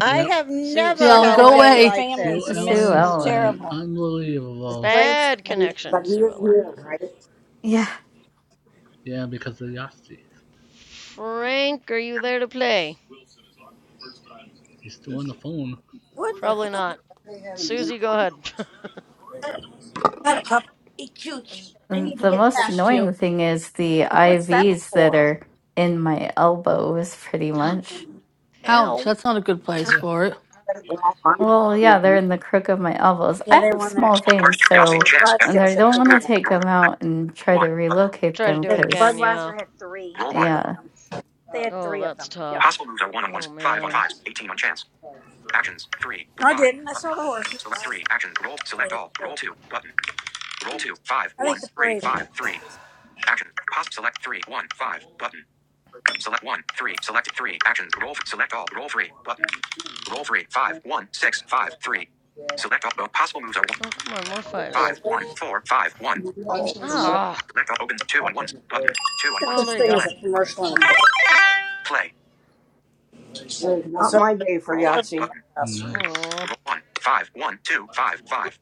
J: I
H: Yep.
J: have
G: Sue,
J: never
G: Sue
L: Theon,
K: And
J: had a
K: I
L: go
G: Ellen.
K: bet
J: day
K: your
L: away.
J: like
H: Sue
K: family's
J: this.
A: Sue
K: missing you
H: Ellen's uh,
A: Ellen.
K: terrible.
D: The
H: unbelievable.
D: spring,
G: Bad
D: but
G: connection,
D: he
G: Sue
D: is
G: Ellen.
D: new, right?
A: Yeah.
H: Yeah, because of Yasti.
G: Frank, are you there to play?
H: He's still on the phone.
K: What the
G: Probably
K: heck?
G: not. Susie, go ahead.
K: Had a couple
J: Hey, Chooch, I need to
A: The
J: get
A: most
K: sticks.
J: past you.
A: annoying thing is the
K: What's that
A: IVs that
K: for?
A: are in my elbows, pretty much.
L: Ouch,
G: Ow.
L: that's not a good place
K: Um,
B: Duh.
L: for it.
D: And I'll find him
A: Well, yeah, they're in the crook of my elbows.
K: Yeah,
A: I
K: they
A: have
K: won their
A: small veins,
K: and
D: Yahtzee
K: the
A: so
D: chance. F-
A: and I
K: Clydesdales at
A: don't want
K: three.
A: to
D: Action.
A: take
D: Roll.
A: them
D: Select.
A: out and
D: Roll
A: try to
D: one. Button.
A: relocate
G: Try to
A: them
G: do
K: The
G: it again,
A: because,
G: yeah.
K: Budweiser had three
D: Roll one.
K: of
A: yeah,
K: them. They had
G: Oh,
K: three of
G: that's
K: them. Yeah.
G: tough.
D: Possible moves are one on ones,
G: Oh,
D: five on
G: man.
D: fives, eighteen on chance. Actions. Three.
K: No, I
D: Five.
K: didn't. I
D: Button.
K: saw the horses.
D: Select three. Action. Roll. Select
K: I
D: all.
K: did.
D: Roll two. Button. Roll two. Five.
K: I think
D: one,
K: the
D: three,
K: parade.
D: five, three. Action. Pos. Select three. One. Five. Button. Select one. Three. Select three. Actions. Roll. Select all. Roll three. Button. Roll three. Five. one, six, five, three. Select all. Possible moves are
G: Oh, come on, more fives.
D: Five, one, four, five, one. Oh,
G: Ah.
D: Select all opens two on ones. Button. Two on ones.
G: Oh,
K: There's
G: there
K: such
G: you
K: thing
D: Play.
G: go.
K: as a
D: Button.
K: commercial and a parade.
D: Play. it is not my day for Roll one. Yahtzee. Button.
H: Nice.
G: Oh.
D: Roll one. Five, one, two, five, five.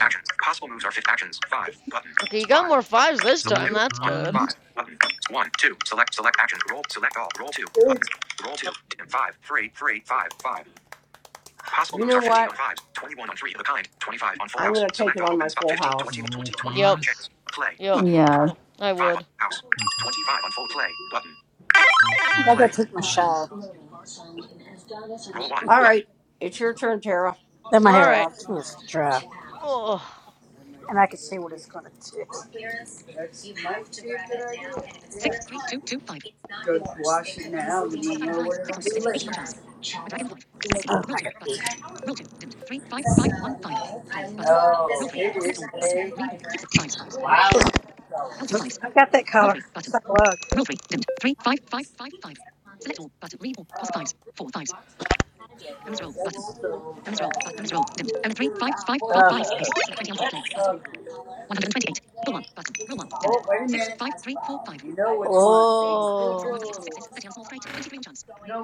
D: Actions. Possible moves are fit actions. Five. Button.
G: Okay, you got
D: Five.
G: more
D: Button.
G: fives this
D: Select
H: Three
G: time.
D: two.
G: That's
D: One.
G: good.
H: fives.
D: Five. Button. One. Two. Select. Select actions. Roll. Select all. Roll two. Button. Roll two. and Five. Three. Three. Five. Five. Possible You moves know are 15 what? on fives, 21 on three of a kind, 25 on full house. I'm gonna take it on my opens full house. 20,
H: All
D: twenty, 21
G: Yep.
D: on
H: fives.
D: chance. Play
G: Yep.
D: button.
A: yeah,
G: I
D: 25 on
G: would.
D: house.
H: Let's go.
D: 25 on full play button.
H: All
K: I
D: Play.
K: gotta
H: play.
K: take my
H: Nice.
K: shower.
D: Roll one All right, it's your turn, Tara.
K: Let my
G: All
K: hair
G: right.
K: out. It's dry.
G: Oh.
K: And I can see what it's gonna do. Oh, I got pee. Look, I got that color. It's like a lug.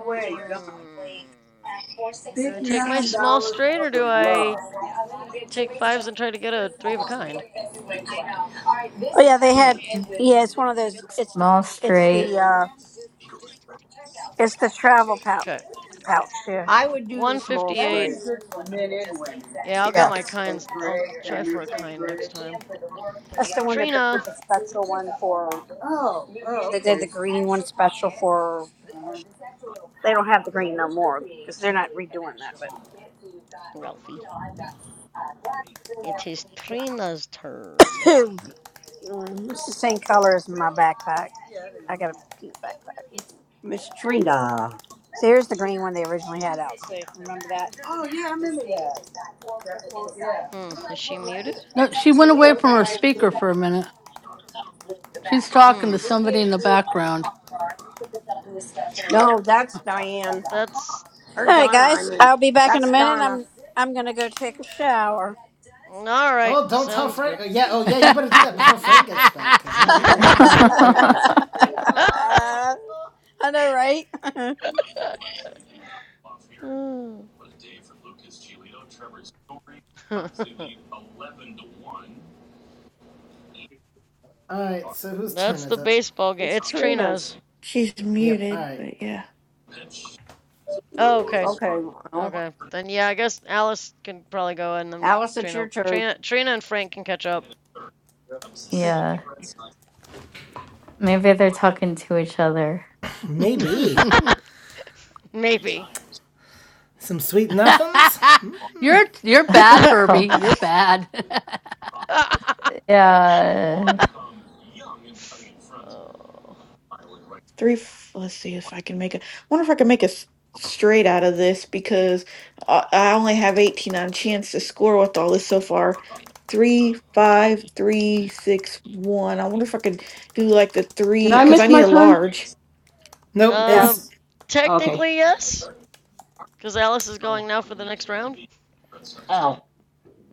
G: Mm,
K: Oh.
G: do I take my small straight or do I
K: Oh
G: take fives and try to get a three of a kind?
K: yeah, they
G: Hmm.
K: had.
A: Mm,
K: Yeah, it's one of those. It's the.
A: small
K: It's the.
A: straight.
K: uh It's the travel pouch.
G: Okay.
K: Pouch yeah.
D: I would do the small
G: 158.
D: straight,
G: Yeah, I'll get my kinds. I'll try for a kind next time.
K: That's the one that they
G: Trina!
K: did the special one for. They did the okay. green one special for. They don't have the green no more because they're not redoing that. But
G: Ralphie. It is Trina's turn.
K: Mm, it's the same color as my backpack. I got a pink backpack.
D: Miss Trina.
K: So here's the green one they originally had out. So remember that. All
G: Hmm. Is she muted?
L: No, she went away from her speaker for a minute. She's talking to
G: Hmm.
L: somebody in the background.
D: No, that's Diane
G: That's.
D: or
K: right,
D: Donna. I
K: guys.
D: mean,
K: I'll be back in a
D: that's
K: minute.
D: Donna.
K: I'm I'm gonna go take a shower.
G: Alright.
B: Oh, don't tell
G: Sounds
B: Frank. oh,
G: good.
B: Yeah, oh, yeah, you better do that before Frank gets back, because, you know, he's going to want to jump in there with you.
K: I know, right?
B: Alright, so whose turn
G: That's
B: is
G: the
B: it?
G: baseball game.
D: It's
G: It's Trina's.
D: Trina's.
I: She's
B: Yep,
I: muted,
B: alright.
I: but yeah.
G: Oh, okay.
D: Okay, well,
G: Okay. Then yeah, I guess Alice can probably go and then
D: Alice, it's
G: Trina
D: your turn.
G: Trina Trina and Frank can catch up.
I: Okay.
A: Yeah, maybe they're talking to each other.
B: Maybe.
G: Maybe.
B: Some sweet nothings?
L: you're you're
A: Oh
L: bad, Herbie. You're
A: God.
L: bad.
A: Yeah,
G: Oh,
I: three f- let's see if i can make it i wonder if i can make a s- straight out of this because i I only have 18 on chance to score with all this so far three five three six one i wonder if i could do like the
F: Did
I: three
G: I
F: I
I: because
G: would
F: miss
I: i
F: my
I: need a
F: turn?
I: large
B: Nope,
G: uh
B: it's.
D: Yes,
F: Okay.
G: technically yes, cuz Alice is
F: Uh,
G: going now for the next round.
F: oh,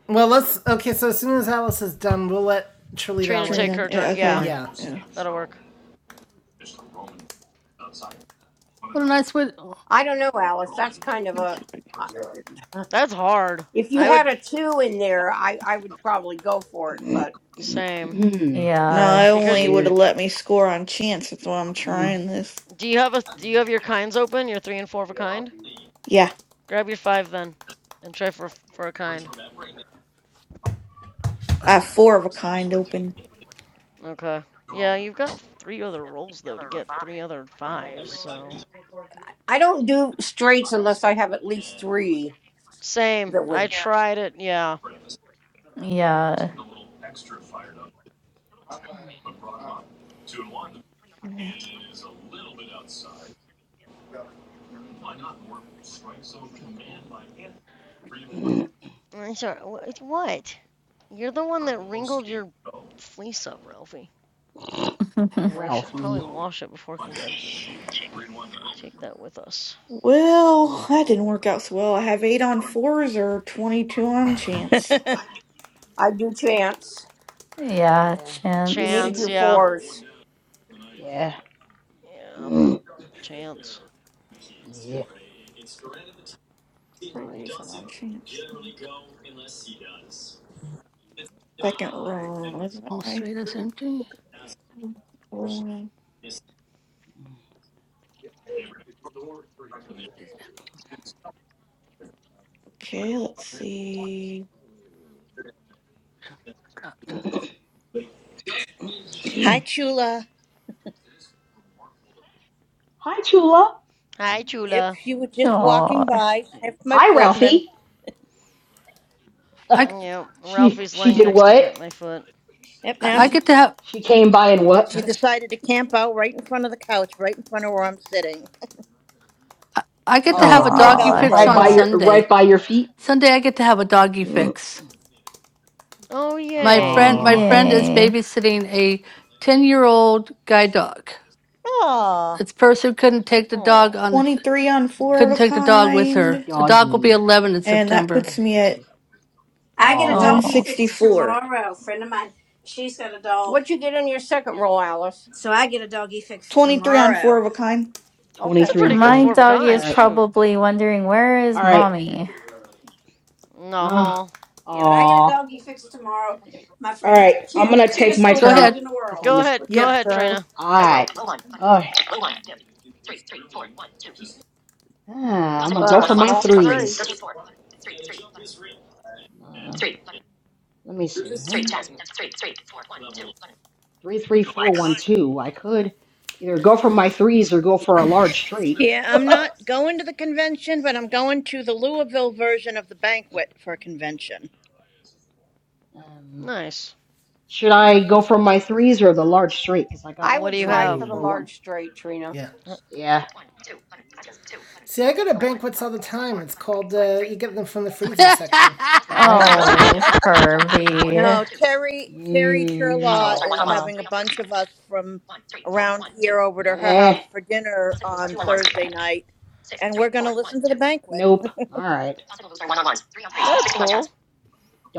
B: Well, let's. Okay, so as soon as Alice is done, we'll let. Trilita, i
G: Trina
B: let you.
G: take
I: trina
G: her turn.
I: yeah,
G: Yeah,
I: okay
F: sorry.
B: Yeah.
I: yeah
G: that'll work.
L: what a nice way. oh,
D: I don't know, Alice. That's kind of
I: let's see
D: a.
I: if I can-
D: uh,
G: That's hard.
D: If you
G: I
D: had
G: would
D: a two in there, I, I would probably go for it,
F: yeah.
D: but
G: same
I: no
A: yeah,
I: it
G: because
I: only
G: you
I: would have let me score on chance that's why i'm
F: Mm.
I: trying this
G: do you have a do you have your
F: Okay.
G: kinds open? Your 3 and 4 of a kind?
I: yeah
G: Grab your 5 then and try for for a kind.
I: i have four of a kind open
G: Okay. Yeah, you've got three other rolls though to get three other fives, so
D: I don't do straights unless I have at least three
G: same.
D: that
G: I
D: would.
G: tried it. Yeah.
A: yeah,
I: yeah.
G: Mm, I'm sorry. What? You're the one that wrinkled your fleece up, Ralphie. Although I should probably
F: Ralphie,
G: wash it before convention. Take that with us.
I: Well,
F: silly
I: that didn't work
F: dog.
I: out so well. I have eight on fours or 22 on chance.
D: I do chance.
A: yeah.
F: Yeah.
D: You
A: Chance.
D: need
G: Chance.
D: your
G: Yeah.
D: fours.
F: Yeah.
G: Yeah. Chance.
F: Yeah. Sorry.
I: Praise on chance.
F: Oh.
I: Second row. Is that
L: All
I: right?
L: street is empty.
I: Row. Okay, let's see.
F: Mm.
J: Hi, Chula.
F: Hi, Chula.
G: Hi,
J: Yep,
G: Chula.
J: she was just
A: Oh,
J: walking by, sniffed my
F: Hi,
J: foot, and then,
F: Ralphie.
L: I
G: Yep.
F: she
G: Ralphie's
F: she
G: laying
F: did
G: next to
F: what?
G: get my foot.
J: yep,
L: I
J: now
L: I
J: she,
L: get to have
F: She came by and what?
J: she decided to camp out right in front of the couch, right in front of where I'm sitting.
L: I I get to
J: She
L: have
F: Oh,
L: a
J: is my
L: doggy
A: oh,
L: fix
J: Velcro
F: right
L: on
F: by
J: dog.
F: your right
L: Sunday.
F: by your feet.
L: Sunday I get to have a doggy fix.
G: Oh
L: My friend,
G: yay.
L: my
F: Aw,
L: friend is
A: yay.
L: babysitting a ten-year-old guide dog.
J: Aw.
L: This person couldn't take the dog
G: Oh,
L: on its
I: 23 on four
L: couldn't
I: of a
L: take the dog with
F: a
L: her.
I: kind.
L: The dog will be
F: doggy.
L: eleven in
I: And that
L: September.
I: puts
F: I
I: me
F: do.
I: at
K: I get a
F: Aw,
K: doggy
A: Oh.
K: fix
I: 164.
K: tomorrow. friend of mine, she's got a dog,
D: What'd you get in your second roll, Alice?
K: so I get a doggy fix
I: 23 on four
K: tomorrow.
I: of a kind.
G: it's a
D: Okay.
F: 23 on
G: pretty good
F: four of
A: My
F: a
G: four of
F: kind.
G: a
A: doggy
F: All
G: kind.
A: is
F: right,
G: Shoot.
A: probably wondering where is
F: all right.
A: mommy?
G: No.
F: Uh,
G: huh?
K: Yeah, but I get
F: aw,
K: a
F: all
K: doggy fix tomorrow. My friend has the
F: right. I'm
K: cute,
F: gonna take
K: cutest
F: my
L: Okay,
K: little
L: Go
F: turn
K: dog
L: ahead.
K: in the
F: because I
K: world.
G: Go
D: It's
F: missed.
G: ahead. Go
D: Trina's
G: ahead,
B: Yep.
G: Trina.
D: turn.
F: Alright. Alright. Ah, I'm gonna go
D: Uh,
F: for my
D: small
F: threes.
D: straight.
F: Uh, let me see. Three, three, four, one, two. I could either go for my threes or go for a large straight.
J: Yeah, I'm not going to the convention, but I'm going to the Louisville version of the banquet for a convention.
F: Um,
G: Nice.
F: should I go for my threes or the large straight? Because I got
D: I
G: What do
D: would
G: you
F: three,
D: try
F: three,
G: have?
D: for the
F: four,
B: Oh,
F: one.
D: large straight, Trina.
B: yeah.
F: Yeah.
B: See, I go to banquets all the time. It's called, uh, you get them from the freezer
L: yeah,
B: section.
F: Alright.
A: Oh, Herbie.
J: No, Terry Terry
F: Mm, no,
J: Turlaw is
F: come on.
J: having a bunch of us from around here over to her
F: Eh,
J: house for dinner on Thursday night, and we're going to listen to the banquet.
F: nope. Alright.
G: That's cool.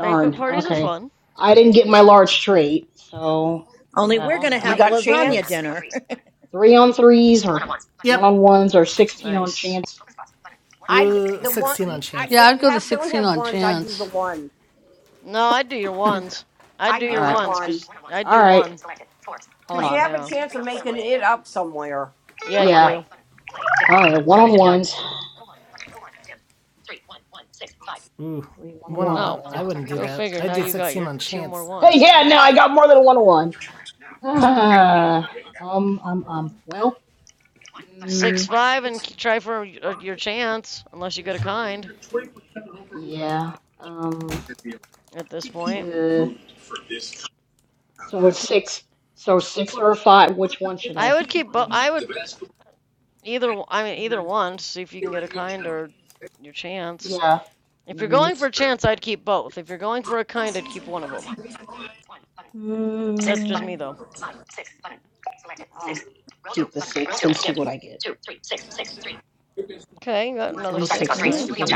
G: Banquet parties are
F: Okay.
G: fun.
F: I didn't get my large trait, so I
J: Only
F: got
J: we're
G: Aw,
J: going to
F: uh,
D: You
J: have
D: got
J: lasagna
B: Oops.
D: chance?
J: dinner.
F: three on threes or
B: Yep.
F: one on ones or sixteen on
G: nice.
F: chance.
D: I
B: Ooh,
D: the one
B: 16 on
D: you I,
B: chance.
D: if
L: I'd
D: you
L: go to
D: have don't
L: sixteen
D: have
L: on
D: ones, I do the
L: chance.
D: one.
G: No, I'd do your
L: Yes.
G: ones. I'd
D: I
G: do
F: All
D: do
G: your
D: the
F: right.
G: ones,
D: one.
G: because I'd do
F: All right.
G: one.
F: Hold
D: Because you
F: on.
D: have a
G: Yeah.
D: chance of making it up somewhere.
G: Yeah, you
F: Yeah. All right.
G: do.
F: one on ones.
B: Ooh,
F: Three one on
B: one on
F: one.
B: one.
G: Oh,
B: I
F: Well.
B: wouldn't do
G: go
B: that.
G: figure.
B: I'd
G: Now
B: do
G: you got
B: 16
G: your
B: on
G: two more
B: chance.
F: Hey,
G: ones.
F: yeah. Now I
G: Jeez.
F: got more than a one on one. Ah. um. Um. Um. Well.
G: Six,
F: Mm,
G: five, and try for uh, your chance, unless you get a kind
F: yeah. Um.
G: at this point.
F: uh, So it's six. So six or five. Which one should
G: I
F: I?
G: would keep,
F: I don't know.
G: I would either, I mean, either
F: Mm,
G: one, see if you can get a kind or your chance.
F: yeah.
G: If you're
F: Mm-hmm.
G: going for a chance, I'd keep both. If you're going for a kind, I'd keep one of them.
F: Mm,
G: That's just me, though.
F: I'll keep the six and see what I get. Two, three, six, six, three.
G: Okay, got another six.
A: Ooh.
G: Nice.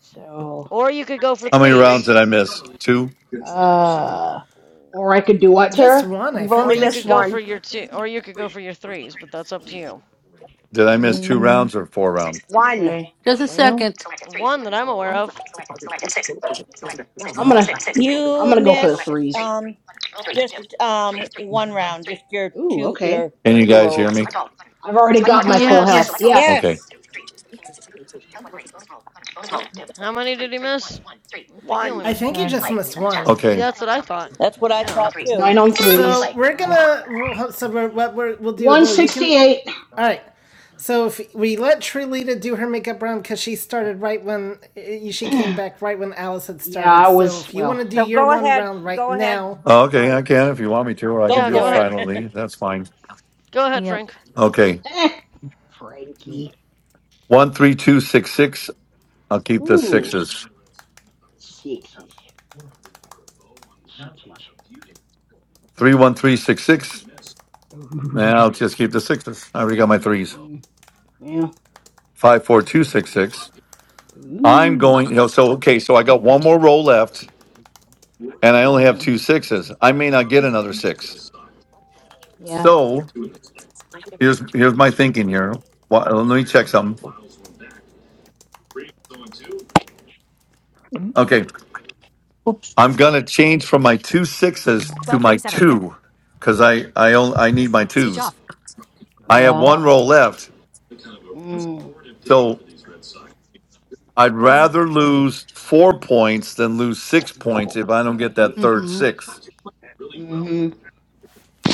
F: So,
G: Or you could go for
E: how many rounds
G: threes.
E: did I miss? Two?
F: uh, or I could do what,
B: Just
F: Tara?
B: one, I
D: You've
G: Or
B: think,
D: only
G: you
D: missed
G: could go
B: actually.
G: for
D: one.
G: your two. Or you could go for your threes, but that's up to you.
E: Did I miss two
F: Mm,
E: rounds or four rounds?
D: One.
F: okay.
L: Just a
F: Well,
L: second.
G: One that I'm aware of.
F: I'm gonna, I'm
J: you
F: gonna go for the
J: missed
F: threes.
J: um, just um, one round, just your
F: Ooh,
J: two
F: okay.
J: your
E: Can you
J: two
E: guys hear
J: rolls.
E: me?
F: I've already got my
L: Mm-hmm.
F: full health.
G: Yes.
B: Yes.
F: Yeah.
E: Okay.
D: Yes.
G: How many did he miss? I think he
D: One.
G: only
B: I
G: missed.
B: think
G: one.
B: you
F: Okay.
B: just missed one.
E: Okay.
G: That's what I thought.
J: That's what I
G: Yeah.
J: thought too.
F: Nine on threes.
B: So
F: So.
B: we're gonna. So we're, what we're, we'll do though, you can.
F: 168.
B: All right. So if we let Trilita do her makeup round because she started right when eh, she came back, right when Alice had
F: yeah,
B: started.
F: I
B: So
F: was,
B: if you want
F: well,
B: to do
D: So
B: your
D: go
B: one
D: ahead.
B: round right
D: Go ahead,
B: now,
E: Oh, okay, I
D: Frank.
E: can if you want me to, or I
J: Go
E: can
G: Yeah.
E: do it
G: Go
J: for
B: yep.
J: it.
G: ahead.
E: silently. That's fine.
G: Go ahead,
A: Yep.
G: Frank.
E: Okay.
F: eh, Frankie.
E: One three two six six. I'll keep the
F: Ooh,
E: sixes.
F: sixes. Sixes.
E: Three one three six six. And
F: Ooh.
E: I'll just keep the sixes. I already got my threes.
F: Mm, yeah.
E: Five four
F: Mm,
E: two six six. I'm going,
F: Ooh.
E: you know, so, okay, so I got one more roll left and I only have
F: Mm,
E: two sixes. I may not get another six.
F: yeah.
E: So here's, here's my thinking here. Well, let me check something. Okay.
N: Oops.
E: I'm going to change from my two sixes to my two because I, I only, I need my twos. I have
F: Yeah.
E: one roll left.
F: Mm,
E: So I'd rather lose four points than lose six points if I don't get that third
L: Mm-hmm.
E: six.
F: mm-hmm.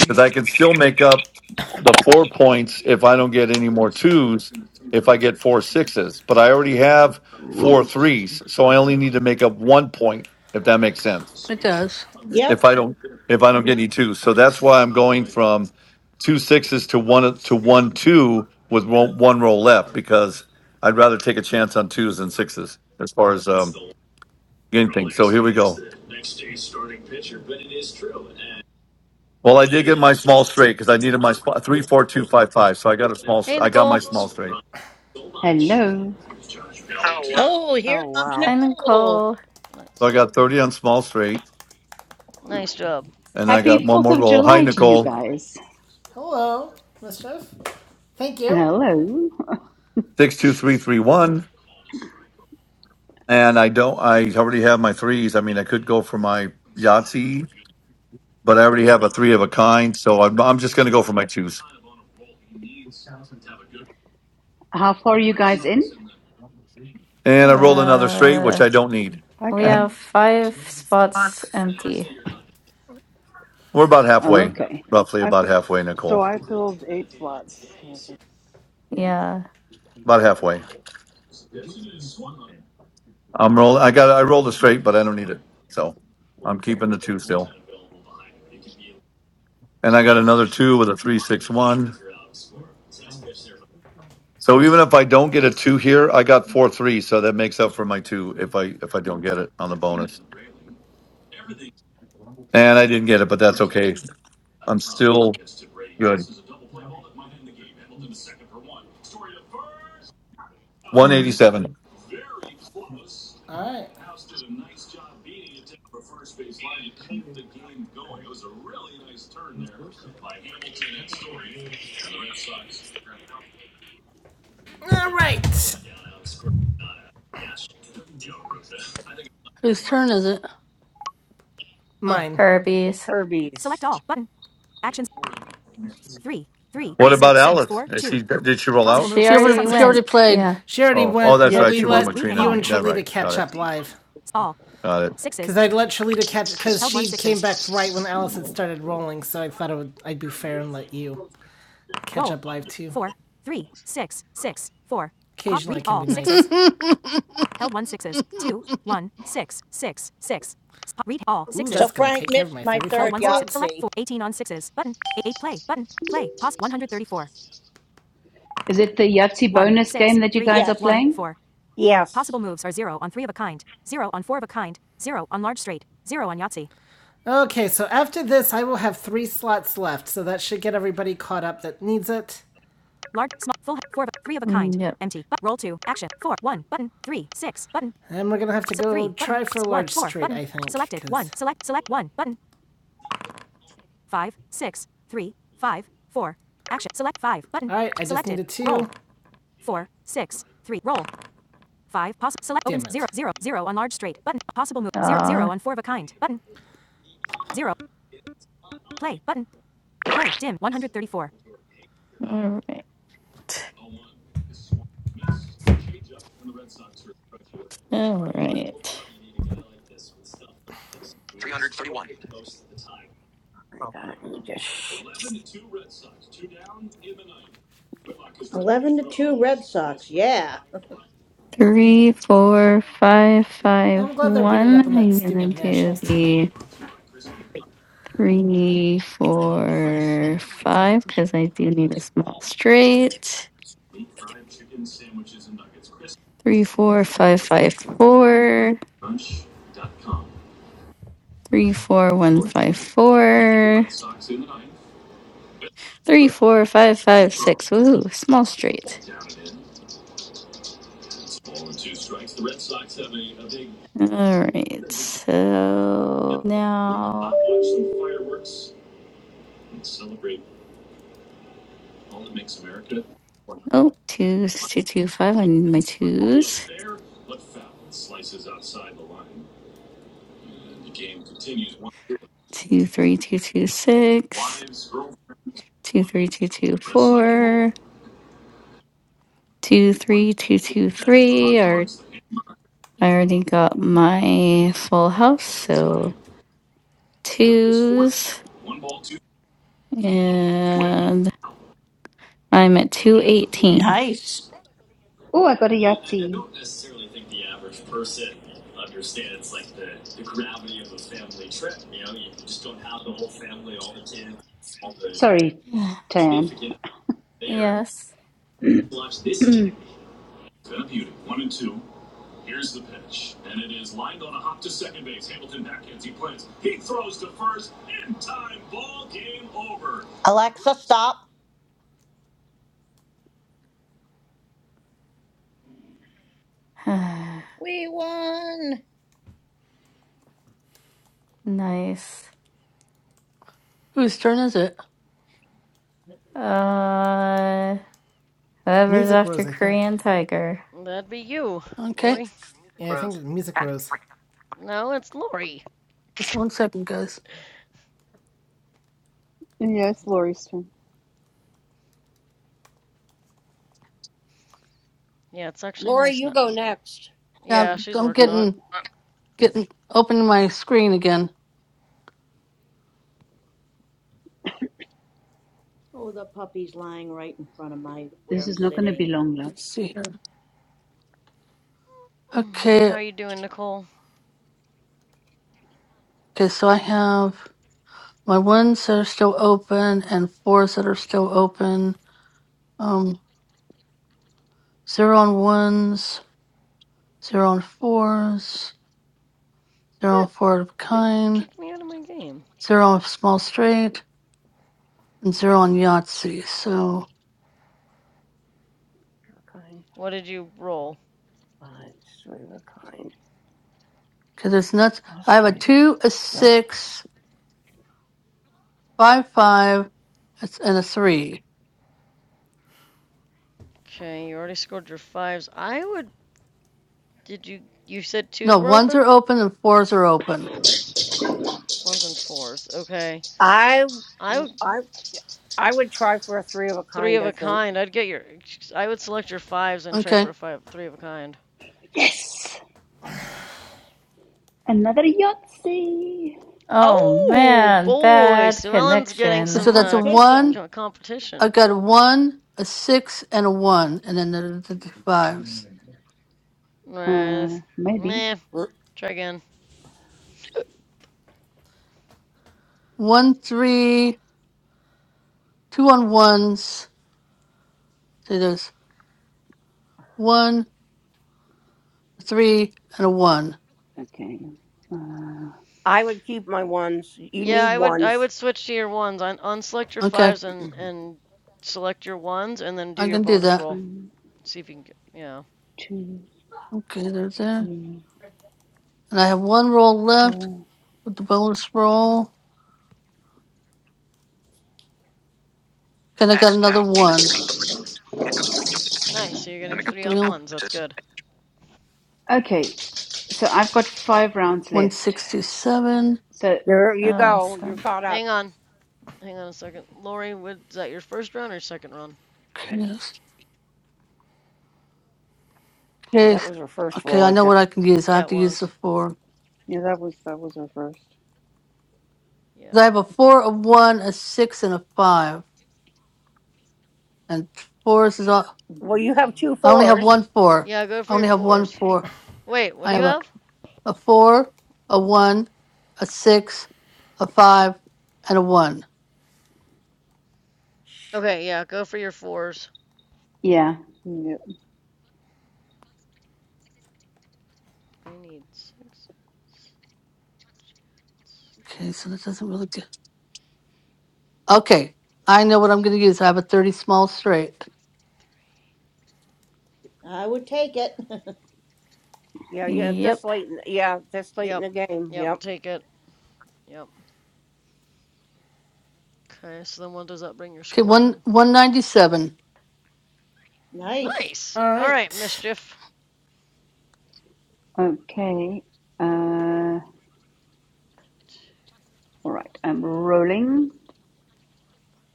E: because I can still make up the four points if I don't get any more twos, if I get four sixes. But I already have four
F: Excuse
E: threes, so I only need to make up one point, if that makes sense.
L: It does.
J: yep.
E: If I don't, if I don't get any twos, so that's why I'm going from two sixes to one to one two with one, one roll left because I'd rather take a chance on twos than sixes as far as um, getting things. So here we go. Well, I did get my small straight because I needed my sp- three, four, two, five, five. So I got a small.
G: Hey,
E: I got my
G: Nicole.
E: small straight.
N: Hello.
J: Oh, here
D: Oh,
J: comes
A: Hi,
D: wow.
J: Nicole.
A: Nicole.
E: So I
G: Nice.
E: got 30 on small straight,
G: Nice job.
E: and I got
N: Happy
E: one
N: 4th
E: more
N: of
E: roll. Hi,
N: July to you
E: Nicole.
N: guys.
B: Hello, mischief. Thank you.
N: Hello.
E: Six two three three one. And I don't. I already have my threes. I mean, I could go for my Yahtzee, but I already have a three of a kind, so I'm, I'm just going to go for my twos.
N: How far are you guys in?
E: And I rolled another straight, which
A: Uh,
E: I don't need.
C: I
A: we
E: We're
C: come
A: have five spots empty.
E: about halfway,
N: Okay.
E: roughly
C: I fi-
E: about halfway,
C: so
E: Nicole.
C: I filled eight slots. So that's yeah.
A: Yeah.
E: About halfway. I'm roll. I got. I rolled a straight, but I don't need it, so I'm keeping the two still. And I got another two with a three six one. So even if I don't get a two here, I got four three, so that makes up for my two if I if I don't get it on the bonus. And I didn't get it, but that's okay. I'm still good. One eighty
A: Mm.
E: seven.
B: All right. All right.
L: Whose turn is it? Oh,
B: Mine.
D: It's
A: Herbie's.
D: Herbie's.
E: What about Alice? Is she did she roll out?
A: She
L: she
A: already
L: already she already
A: went.
L: played.
A: Yeah.
B: She already
E: Oh, oh,
B: went,
E: that's
C: Yeah,
B: but
E: right.
B: we
C: she
E: She won
B: let
E: with
C: went.
E: Trina
B: you
E: and
B: and
E: me. That right.
B: Trilita
E: Got
B: catch
E: it.
B: up live.
E: Got it.
B: Because I'd let Shalita catch because she came back right when Alice had started rolling, so I thought it would, I'd be fair and let you catch up live too. Occasionally can be nice. Ooh, Ooh,
J: So
B: that's gonna
J: Frank
B: take care of
J: missed
B: my Held
J: my
B: thirty-five Held
J: third
B: points. Six,
J: Yahtzee.
B: eighteen
N: Is it the Yahtzee bonus game that you guys are
J: Yes.
N: playing?
D: Yes.
B: Okay, so after this, I will have three slots left, so that should get everybody caught up that needs it.
A: Mm, Yep.
B: And we're gonna have to go try for Large Street, I think. All right, I selected just needed two. Roll. Damn it.
A: Uh, all right. All right.
D: 331. God, you just-
J: 11 to 2 Red Sox. Yeah.
A: Three, four, five,
B: Yeah,
A: five,
B: I'm glad they're beating
A: one.
B: up on that
A: I'm gonna
B: stupid
A: do
B: Nationals team.
A: the three, four, five, because I do need a small straight. Three, four, five, five, four. Three, four, one, five, four. Three, four, five, five, six. Ooh, small straight. All right, so now, oh, twos, two, two, five. I need my twos. Two, three, two, two, six. Two, three, two, two, four. Two, three, two, two, three. I already got my full house, so twos, and I'm at 218.
J: Nice.
N: Oh, I got a Yahtzee. Sorry, Tan.
A: yes.
N: this
J: Alexa, stop. We won.
A: nice.
L: Whose turn is it?
A: Uh, whoever's
B: Music
A: after
B: Rose, I think.
A: Korean Tiger.
G: That'd be you,
L: Okay.
G: Lori.
B: Yeah, I think it's Music Rose.
G: No, it's Lori.
L: Just one second, guys.
C: Yeah, it's Lori's turn.
G: yeah, it's actually
D: Lori,
G: nice.
D: you go
G: Not.
D: next.
L: Yeah,
G: Yeah,
L: I'm
G: she's
L: I'm
G: working
C: Yeah.
G: on it.
L: getting getting opening my screen again.
J: Oh, the puppy's lying right in front of my where I'm
N: is not going to be
J: sitting.
N: long, love.
L: Let's see here.
G: Mm,
L: Okay,
G: How are you doing, Nicole?
L: okay. So I have my ones that are still open and fours that are still open. Um, zero on ones, zero on fours, zero on
G: What?
L: four of
G: Why did it
L: kind,
G: kick me out of my game?
L: zero on small straight, and zero on
D: Okay,
L: Yahtzee. So
D: okay.
G: What did you roll?
D: Uh, sort of a kind.
L: because it's nuts. I have a
D: Australia.
L: two, a six, five, five, it's- and a three.
G: Okay, you already scored your fives. I would. Did you? You said twos
L: No,
G: were
L: ones
G: open.
L: are open and fours are open.
G: Ones and fours. Okay.
D: I
G: I would
D: I I would try for a three of a
G: three
D: kind.
G: of
D: I
G: a
D: think
G: kind. I'd get your. I would select your fives and try
L: Okay.
G: for a five. Three of a kind.
N: Yes. Another Yahtzee.
A: Oh
G: Oh
A: man,
G: boy,
A: bad
G: Sue Ellen's getting
L: 'Cause so
A: connection.
G: some
L: that's a
G: uh,
L: one.
J: Competition.
G: c- competition.
L: I've got a one, a six, and a one, and then the, the, the fives.
G: Uh,
N: Uh, maybe.
G: meh. Try again.
L: One, three, two on ones. See, there's one, three, and a one.
N: Okay. Uh,
D: I would keep my ones. You
G: Yeah,
D: need
G: I would I
D: ones.
G: would switch to your ones. Un unselect your
L: Okay,
G: fives and and select your ones and then do
L: I
G: your
L: can do
G: bonus
L: that.
G: roll.
N: one,
G: See if you can get, yeah.
N: two,
L: Okay, there's there.
N: three,
L: And I have one roll left
N: four.
L: with the bonus roll. And I got
D: X
L: another
D: now eight and
L: one.
D: thirty three. Commando speech on the Wednesday.
G: Nice. So you're
D: The
G: getting
L: Get
G: three
D: McGowan
L: the
D: do
G: on
D: not
L: real
G: ones. That's
D: ellipsis.
G: good.
N: Okay. So I've got five rounds left.
L: 167.
N: So,
D: There you go. You're
A: Awesome.
D: caught up.
G: Hang on. Hang on a second. Lori, was that your first run or second run?
L: Okay, yes. okay,
D: That was her first
L: okay,
D: roll,
L: I
D: I
L: know
D: think.
L: what I can use. I
G: Yeah,
L: have
G: it
L: to use the
G: was.
L: four.
C: Yeah, that was that was her 1st
G: Yeah.
L: 'Cause I have a four, a one, a six, and a five. and fours is all.
D: Well, you have two
L: I only have one
D: fours.
L: four.
G: Yeah, go
L: I
G: for your
L: only have one
G: fours.
L: four.
G: Wait, what
L: I
G: do you
L: have a,
G: have?
L: a four, a one, a six, a five, and a one.
G: Okay, yeah, go for your fours.
N: yeah.
C: Yeah.
G: I need six.
L: Okay, so that doesn't really do. Okay, I know what I'm going to use. I have a thirty small straight.
J: I would take it.
D: Yeah, yeah. This
A: Yep.
D: late. In, yeah, this late in
G: Yep.
D: the game.
G: Yep,
D: Yep.
G: take it. Yep. Okay, so then what does that bring your
L: Okay,
G: score
L: one
G: to?
L: one ninety seven.
J: nice.
G: Nice.
B: All
G: All right,
B: right.
G: mischief.
N: Okay. Uh, all right. I'm rolling.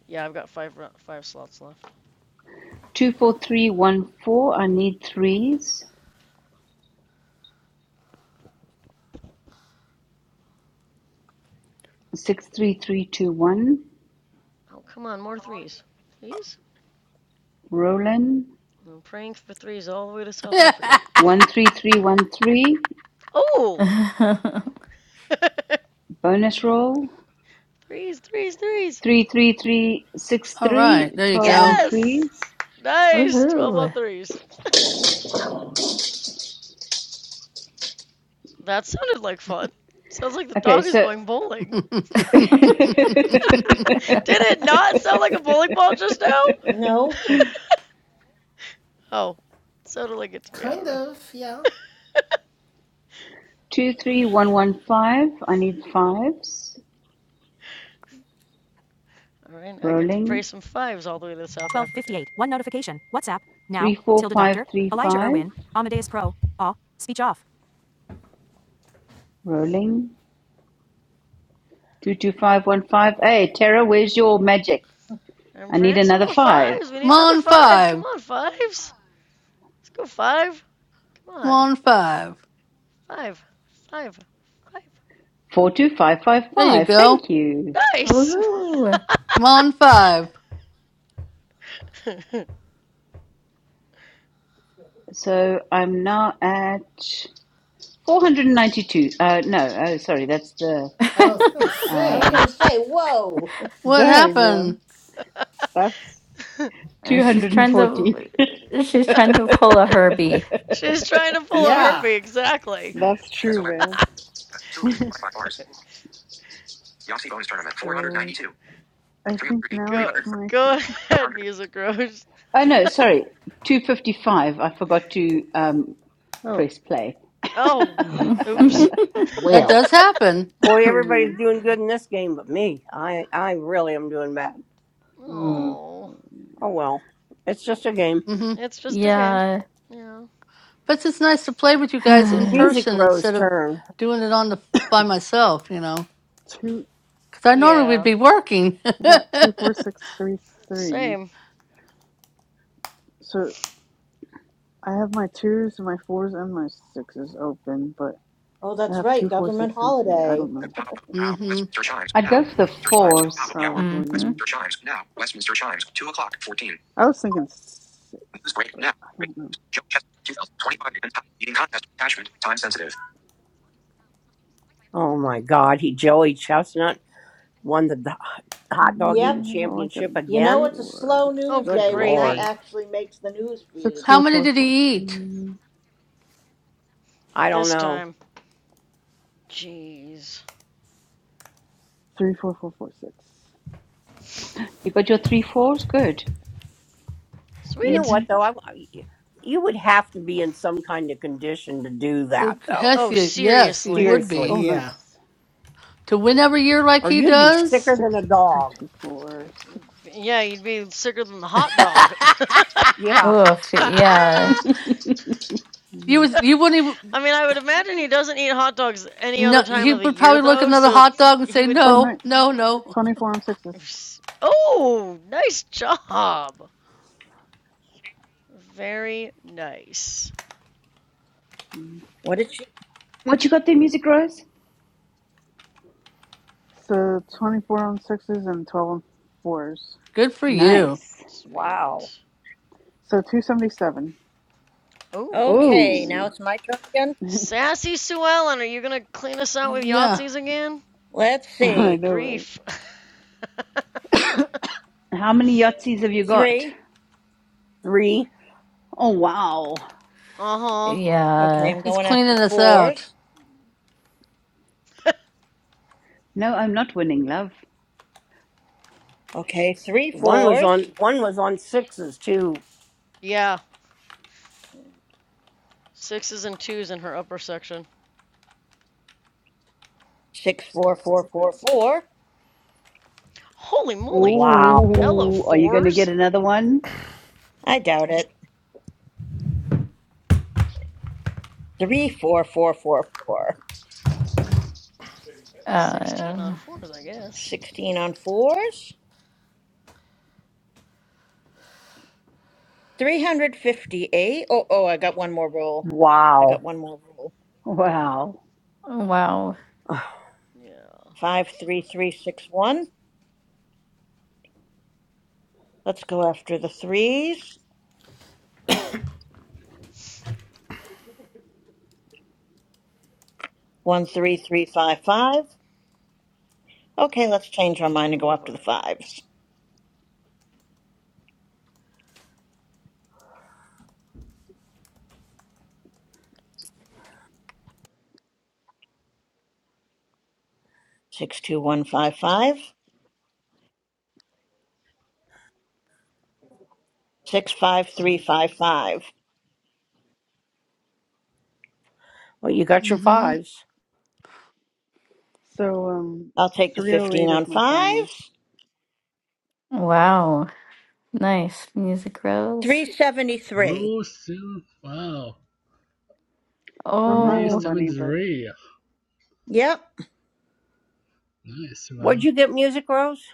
G: Yeah, I've got five five slots left.
N: Two four three one four. I need threes. Six three three two one.
G: Oh, come on, more threes, please.
N: Rolling.
G: I'm praying for threes all the way to South Africa.
N: One three three one three.
G: Oh,
A: Woohoo.
N: Bonus roll.
G: threes, threes, threes.
N: Three three three six
L: all right,
N: three.
L: there you
N: Twelve on
L: go.
G: Yes,
N: threes.
G: nice. Twelve on threes. That sounded like fun. Sounds like the
N: Okay.
G: dog is
N: So.
G: going bowling.
L: Come
G: Did it not sound like a bowling ball just now?
J: No,
G: Oh, it sounded like it to me. I don't
B: Kind
G: know.
B: of, yeah.
N: Two three one one five. I need fives.
G: All right, now I get to pray
N: Rolling.
G: some fives all the way to South Africa.
N: Three four five three five. Rolling. Two two five one five. Hey Tara, where's your magic?
G: I'm
N: I need
G: praying some
N: another
G: more
N: five.
G: fives. We need another
L: on
G: five. Come
L: five.
G: on, fives. Let's go five. Come
L: Come
G: on.
L: on five.
G: Five. Five. Five.
N: Four two five five
L: There you
N: five.
L: go.
N: Thank you.
G: Nice.
A: Woohoo.
L: Come on five.
N: So I'm now at four hundred and ninety-two. Uh, no, oh sorry, that's the
B: I was gonna
J: I was going
N: um,
J: to
B: say.
J: say, whoa.
L: What
C: Dang,
L: happened?
C: man. That's
N: two
A: And she's
N: hundred and
A: trying to,
N: forty.
A: she's trying to pull a Herbie.
G: She's trying to pull a
B: Yeah.
G: Herbie, exactly.
C: that's
D: SOS
C: true,
D: two of
C: man.
D: three by five bars. Yossi bonus tournament four hundred ninety
C: so
D: two.
C: I think
D: 308,
C: now it's
G: Go
C: my
D: 300,
G: go
C: turn.
G: ahead, Music Rose.
N: oh no, sorry, two fifty-five. I forgot to um,
C: Oh,
N: press play.
G: oh. Oops.
F: me.
L: That
F: well.
L: does happen.
D: Boy,
C: oh man.
D: everybody's doing good in this game but me. I, I really am doing bad.
F: Mm.
G: oh.
C: Um,
D: Oh well. It's just a game.
L: Mm-hmm.
G: It's just a game.
A: Yeah.
G: Yeah.
L: But it's nice to play with you guys
D: It's
L: in
G: Although
D: Music
L: person
D: Row's
L: instead of
D: turn.
L: doing it on the by myself, you know.
C: two.
L: Because I normally would
G: yeah.
L: be working.
C: I got two, four, six, three, three.
G: Same.
C: So I have my twos, my fours, and my sixes open, but
J: Oh,
C: I
J: that's
C: have
J: right.
C: two, four, six,
J: Government
C: three, three. I
J: holiday.
C: don't
D: The
C: know.
D: top of now.
L: hmm
D: Westminster chimes
N: I'd
D: now.
N: go for the
D: Westminster chimes two top
N: fours.
D: of the hour.
A: Mm-hmm.
C: Probably.
D: Westminster chimes now. Westminster chimes two o'clock fourteen.
C: I was thinking six,
D: News break
C: but
D: now.
C: I
D: Break.
C: don't know.
D: Joe Chestnut, 2025 and top eating contest attachment time sensitive. Oh my god, he Joey Chestnut won the do- hot dog
J: Yep.
D: eating
C: Mm, Well, I got
D: championship
C: an
J: You
C: extra
J: know,
D: again?
J: it's a
C: four.
J: slow
G: Oh
J: news
D: Good
G: good
J: day when that
D: lord.
G: gravy.
J: actually makes the news
C: Six,
J: feed.
L: How
C: four,
L: many
C: four,
L: did
C: four,
L: he eat?
C: three,
D: I don't
G: This
D: know.
G: time. Jeez.
C: three, four, four, four, six.
N: You got your three fours. Good.
D: You know
G: Sweet.
C: Mm-hmm.
D: what though? I I- you would have to be in some kind of condition to do
L: Oh,
D: that though.
L: Yes,
G: Oh
L: he, yes, he
G: seriously.
L: would
D: Seriously.
L: be
C: Oh,
B: Yeah.
C: nice.
L: to win every year like
D: Or
L: he
D: you'd be
L: does.
D: sicker than
C: Six,
D: a
C: six, three,
D: dog.
C: two, four, six.
G: Yeah, you'd be sicker than the hot dog.
D: Yeah.
A: Oof. Yeah.
L: you
C: Mm.
L: was you wouldn't even
G: I mean, I would imagine he doesn't eat hot dogs any other
L: no.
G: time
L: He
G: of the
L: would
G: year,
L: probably look at
G: though,
L: another
G: so
L: hot
G: it's,
L: dog and
G: he
L: say
G: would.
C: Oh,
L: no,
C: nice.
L: no, no.
C: Twenty-four on sixes.
G: Oh, nice job! Very nice.
C: Mm-hmm.
J: What did she?
N: What you got there, Music Rose?
C: So 24 on sixes and 12 on fours.
L: Good for you.
N: Nice.
G: Sweet.
D: Wow.
C: So 277.
G: Oh,
J: Okay,
G: nice.
J: now
N: Oh,
J: it's my turn again.
G: Sassy Sue Ellen, are you gonna clean us out with
L: Yeah,
G: Yahtzees again?
J: Let's
C: I
G: Good
J: see.
C: know, right?
G: grief.
N: how many Yahtzees have you got?
J: Three.
D: Three.
N: Oh, wow.
G: uh huh.
J: Okay,
A: Yeah.
J: I'm
L: he's
J: going after
L: cleaning us out.
J: fours.
N: No, I'm not winning, love.
J: Okay, three
D: One was
J: fours.
D: on one was on sixes too.
G: Yeah, sixes and twos in her upper section.
J: Six, four, four, four, four.
G: Holy moly!
D: Wow.
G: Hello,
N: Ooh, are you going to get
G: fours.
N: another one?
J: I doubt it. Three, four, four, four, four.
G: 16 on
A: Uh,
G: fours, I guess.
J: 16 on fours. 358. Oh, oh, I got one more roll. I got
D: Wow.
J: one more roll.
N: Wow.
A: wow.
G: Yeah,
J: Five, three, three, six, one. Let's go after the threes. One three three five five. Okay, let's change our
G: I
J: mind and go
G: love
J: up to the
G: art.
J: fives. Six two one five five. Six five three five five.
D: Well, you got your
L: hmm
D: fives.
C: So um,
J: I'll take the fifteen
C: 308 is
J: on
C: my final.
J: fives.
A: Wow. Nice. Music
J: Three
A: Rose.
H: Yes.
J: seventy three.
H: Oh, so wow,
C: I'm not in
H: three
C: the
A: Oh,
H: seven
C: money, but
H: three.
J: Yep.
H: Nice
D: What'd
H: one.
D: you get music, Rose?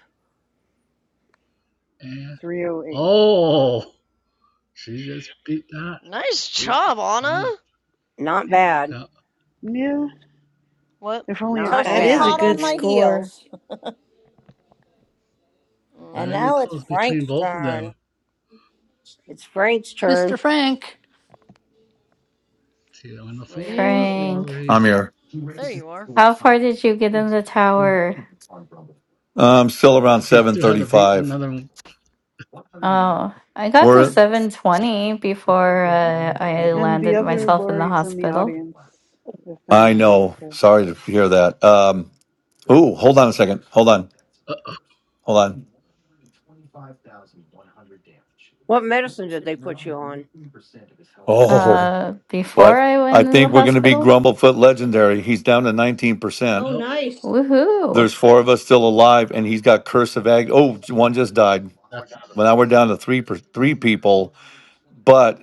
H: And
C: 308.
H: oh, she just beat that.
G: Nice
D: Yeah.
G: job, Anna.
H: On
D: Not
H: a,
D: bad.
H: yeah,
C: Yeah,
G: What?
C: if only it
J: So
D: Not
I: That
J: she's
I: is
C: qualified
I: a
J: hot
D: bad.
C: for
J: on
I: good
J: my
C: like.
I: score.
J: heels. And
G: Mm-hmm.
H: very
J: now it's
H: close between
J: Frank's
H: both of
J: turn.
H: them.
D: It's Frank's turn.
L: Mr. Frank.
H: Two on the
G: Frank,
H: phone,
G: Frank.
A: Frank.
H: or
E: I'm
H: he's
E: here.
G: There you are.
A: How far did you get in the tower?
E: I'm still around
H: he
E: seven
H: still has
E: thirty
H: to beat
E: five.
H: another. one.
A: Oh, I got to
E: We're
A: 720 before uh, I
C: And the
A: landed
C: other
A: myself in the
C: Lori's in the
A: hospital.
C: audience, if
E: I
C: anyone wants
E: know.
C: to.
E: Sorry to hear that. Um, ooh, hold on a second. Hold on.
H: Uh-oh,
E: Hold on.
D: What medicine did they put you on?
E: Oh,
A: Uh, before
E: what?
A: I
E: I
A: went in the
E: think we're going to be
A: hospital?
E: Grumblefoot legendary. He's down to 19%.
J: Oh
H: help.
J: nice.
A: Woohoo!
E: There's four of us still alive, and he's got Curse of Ag. Oh, one just died.
H: That's
E: Well, now we're down to three per, three people, but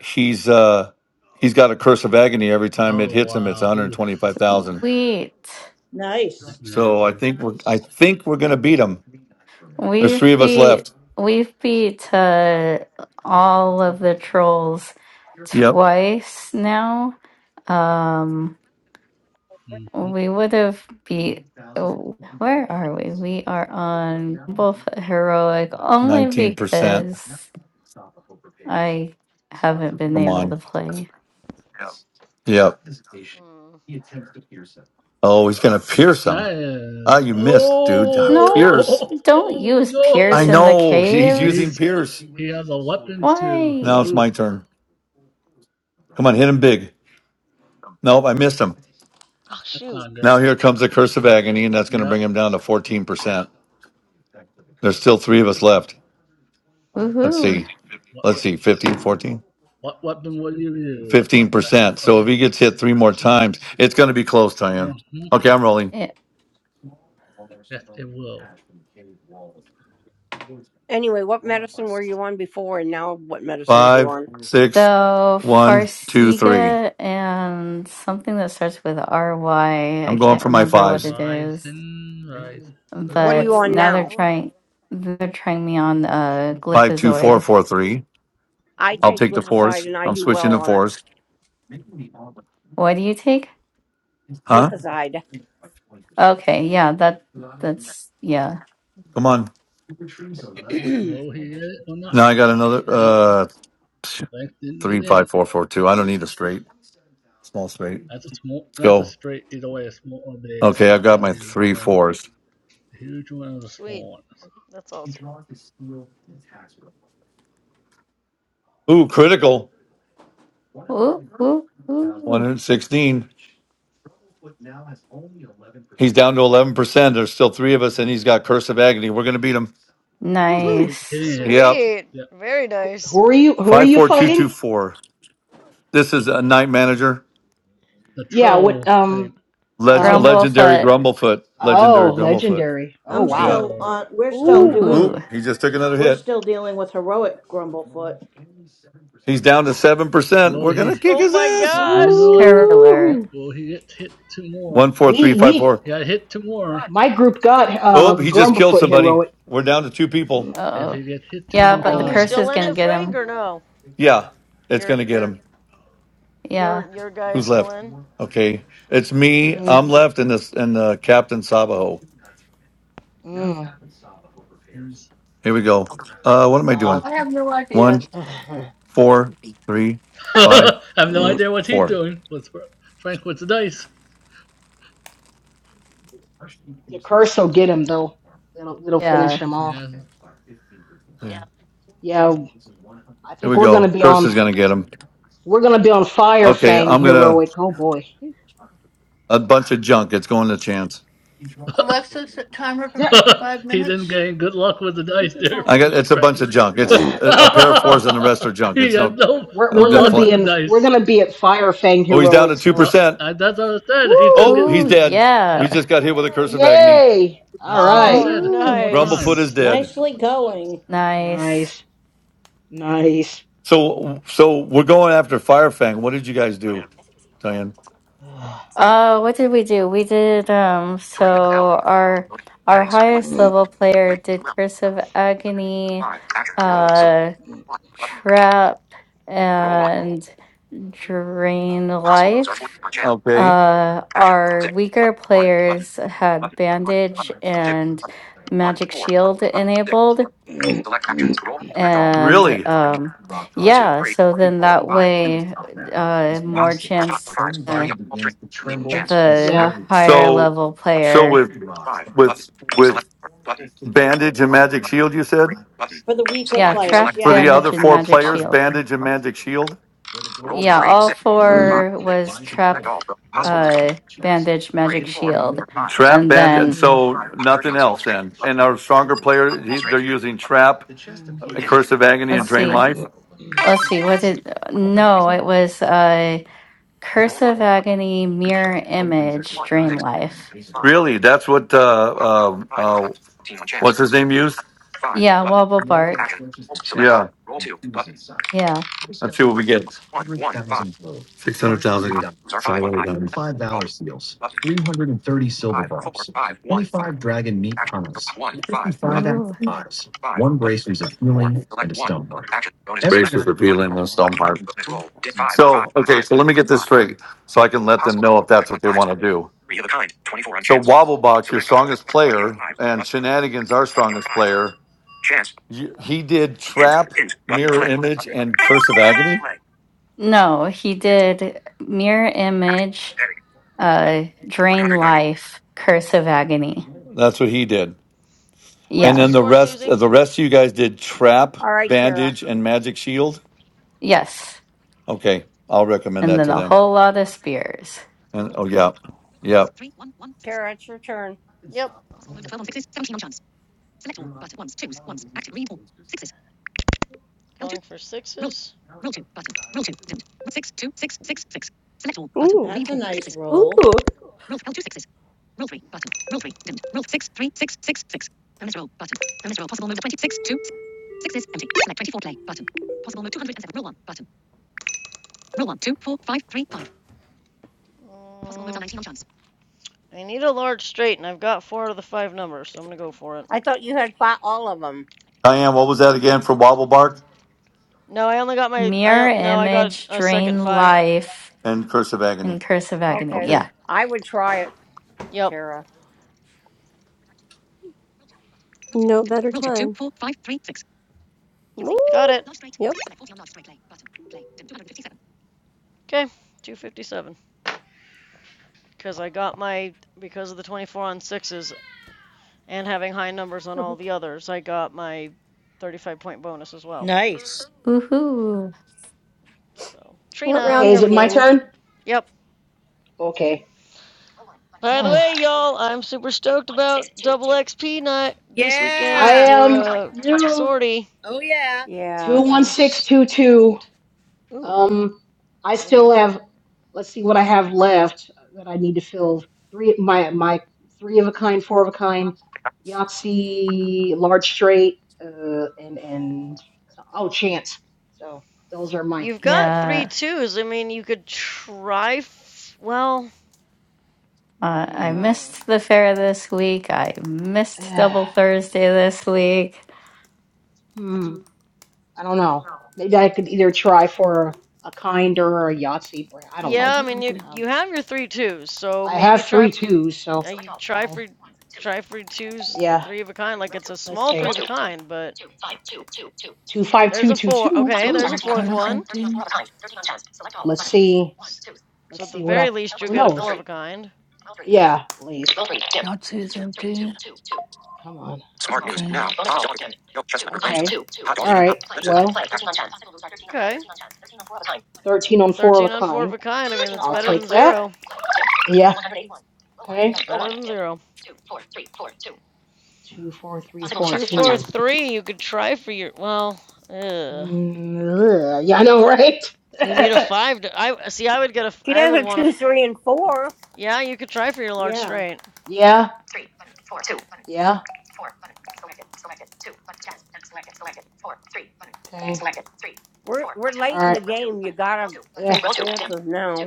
E: he's uh he's got a curse of agony every time it
H: oh
E: hits him. It's
H: wow. Oof,
E: 125,000.
A: Sweet.
J: Nice.
H: nightmare
E: So I
H: Drew.
E: think we're I think we're gonna beat them. There's
A: We've
E: three of us
A: beat
E: left.
A: we've beat uh, all of the trolls
E: Yep,
A: twice now. Um,
H: Mhm.
A: we would have beat. oh, Where are we? We are on both heroic only
E: nineteen percent.
A: because I haven't been
E: Come
A: able to
E: on.
A: play.
E: Yep.
G: Mm.
E: Oh, he's gonna pierce him.
H: That
E: Ah,
H: is
E: you missed, dude. Ah,
H: oh,
A: No,
H: oh,
E: Pierce.
H: oh,
A: don't
H: oh
A: use
E: I
A: Pierce
H: no.
A: in the
E: know he's
A: caves.
E: using
H: He's
E: Pierce.
H: he has a weapon too.
E: Now
A: Why?
E: it's
H: Ooh,
E: my turn. Come on, hit him big. Nope, I missed him.
G: Oh,
H: that's
G: shoot.
H: not good.
E: Now here comes the curse of agony, and that's gonna
H: Yeah.
E: bring him down to fourteen percent. There's still three of us left. Let's
A: Woohoo!
E: see.
H: What
E: Let's
H: what
E: see. 15, 14.
H: what weapon will you use?
E: Fifteen
H: That's the
E: percent. So if he
H: question.
E: gets hit three more times, it's going to be close, Diane.
H: hmm
E: Okay, I'm rolling.
A: Eh,
H: Yes, it will.
D: Anyway, what medicine were you on before, and now what medicine are you
E: Five,
D: on?
E: six,
A: So
E: one, two, three.
A: Farsiga and something that starts with R Y. I
E: I'm going
A: can't
E: for my
A: remember what
E: fives.
A: it is,
H: Rising, rise.
G: Was
D: What are
G: what
D: you
A: but
G: you were
D: on
A: now
G: on
A: they're
D: now?
G: before?
A: trying they're trying me on uh
E: Five, two, four,
A: Glypazoid.
E: four, three.
D: I
E: I'll
D: take
E: take the fours.
D: glipizide, and I
E: I'm
D: do
E: switching
D: well
E: to
D: on it.
E: fours.
A: What do you take?
E: Huh?
D: Glipizide.
A: Okay, yeah, that that's yeah.
E: Come on.
D: Touring
H: Will he get it or not?
E: Now I got another
H: Nope.
E: uh
H: Link didn't
E: three,
H: get it.
E: five, four, four, two. I don't need a straight. Small straight.
H: That's a small.
E: Let's
H: That's a
E: go.
H: straight either way, a small or big,
E: Okay, I've got
H: or
E: my
H: huge
E: three
H: one.
E: fours.
H: A huge one or the
G: Sweet.
H: small one.
G: That's awesome.
E: Ooh, critical.
A: Ooh, ooh, ooh.
E: 116. He's down to 11%. There's still three of us, and he's got Curse of Agony. We're going to beat him.
H: If you
E: Woohoo!
H: keep
A: Nice.
H: hitting it,
E: Yep.
G: Sweet.
H: the
G: Very nice.
F: Who are you? Who are you fighting?
E: 54224. This is a night manager.
H: the
F: Yeah. What?
H: troll. I
F: Um.
H: mean,
E: Leg- a
F: Um.
E: legendary
A: Grumblefoot.
E: Grumblefoot. Legendary
F: Oh,
E: Grumblefoot.
F: legendary.
H: the
F: Oh,
J: I'm
E: Yeah.
F: wow.
J: still
H: Grenville
J: on we're still
F: Ooh.
J: doing
E: Ooh,
A: Woohoo.
H: legendary.
E: he just took another
J: we're
E: hit.
J: still dealing with heroic Grumblefoot.
E: He's down to 7%.
H: Will
E: We're going
H: he?
E: to kick
G: Oh
E: his
G: my
E: ass.
H: Will
G: gosh.
H: Gwendolyn? Yeah,
A: Hurler.
F: Ooh.
H: will he get hit two more?
F: We we
E: 14354.
H: He got hit two more.
F: my group got
E: Oh,
F: um
E: he just killed
F: Grumblefoot
E: somebody.
F: heroic.
E: We're down to two
F: Uh
E: people.
H: If
A: oh
H: he gets hit two
A: Yeah,
H: more
G: Are
A: but the
G: you
F: oh.
H: times,
A: curse is
G: still in
A: gonna
G: it,
A: get
G: Frank,
A: him.
G: or no?
E: Yeah, it's
G: Your
E: going to get him.
G: your
A: Yeah.
G: your your guy is
E: Who's
G: still
E: left?
G: in.
E: Okay, it's me.
F: Mm,
E: I'm left, and this and uh, Captain Sabaho.
F: mm,
H: he's-
E: Here we go. Uh, what am I doing?
F: wow.
L: I have no idea.
E: One, four, three, five,
H: I have no
F: the
H: idea what he's
E: four.
H: doing. What's Frank with the dice?
F: curse will get him though. It'll it'll finish
A: Yeah.
F: him off.
H: Yeah,
E: Yeah.
F: Yeah. I
E: Here
F: think
E: we
F: we're gonna
E: go.
F: be
E: Curse
F: on
E: is gonna get him.
F: we're gonna be on Fire
E: Okay,
F: Fang
E: I'm gonna
F: heroic. Oh boy.
E: a bunch of junk. It's going to chance.
L: Alexa, set timer for
F: Yeah.
L: 55
H: he didn't
L: minutes.
H: gain good luck with the dice there,
E: I got
H: for
E: it's a
H: Frank.
E: bunch of junk. It's a, a pair of fours, and the rest are junk.
H: he
E: It's
H: had
E: no.
H: no
F: We're
H: no
F: we're
E: I'm just
F: gonna
H: luck
F: be
H: with the
E: playing.
F: in we're
H: dice.
F: gonna be at Fire Fang
E: Oh, he's down to
F: Heroic,
E: two
F: so
H: Uh,
E: percent.
H: uh, that's what I said. He's gonna
E: Oh,
H: get.
E: he's
A: Ooh,
F: woo!
E: dead.
A: yeah.
E: We
H: Yep,
E: just got hit with a curse of agony.
F: Yay! All
H: that's what I just
F: right.
G: oh,
H: said. Two
A: Woohoo.
H: more
E: Grumblefoot
G: nice.
E: is
H: times.
E: dead.
J: Nicely going.
A: Nice.
F: Nice. Nice.
E: So, so we're going after Firefang. What did you guys do, Diane?
A: Uh, what did we do? We did um
D: the help.
A: so our our
D: Settings. One.
A: highest
F: Ugh.
A: level player
D: Three.
A: did
D: Twelve.
A: Curse of Agony,
D: Five. Action. Roll. Select.
A: uh
D: One. Button.
A: Trap
D: Roll one.
A: and Drain
D: Possible moves are 40
A: Life.
D: per chance.
E: Okay,
A: Uh
D: Action.
A: our
D: Six.
A: weaker
D: Button. One. Button.
A: players
D: Four.
A: had
D: Button. One.
A: Bandage
D: Button. Two.
A: and
D: Button. One.
A: Magic
D: Four. One.
A: Shield
D: Button. Six.
A: enabled
D: Select actions. Roll. Select all. Roll.
A: and
E: really?
D: Button.
A: um
D: Roll two.
A: yeah,
D: Three.
A: so
D: One.
A: then
D: Four.
A: that
D: Five. Six.
A: way uh more
D: Possible moves are five. on
A: chance
D: Fives. 30 on all straight. 15
E: So,
D: chance.
A: the
F: yeah.
D: Action. Select.
A: higher level
D: Button.
E: so
A: player.
E: with
D: Five. Button.
E: with
D: Select.
E: with
D: Four. Button.
E: bandage and
D: One.
E: magic
D: Button.
E: shield, you said
D: Three. Button.
J: For the weaker
D: So
A: Yeah,
D: one.
J: players,
D: Select.
A: trap,
E: for
J: yeah.
D: Select.
E: the other
A: bandage,
D: Select
A: and
D: action.
E: four
A: magic
D: Five.
E: players,
A: shield.
D: Three.
E: bandage and
D: Button.
E: magic shield.
D: Roll
A: Yeah,
D: three.
A: all
D: Six.
F: okay,
D: Five.
A: four
D: Six.
A: was
D: Select
A: trap,
D: all. Roll. Possible moves are
A: uh, bandage,
D: three.
A: magic
D: Four.
A: shield,
D: or Five.
E: Trap
A: and
E: bandit, and
A: then
E: so
D: Five thirty
E: nothing
D: on small
E: else.
D: straight.
E: Then, and
D: Button.
E: our stronger
D: On
E: player,
D: small
E: he,
D: straight.
E: they're using
D: Button.
E: trap, a
D: Hint.
E: curse of agony, and
A: let's
D: Button.
E: drain
D: Play.
A: see,
E: life.
A: let's see, what did?
D: One. three,
A: No, it was uh,
D: Roll
A: curse
D: one.
A: of
D: Button.
A: agony, mirror
D: Roll.
A: image,
D: One.
A: drain
D: Six. two,
A: life.
D: two, Five.
E: Really, that's what uh,
D: Pos-
E: um
D: Five on
E: uh,
D: five. Team on chance.
E: what's his name used?
D: Five.
A: Yeah,
D: Button.
A: wobble bark.
D: Action. Select
E: Yeah,
D: all. Roll two. Button.
A: Yeah.
E: let's see what
D: Three.
E: we get.
D: One. One. Five.
E: Six hundred thousand.
D: Possibles are five on five. Select all. Button. Five four five one five. Action. One. Five. Button.
A: Ooh.
D: Five. Button. Four. Select one. Select action. Bonus. Select.
E: Braces for
D: Bonus
E: Peeling
D: roll.
E: and
D: Button.
E: Stoneheart.
D: Bonus roll. Did five. Five.
E: So okay,
D: Five.
E: so let me
D: or
E: get this
D: five,
E: straight, so I can let them
D: Possible
E: know if that's
D: on
E: what they
D: fives.
E: want to do.
D: Three of a kind. 24 on
E: So
D: chance.
E: Wobblebach, your
D: Select all open.
E: strongest
D: 20 on
E: player,
D: fives.
E: and
D: Button.
E: Shenanigans, our
D: 20 on
E: strongest
D: fives.
E: player,
D: Chance.
E: you, he did
D: Hint.
E: Trap,
D: Hint. Button.
E: Mirror
D: Play.
E: Image,
D: Button.
E: and Curse of Agony.
D: Play.
A: No, he
D: Hint.
A: did mirror
D: Action.
A: image,
D: Heading.
A: uh, drain
D: 190.
A: life, curse of agony.
E: That's what he did.
G: What's
E: And
A: Yeah.
G: your
E: then the
G: score,
E: rest,
G: Susie?
E: uh, the rest of you guys did Trap,
D: All right, Tara.
E: Bandage, and Magic Shield.
A: Yes.
E: Okay, I'll recommend
A: And
E: that
A: then
E: to
A: a
E: them.
A: whole lot of spears.
E: And oh yeah, yeah.
D: Tara, it's your turn.
G: Yep. Calling for sixes.
O: Ooh.
J: That's a nice roll.
A: Ooh.
G: Possible Mm, I need a large straight, and I've got four out of the five numbers, so I'm gonna go for it.
D: I thought you had fi- all of them.
E: Diane, what was that again for Wobblebark
G: No, I only got my. I
A: Mirror
G: uh, no, I got
A: image,
G: a second
A: drain
G: five.
A: life,
E: and Curse of Agony?
A: and curse of agony.
D: Okay.
E: Okay.
A: Yeah.
D: I would try it,
G: Yep,
D: Tara.
O: No better time.
G: got
O: Ooh.
G: it. Okay,
O: Yep.
G: 257. Because I got my, because of the 24 on sixes and having high numbers on all
O: Mhm.
G: the others, I got my 35 point bonus as well.
J: Nice.
A: Woohoo.
G: So,
O: What
G: Trina.
O: round
F: is
O: are
F: it
O: we
F: my
O: in?
F: turn?
G: Yep,
F: Okay.
G: By the
F: I
G: way, y'all, I'm super stoked about double XP night this weekend
J: Yeah.
G: for
F: am
G: uh
F: new
G: sortie.
J: Oh, yeah.
F: two
D: Yeah.
F: one
G: I'm
F: six two two.
G: stoked. Ooh,
F: Um, I
G: what do you?
F: still have. Let's see what I have left that I need to fill. Three my my three of a kind, four of a kind, Yahtzee, large straight, uh, and and so, oh chance. So those are my.
G: You've got three
A: Yeah.
G: twos. I mean, you could try. F- well,
A: Uh, I
G: hmm.
F: Mm,
A: missed the fair this week. I missed
F: uh,
A: Double Thursday this week.
F: hmm. I don't know. Maybe I could either try for a kind or a Yahtzee. for- I don't
G: yeah.
F: know.
L: Board's
G: I
L: are
G: mean, you
L: empty.
F: Um,
G: you have your three twos, so
F: I
G: maybe
F: have
G: try.
F: three twos, so
G: Uh,
F: Select
G: you
F: all.
G: try for
F: I'll
G: try for twos,
F: yeah.
G: three of a kind. Like it's a
F: Let's
G: small
F: see.
G: three of a kind, but there's a four.
F: 25222.
G: Okay, there's a
L: Board
G: fourth
L: kind is
G: one.
L: empty.
F: Let's see.
G: So at
F: Let's
G: the
F: see what
G: very
F: I.
G: least, you'll
F: Who
G: get a
F: knows?
G: four of a kind.
F: Yeah, please.
L: Yahtzee is empty.
F: Come on.
D: Smart news.
L: Okay.
D: Now, top dog. Yoke Chestnut proclaims
F: Okay.
D: title. Hot dog
F: All
D: eating
F: right.
D: hot. Lipsis.
F: Well.
G: Okay.
F: 13 on 4 of a
G: 13 on four of a
F: kind.
G: kind. I mean, that's
F: I'll
G: better than
F: take that.
G: zero.
F: Yeah. Okay.
G: It's better than zero.
F: Two, four, three, four,
G: Two,
F: two.
G: four, three. You could try for your. Well, ugh.
F: Mm, yeah, I know,
G: you need a
F: right?
G: five. To, I see. I would get a. I
D: She does
G: would
D: a
G: want a.
D: two, three, and four.
G: Yeah, you could try for your large
J: Yeah.
G: straight.
F: Yeah. Three button, four, two button. Yeah. Four, button, selected, selected, two button, jazz, and selected, selected, two, Okay. Selected, three,
D: We're
F: four,
D: we're
F: two. All
D: late in
F: right.
D: the
F: Roll two
D: game. You
F: button, roll
D: gotta
F: two, two. Yeah.
D: take
F: Roll two, dim.
D: chances now.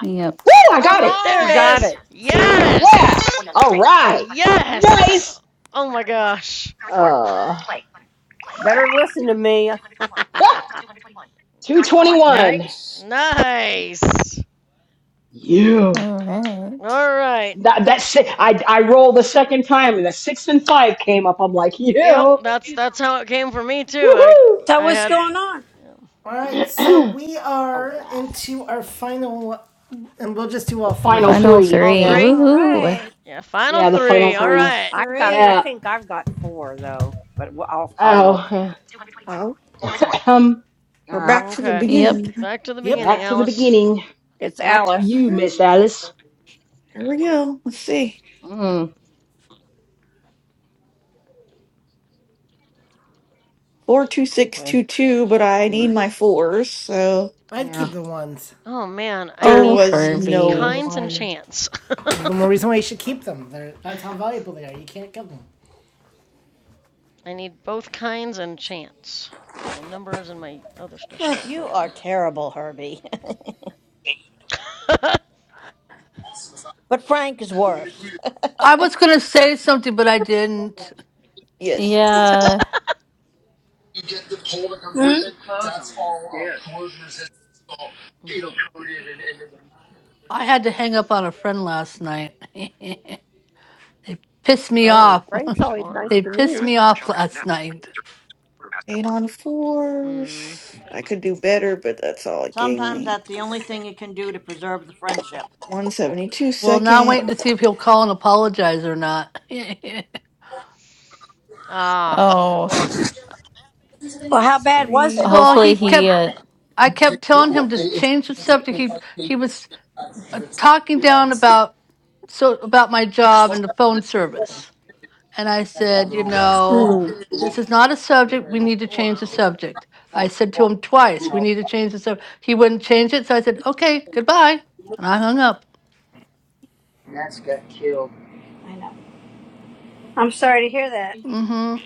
A: Yep.
F: Woo! I
J: All
F: got it.
G: There
D: She
G: it
D: got
J: right.
G: is.
D: it. See?
G: Yes.
F: Yeah. All right.
G: Yes.
F: Nice.
G: Oh my gosh.
F: Uh,
D: Better listen to me. I
F: 221.
J: Nice.
G: nice.
F: Yeah.
A: All right.
G: All right.
F: That, that si- I, I rolled the second time and the six and five came up. I'm like,
G: Yep.
F: yeah.
G: That's that's how it came for me too. I
F: Woohoo.
K: So
G: I
K: what's
G: had
K: going on?
G: yeah,
B: All right, so we
F: All
B: are
F: right.
B: into our final, and we'll just do
F: The
B: all
F: final
B: three.
A: Final
F: three.
G: all
F: Yeah.
A: three.
G: three.
K: All
A: Woohoo.
K: right,
G: Yeah. Final
F: Yeah, the final
G: three. All
K: final
F: three.
G: right.
D: got I
K: three.
F: Yeah.
D: think I've got 4 though, but w- I'll I'll look.
F: Oh. yeah.
I: Oh,
G: I
F: Um.
I: we're
F: Uh,
I: back to the
G: Okay.
A: Yep.
I: beginning.
G: Back to the
B: Yep,
G: beginning,
F: Back to the
G: Alice.
F: beginning.
D: It's
F: Back to you,
D: Alice.
I: All
F: Miss
I: right,
F: Alice.
I: here we go. Let's see.
F: Mm. Okay.
I: 42622, but I need
F: Mm,
I: my fours, so
B: I'd
F: Yeah.
B: keep the ones.
G: Oh man, I
I: there
A: Oh,
G: need
I: was no
A: Herbie.
G: kinds and
I: one.
G: chance.
B: The more reason why you should keep them. They're, that's how valuable they are. You can't give them.
G: I need both kinds and chance. My numbers and my other stuff is all
J: You
G: filled
J: are terrible, Herbie.
G: in.
J: But Frank is worse.
L: I was going to say something, but I didn't.
I: Yes.
A: Yeah.
K: You get the cold that comes mm-hmm. with it. That's on. all yeah. uh, yeah. corrosion resistant, all, you know,
G: Mhm.
K: coated and, and,
L: I had to hang up on a friend last night. they pissed me
G: oh,
L: off.
D: Frank's always nice
G: fun.
L: They
D: to me.
L: pissed
D: Alice
L: me
D: Whisper
L: off
D: chimes now.
L: last night.
D: Quarter past
I: Eight
D: hour.
I: on
G: Mm.
I: fours. I could do better, but that's all it gave
J: Sometimes
I: me.
J: that's the only thing you can do to preserve the friendship.
I: 172
L: Well, now I'm
I: second.
L: waiting to see if he'll call and apologize or not.
G: Ah, good
A: Oh.
G: luck.
K: and. Well, how bad was it?
I: Three.
L: well,
A: Hopefully
K: Why?
L: he
K: What's
A: he.
L: kept.
A: Uh...
K: happened?
L: I
K: you can
L: kept telling him
K: Google.
L: to
K: It,
L: change the
I: let's
K: it's
I: see.
L: subject.
K: state
L: He
K: by state.
L: he was.
K: uh,
L: uh, talking
K: you know,
L: down
K: it's it,
L: about so about my
K: you just
L: job
K: look
L: and the
K: that
L: phone
K: way.
L: service and i
K: That's how
L: said
K: they're
L: you
K: rolling.
L: know
K: Hmm.
L: this is not a subject we need to change the
G: wow.
L: subject i said to him twice we
K: know,
L: need to change the subject he wouldn't change it so i said okay goodbye and i hung up
K: I'm sorry to hear that.
L: mm-hmm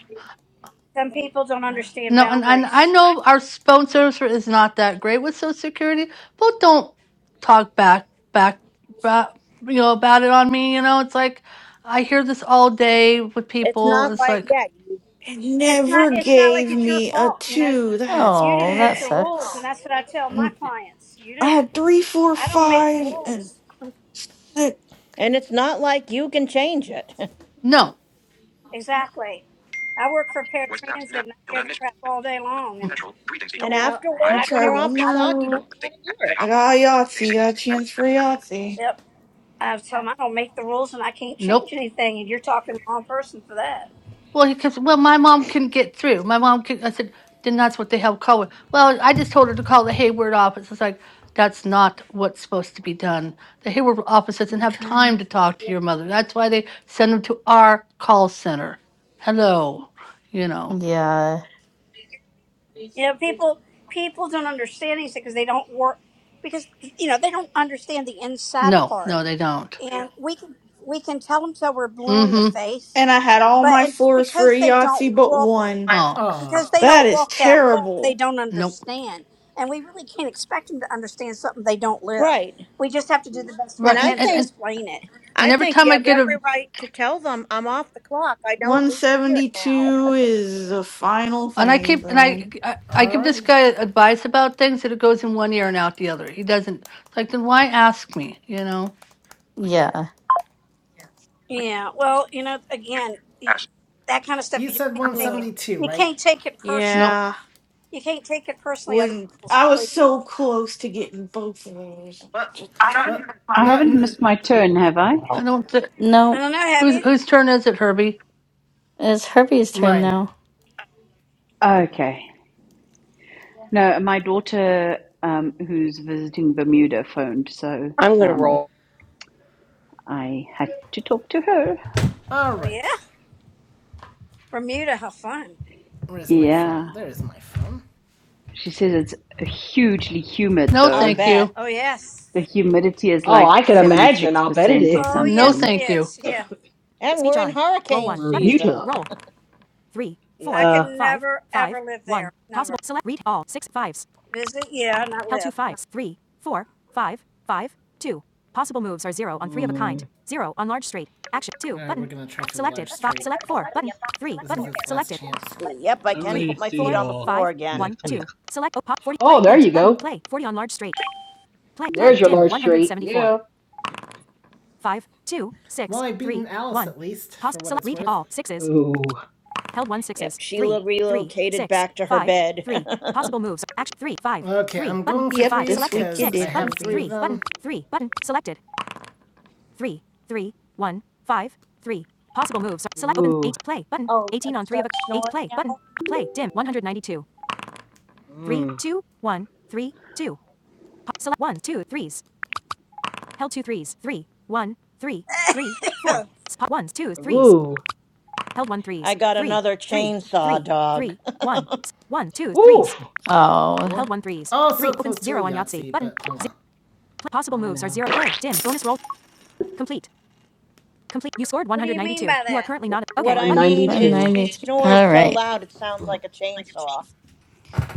K: Some people don't understand
L: no and, and i
K: boundaries.
L: know our s- phone service is not that great with social security but don't talk back back back you know about it on me you know it's like i hear this all day with
J: It's
L: people
J: not
L: it's
J: like,
L: like
J: yeah, you,
I: It
K: It's not.
I: never
K: It's not like
I: gave
K: it's your
I: me a
K: fault. You know, It's-
I: two. That's
K: you didn't
A: Oh,
K: make
A: that
K: the
I: bad.
K: rules, and
A: sucks.
K: that's what I tell my
L: n-
K: clients. You
I: I
K: didn't.
I: had three, four,
K: I don't make the
I: five, and
K: rules.
I: six.
J: and it's not like you can change it.
L: no
K: Exactly. I work for
D: WhatsApp
K: paratransit
D: now.
K: and I hear the
D: Hilda Mr.
K: crap all day long
L: Mm,
K: and
D: Central. Greetings,
K: you
J: And
D: DW.
K: know,
J: after
D: I
K: and
I: I'm
J: work,
I: gonna
K: I
D: long
J: when
D: my
I: try
K: tell
J: you're
K: 'em
J: off
I: one
J: the
D: wish.
K: I don't
J: clock, you don't
I: more.
D: Wonderful day.
J: want to hear
D: Day
J: it.
I: I
D: holiday.
I: got a
D: Days.
I: Yahtzee. Got a
D: Melody.
I: chance for a Yahtzee.
K: yep. I tell 'em I don't make the rules and I can't change
L: Nope.
K: anything and you're talking to the wrong person for that.
L: Well, because well, my mom couldn't get through. My mom could. I said, then that's what they have call it. Well, I just told her to call the Hayward office. It's like that's not what's supposed to be done. The Hayward office doesn't
I: I'm
L: have time
I: trying.
L: to talk to your mother. That's why they send them to our call center. Hello, you know.
A: Yeah.
K: You know, people people don't understand these because they don't work because you know, they don't understand the inside
L: No,
K: part.
L: no, they don't.
K: And we can we can tell them till we're blue in the
L: Mm-hmm.
K: face,
I: And I had all
K: but
I: my
K: it's
I: fours for
K: because
I: a
K: they don't
I: Yahtzee but
K: walk.
I: one.
L: Oh,
B: Aw,
K: because they
I: That
K: don't
I: is
K: walk that walk they
I: terrible.
K: don't
L: nope.
K: understand and we really can't expect them to understand something they don't live
J: Right.
K: we just have to do the best we
J: And
L: Right,
J: I
L: and
K: can to
L: and
J: think,
L: and,
K: explain it
J: I
L: and every
J: think
L: time
J: you
L: I
J: have
L: get a
J: every right to tell them I'm off the clock. I don't need to hear it now.
I: 172 is the final
L: And I
I: thing
L: keep and
I: for me.
L: I, I I give this
B: alrighty.
L: guy advice about things that it goes in one ear and out the other. He doesn't. It's like then why ask me? You know?
A: Yeah.
K: yeah well you know
D: You.
K: again y-
D: S.
K: that kind of stuff
B: You
K: you just
B: said
K: can't take it
I: Ugh.
B: 172,
K: you
B: right?
K: can't take it personally
L: Nope.
I: Yeah.
K: you can't take it personally other
I: When
K: people's
I: I was
K: choices
I: so close to getting both of those. Just, uh,
B: Well,
N: I
B: no,
N: haven't
B: n-
N: missed my turn, have I?
L: I don't. Th-
K: i
A: No.
K: don't know have
L: whose
K: you
L: whose turn is it, Herbie?
A: It's Herbie's turn
B: mine.
A: now.
N: Okay. No, my daughter, um, who's visiting Bermuda, phoned, so
D: I'm going to
N: um,
D: roll.
N: I had to talk to her.
B: All
K: oh yeah
B: right.
K: bermuda how fun
B: Where's my
N: Yeah.
B: phone? There's my phone.
N: She says it's hugely humid,
L: No,
J: I'll
N: though.
L: thank
J: bet.
L: you.
K: oh yes
N: The humidity is
F: Oh,
N: like
F: I can imagine. I'll bet it
N: 76%
F: is.
N: or
K: oh
L: No,
K: yes
N: something.
K: it
L: thank you.
K: is yeah
J: And we're in hurricane season.
F: Bermuda.
K: i could
F: Yeah.
K: never ever live there never visit yeah not live no.
F: Mm.
B: Alright, large
J: Let's see. Yep, I
H: I
J: can
H: may
J: put my
H: see
J: feet
H: you
J: on the
H: all
J: floor again.
H: next week.
F: Oh, there you go. There's your large straight. Yeah.
B: least,
F: Ooh.
J: Yep, Sheila relocated back to her bed. oh,
I: yep, this
B: 'cause
I: week you did hurt me.
B: of
F: Ooh.
J: we're gonna start snoring now?
F: Mm. Ooh.
J: I got another chainsaw dog.
F: Ooh.
A: Oh,
F: Tw-
B: close but, uh,
F: I know.
K: what do you mean by that
J: What I mean
A: I'm
J: is
F: 192.
J: she
A: 90.
J: snores
A: All
J: so
A: right.
J: loud it sounds like a chainsaw.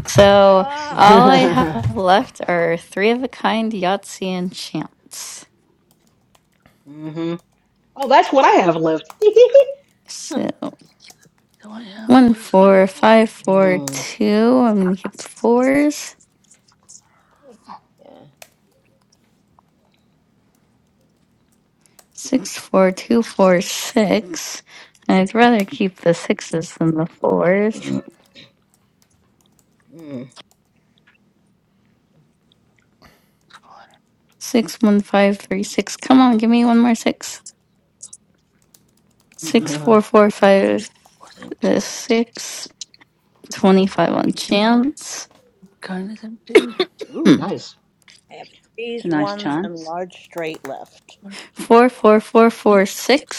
A: So
K: Oh,
A: all I have
F: mm-hmm.
A: left are three of a kind Yahtzee and chance.
F: Oh, that's what I have left.
A: So
L: Do I have
A: one,
L: what is
A: four, five, four,
F: Mm.
A: two. I'm going to keep the fours.
F: Yeah.
A: Six, four, two, four, six. I'd rather keep the sixes than the fours.
F: Mm.
A: Six, one, five, three, six. Come on, give me one more six. Six,
F: Uh-huh.
A: four, four, five,
L: what's empty?
A: uh, six. 25 on chance.
L: Kind is empty.
A: Hmm.
F: Ooh, nice.
J: I have
N: It's a
J: threes,
N: nice
J: ones, and
N: chance.
J: large straight left.
L: Or
A: Four, four, four, four,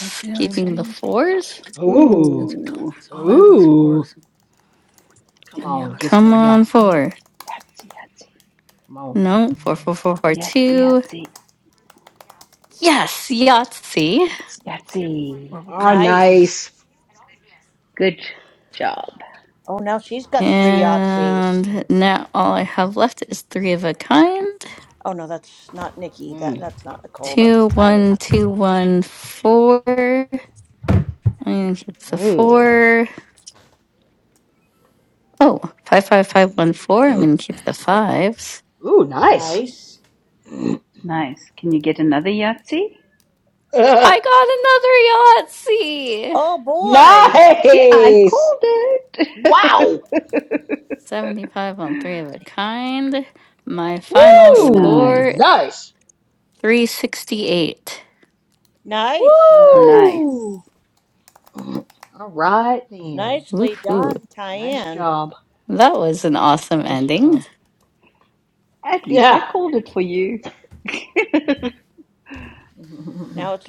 L: not see I'm
A: Keeping the
L: empty.
A: fours.
F: Ooh.
L: It's a ton.
N: Ooh,
L: That's all I have is
F: Ooh.
L: fours and,
F: Come
L: and yeah,
F: on,
L: let's
F: get
L: see.
A: Come
F: that
L: Okay,
A: on,
F: Yahtzee.
A: four.
N: yahtzee, yahtzee,
F: Come on.
A: No, four, four, four, four,
N: yahtzee,
A: two.
N: yahtzee.
A: Yes, Yahtzee.
N: Yahtzee.
L: four of a
F: Ah,
L: kind. Okay,
J: Nice.
F: nice.
N: Good
L: three.
N: job.
J: Oh, now she's got three
F: Mm.
J: Yahtzees.
A: And now all I have left is three of a kind.
J: Oh no, that's not Nikki. That
F: Mm.
J: that's not Nicole. That's
A: Two,
J: Diane.
A: one, two, one, four. I'm gonna keep the
F: Ooh.
A: four. Oh, five, five, five, one, four. I'm gonna keep the fives.
F: Ooh, nice.
J: Nice.
N: Nice. Can you get another Yahtzee?
A: I got another Yahtzee.
J: Oh boy.
N: See, I
F: nice.
N: called it.
F: Wow.
A: Seventy-five on three of a kind. My final
F: Woo.
A: score
N: Nice.
F: Nice.
A: 368.
J: Nice.
B: all right.
F: Woo.
N: Nice.
F: All right then.
J: Nicely
A: Woohoo.
J: done,
F: Nice
J: Diane.
F: job.
A: That was an awesome
F: Nice
A: ending.
F: job.
N: At least I
F: Yeah.
N: called it for you.
J: Now it's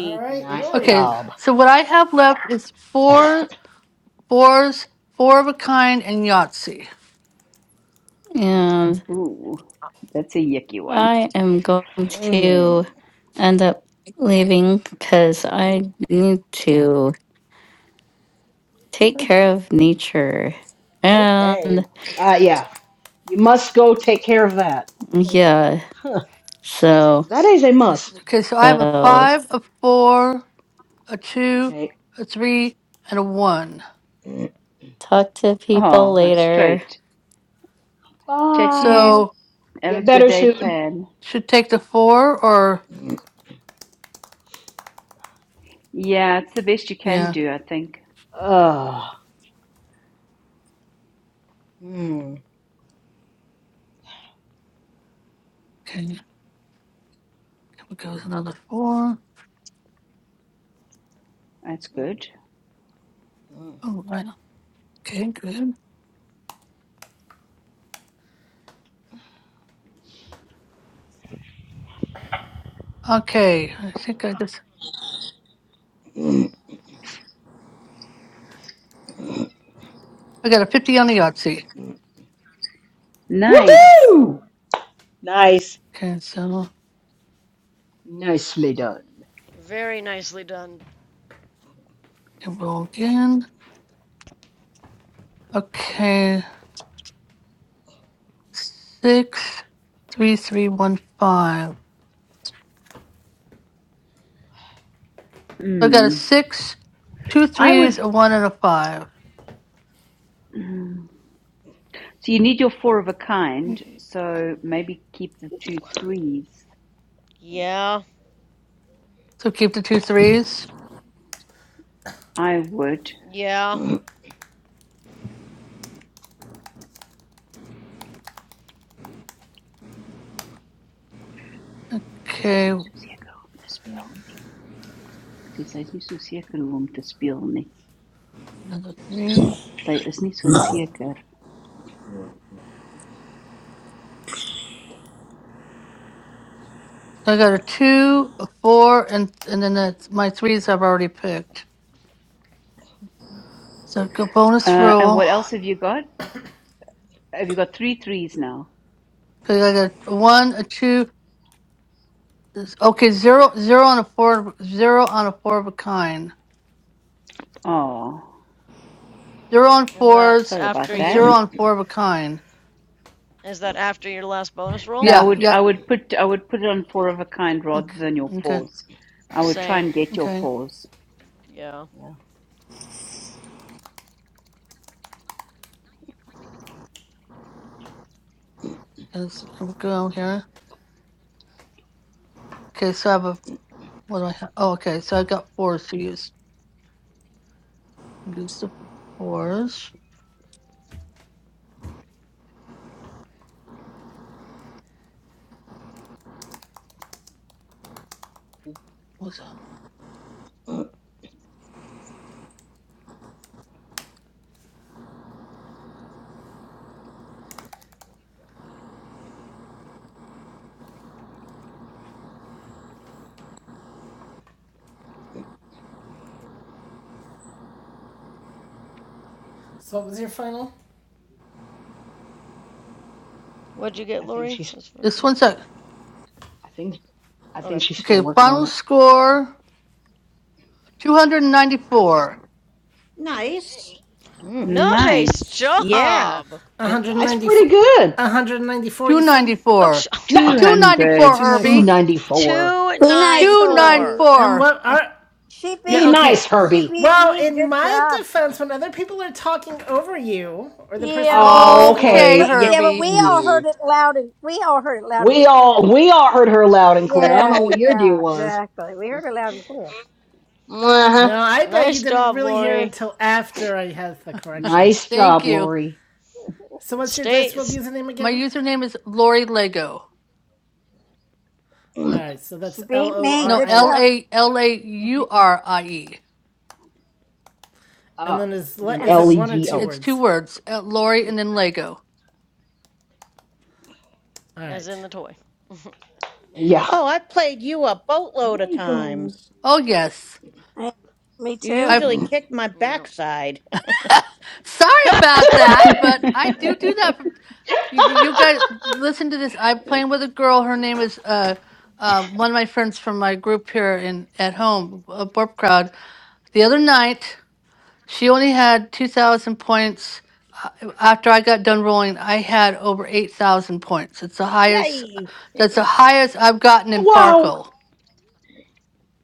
B: All right,
F: nice
L: Okay,
B: Lori.
F: job.
L: so what I have left is four fours, four of a kind, and Yahtzee.
A: And
N: Ooh, that's a yucky one.
A: I am going to
F: Mm.
A: end up leaving because I need to take care of nature.
J: Okay.
A: And
F: Uh, yeah, you must go take care of that.
A: yeah,
F: Huh.
A: so,
F: that is a must.
L: Okay, so I have a
A: so
L: five, a four, a two,
F: Okay.
L: a three, and a one.
A: talk to people
N: Oh, that's
A: later.
N: straight. Chat to you.
F: Bye.
L: So
N: Have a
F: Get
N: good
F: better
N: day,
F: soon.
N: Tan.
L: should take the four or
N: Yeah, it's the best you can
L: yeah.
N: do, I think.
F: Ugh. Mm.
L: Okay, here goes another four.
N: That's
F: Mm.
N: good.
F: Mm.
L: Oh, I know. Okay, good. Okay, I think I just
F: Mm.
L: I got a fifty on the Yahtzee.
B: Oh,
N: Nice.
B: nice.
F: Woohoo! Nice.
L: Okay, so
F: Nicely done.
G: Very nicely done.
L: can roll again. Okay, six, three, three, one, five. So I got a
N: Mm.
L: six, two
N: I
L: threes,
N: would.
L: a one, and a five.
N: So you need your four of a kind. So maybe keep the two threes.
G: Yeah,
L: So keep the two threes.
N: I would.
G: yeah.
N: Sy is
L: Okay,
N: nie so seker om te speel nie. Ek sê sy is nie so seker hoe om te speel nie.
L: another three.
N: Sy is nie so Wow. seker.
L: So I got a two, a four, and and then that's my threes I've already picked. So go bonus
N: Uh and
L: roll.
N: what else have you got? Have you got three threes now?
L: Cause I got a one, a two. this- Okay, zero, zero on a four, zero on a four of a kind,
N: Oh,
L: zero on
G: And that's
L: fours,
N: sorry
G: after
N: about
L: and
N: that.
G: your.
L: zero on four of a kind.
G: Is that after your last bonus roll?
N: No, I
L: Yeah,
N: would
L: yeah.
N: I would put I would put it on four of a kind rather
L: Okay,
N: than your
L: okay,
N: fours. I would try
G: Same.
N: and get your
L: okay.
N: fours.
G: Yeah.
F: Yeah.
L: Let's go here. Okay, so I have a what do I have? Oh, okay, so I got fours to use. Use the fours. What's that?
B: So, what was your final?
G: What'd you get,
F: I think
G: Lori?
F: she's.
G: As for
L: This
G: your.
L: one's that.
F: I think. I think
G: Okay.
F: she's still
L: Okay,
F: working
L: final
F: on it.
G: Yeah.
L: score 294.
J: Nice.
F: Mm.
G: Nice
N: Nice.
J: Yeah.
G: job.
L: Yeah,
F: That's
B: 194
F: pretty good.
B: 194 you said
G: Oh, sh-
L: 294.
F: No,
N: Two
L: 294,
N: hundred.
F: two
B: 294
L: Herbie.
F: ninety four.
K: be nice, Orby.
G: 294.
B: and
L: 294.
B: what are
K: She
F: Be
B: yeah
K: beat,
F: nice,
B: okay
K: she
F: Herbie.
K: beat
B: well
K: me.
B: in
K: Good
B: my
K: job.
B: defense when other people are talking over you or the person
K: Yeah,
B: giving
K: well,
B: the
F: Oh,
K: we,
B: score
L: Okay,
K: but
F: okay.
K: yeah, but we
L: Herbie.
K: all
F: Yeah.
K: heard it loud and we all heard it loud and
F: We
K: clear.
F: all we all heard her loud and clear. I don't know
K: Yeah,
F: what your deal
K: yeah,
F: was.
K: exactly. We heard it loud and clear.
F: uh
B: no i bet you
G: nice
B: didn't
G: job,
B: really hear
G: Lori.
B: until after i had the correction
F: Nice
L: Thank
F: job,
L: you.
F: Lori.
B: so what's your
G: Stay
B: dice world username
L: My
B: again
L: username is Lori Lego.
B: all
F: uh,
B: right so
K: She
B: that's
K: beat me.
L: No,
K: Good
B: l-o-r-i
L: L
K: job.
L: A L A U R I E.
B: and
F: and
B: then is le-
F: then
K: And
B: is it
F: L
K: it's
F: E
B: one or
F: G
B: two
F: O.
L: It's two
B: words
L: words, uh, Lori and then Lego.
B: all
G: as in
B: right
G: the toy.
F: Yeah.
J: Oh, I played you a boatload of
F: Lego.
J: times.
L: Oh, yes.
K: yeah, me
J: You
K: too.
L: I.
J: usually kick my
G: yeah.
J: backside.
L: Sorry about that, but I do do that. From, you, you guys listen to this. I'm playing with a girl. Her name is uh, uh, one of my friends from my group here in at home, a Borp crowd. The other night, she only had two thousand points. Uh, After I got done rolling, I had over eight thousand points. It's the highest.
J: Yay!
L: That's the highest I've gotten in
F: wow.
L: Farkle.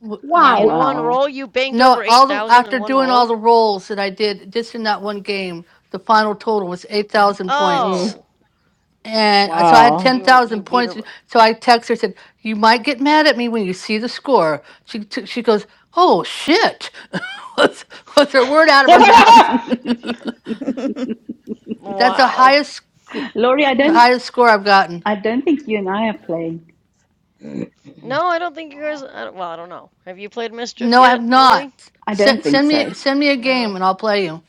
L: W-
K: Wow,
F: Wow.
G: In one
N: Wow.
G: roll, you banked
L: No,
G: over
L: all the
G: 8,000 in
L: after
G: one
L: doing all
G: roll?
L: the rolls that I did just in that one game, the final total was eight thousand points.
F: Mm,
G: Oh.
L: And I- so I had
F: wow.
G: You were you
L: 10,000
G: beat her.
L: points. So I text her, said, You might get mad at me when you see the score. She, t- she goes, Oh shit. was, was her word out of her mouth.
F: wow.
L: That's the
G: Wow.
L: highest, sc-
N: Laurie, I
L: the
N: don't
L: highest score I've gotten.
N: I don't think you and I are playing.
G: No, I don't think you guys. I well, I don't know. Have you played Mischief
L: No, I have
G: yet, Lori?
L: not.
N: I don't
L: Send,
N: think
L: send
N: so.
L: me, send me a game
G: No.
L: and I'll play you.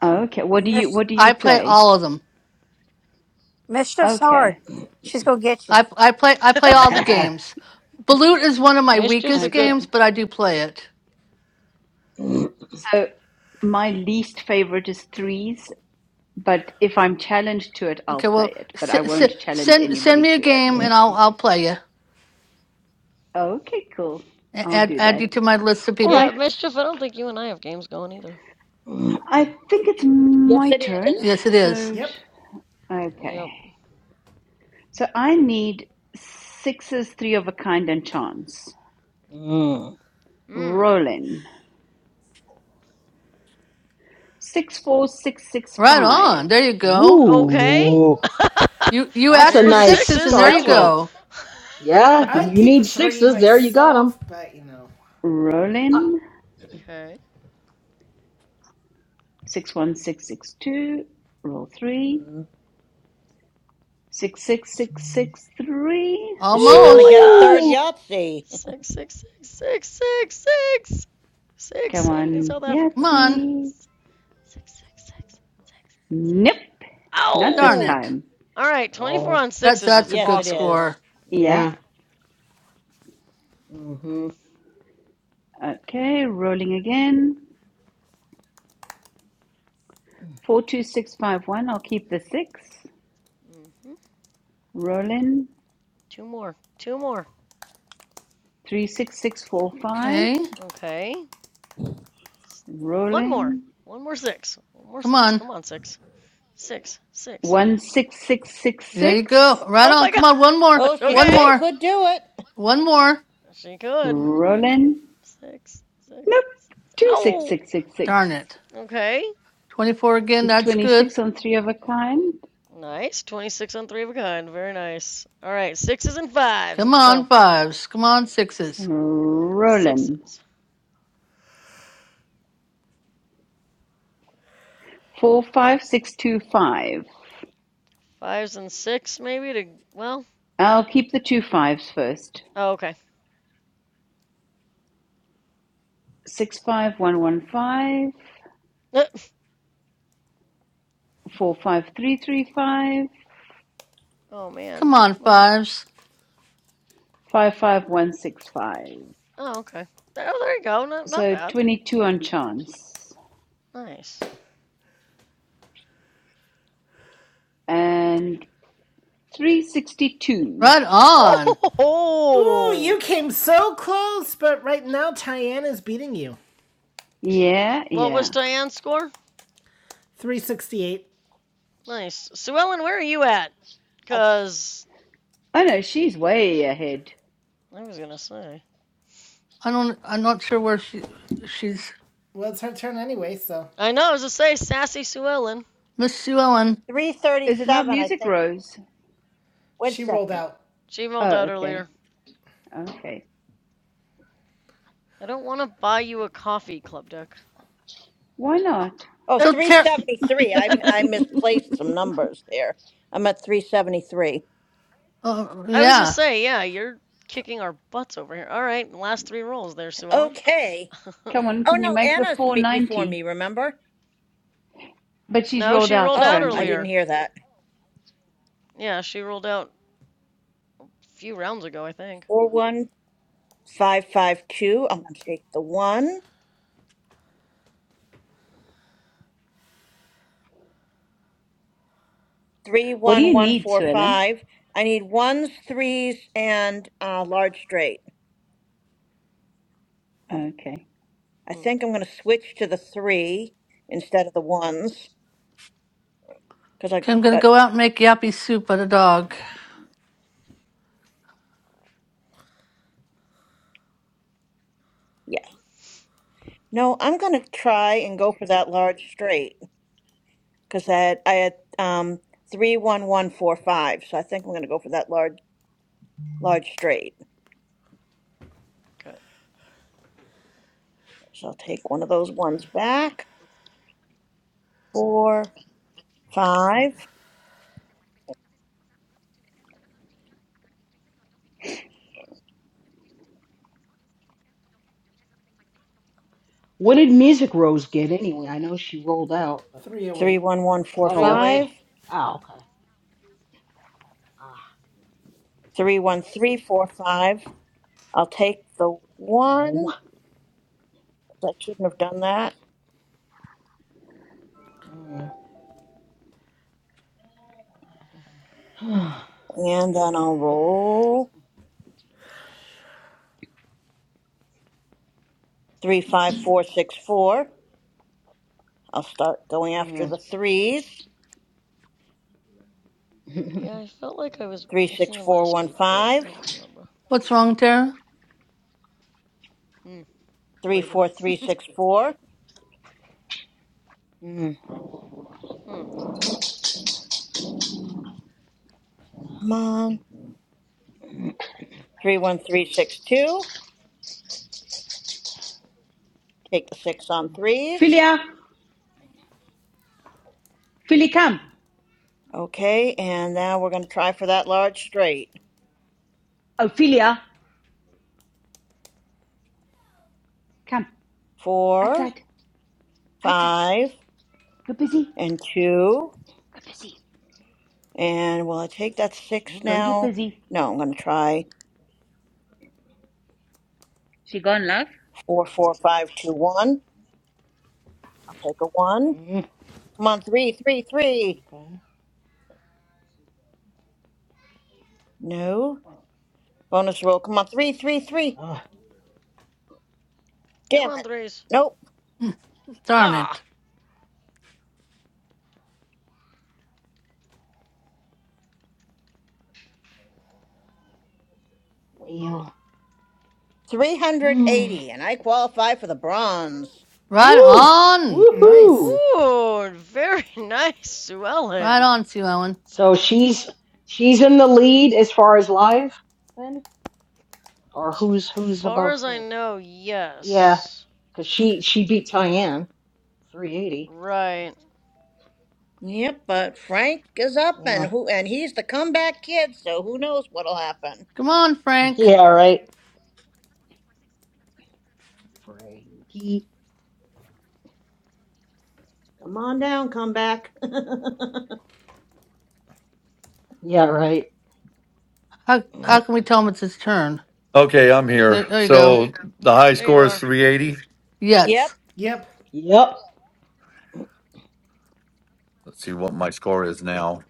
N: Oh, okay. What do you
K: Mis-
N: what do you
L: I play
N: play?
L: all of them.
K: mischief's hard.
N: Okay.
K: She's gonna get you.
L: I, I play, I play all the games. Balut is one of my
G: Mischief's a
L: weakest
G: good.
L: games,
N: Okay.
L: but I do play it.
N: So my least favorite is threes, but if I'm challenged to it, I'll
L: Okay,
N: play
L: well,
N: it, but
L: s-
N: I
L: s-
N: won't challenge
L: send, send
N: anybody
L: me a
N: to it.
L: game and I'll, I'll play you.
N: Okay, cool.
L: A-
N: I'll
L: Add,
N: do
L: add
N: that.
L: you to my list of
N: All
G: Yeah,
L: people.
N: right.
G: Mischief. I don't think you and I have games going either.
N: I think it's
J: Yes,
N: my
J: it
N: turn.
J: is.
L: Yes, it is.
N: So, sh-
B: Yep.
N: okay.
G: Yep.
N: So I need sixes, three of a kind, and chance.
F: Mm.
G: Hmm.
N: Rolling.
L: Right
N: 64665.
L: on. There you go.
G: Okay.
F: Ooh.
L: You you
F: That's a
L: asked
G: There's
L: for
G: your
F: nice
L: sixes, and
G: sixes.
L: there you
F: start to it.
G: Hello.
L: go.
F: Yeah, you
B: I'd keep the
F: need
B: three
F: sixes. There you got them.
B: myself, but you know.
F: Uh,
N: Rolling.
G: okay.
N: 61662. Roll 3.
F: mm,
N: 66663.
J: Is she going
G: Oh
J: to
G: my
J: get
L: Almost.
J: a third
G: gosh.
F: ooh.
J: Yahtzee?
G: Six, six, six, six, six, six. Six
N: Come
G: in
N: on,
G: South Africa.
L: Come
G: Six,
L: on.
N: Yahtzee.
G: six, six, six, six, six.
N: Nope. Not this
L: Darn
G: Ow!
L: it.
N: time.
G: All right, 24
F: Oh,
G: on
L: That's
G: sixes is
L: that's a
J: Yes,
L: good
J: it
G: awesome, though.
J: is.
L: score.
N: Yeah.
F: yeah. hmm
N: Okay. Rolling again. 42651. I'll keep the 6.
G: hmm
N: Rolling.
G: Two more. Two more.
N: 36645.
L: Okay.
G: Okay. One more.
N: Rolling.
G: One more six. One more
L: Come
G: six.
L: on.
G: Come on, six. Six, six,
L: There you go.
N: 16666.
L: Right
G: Oh
L: on.
G: my
L: Come
G: gosh.
L: on. One more.
J: Oh, she
L: One
G: Okay.
J: still
L: more.
J: could do it.
L: One more.
G: She could.
N: Rolling.
G: Six, six,
N: Nope.
G: six. Oh,
N: 26666.
L: Darn it.
G: okay.
L: Twenty-four again. That's good.
N: 26 on three of a kind.
G: Nice. 26 on three of a kind. Very nice. All right. Sixes and fives.
L: Come
G: Let's go.
L: on, fives. Come on, sixes.
N: Roland.
G: Sixes.
N: 45625.
G: Fives and six, maybe to. Well,
N: I'll keep the two fives first.
G: oh, okay.
N: 65115. 45335.
G: Oh, man.
L: Come on,
G: Come on.
L: fives.
N: 55165.
G: Oh, okay. Oh, there you go. Not, not
N: So
G: bad.
N: 22 on chance.
G: Nice.
N: And 362.
L: Right on.
B: Ooh, you
G: Oh,
B: came so close, but right now Cheyenne is beating you.
N: Yeah,
G: what was
N: yeah.
G: Diane's score?
B: 368.
G: Nice. Sue Ellen, where are you at?
J: A
G: Because
N: Oh no, she's way ahead.
G: I was going to say.
L: I don't. I'm not sure where she. She's
B: Well, it's her turn anyway, so
G: I know, I was just say Sassy Sue Ellen.
L: Miss Sue Ellen.
N: Is it not
J: 337, I
N: Music
J: think.
N: Rose?
J: Wait a
B: she rolled
J: second.
B: out
G: She emailed
N: Oh,
G: out
N: okay.
G: earlier.
N: Okay.
G: I don't want to buy you a coffee, Club Duck.
N: Why not?
J: Oh,
G: I
L: So
J: three
L: Ter-
J: seventy-three. I, I misplaced some numbers there. I'm at 373.
L: Oh,
G: was just
L: yeah.
G: say, yeah, you're kicking our butts over here. All right, last three rolls there, Sue Ellen.
J: Okay.
N: Come on,
J: Oh,
N: can you
J: no,
N: make the
J: Anna's me- before me,
N: 490?
J: remember?
N: But she's
G: no,
N: rolled
G: she
N: out,
G: rolled out
J: Oh, I
N: apparently.
J: didn't
G: earlier.
J: hear that.
G: Yeah, she rolled out a few rounds ago, I think.
J: 41552. I'm going to take the one.
N: What do you need, Suellen?
J: 31145. I need ones, threes, and uh, large straight. I've-
N: Okay.
J: I
G: Hmm,
J: think I'm going to switch to the three instead of the ones because I
L: I'm going to
J: got,
L: go out and make yappy soup for the dog.
J: yeah. No, I'm going to try and go for that large straight because I had, I had um, 31145. So I think I'm going to go for that large, large straight.
G: okay.
J: So I'll take one of those ones back. Four, five,
F: What did Music Rose get anyway? I know she rolled out, but
J: three,
B: 308.
J: one, one, four,
F: oh,
G: 308.
F: okay.
J: five,
F: Oh, okay. Ah,
J: three, one, three, four, five. I'll take the one.
F: oh.
J: I shouldn't have done that.
F: Mm.
J: And then I'll roll three, five, four, six, four. I'll start going after
F: Mm.
J: the threes.
G: Yeah, I felt like I was
J: Three, six,
G: here
J: four,
G: last
J: one,
G: week, but I
J: five.
G: don't remember.
L: What's wrong, Tara?
G: Hmm,
J: Three,
G: later.
J: four, three, six, four.
F: Mm.
G: Hmm.
J: Come on. Three, one, three, six, two. Take the six on threes.
N: Philia! Philly, come!
J: Okay, and now we're going to try for that large straight.
N: Oh, Philia! Come.
J: Four,
N: Outside. Outside.
J: five,
N: Go busy.
J: and two.
N: Go busy.
J: And will I take that six
F: Mm.
N: Go and get
J: now?
N: busy.
J: No, I'm going to try.
N: She gone, love?
J: Four, four, five, two, one. I'll take a one.
F: Mm.
J: Come on, three, three, three.
F: Okay.
J: No. Bonus roll. Come on, three, three, three.
F: Ah,
G: Come
J: Damn
G: on,
J: it.
G: threes.
J: Nope.
L: Darn
G: Ah!
L: it.
F: well. Mm.
J: 380, and I qualify for the bronze.
L: Right
F: Woo!
L: on.
B: Nice.
F: Woohoo!
G: Ooh, very nice, Sue
L: Right
G: Ellen.
L: on, Sue Ellen.
F: So she's she's in the lead as far as live, then, or
G: As
F: who's who's
G: far
F: above
G: as I
F: her?
G: know,
F: Yeah,
G: yes.
F: because she she beat Tyann 380.
G: Right.
J: Yep, but Frank is up, and
F: Yeah.
J: who? And he's the comeback kid, so who knows what'll happen?
L: Come on, Frank.
F: Yeah, right. Frankie.
J: Come on down, comeback.
F: Yeah, right.
L: How, how can we tell him it's his turn?
E: Okay, I'm
L: There,
E: here.
L: there you go.
E: So the high
G: There you
E: score is
G: are.
E: 380.
J: yep.
L: Yes.
B: Yep.
F: Yep.
E: Let's see what my score is now.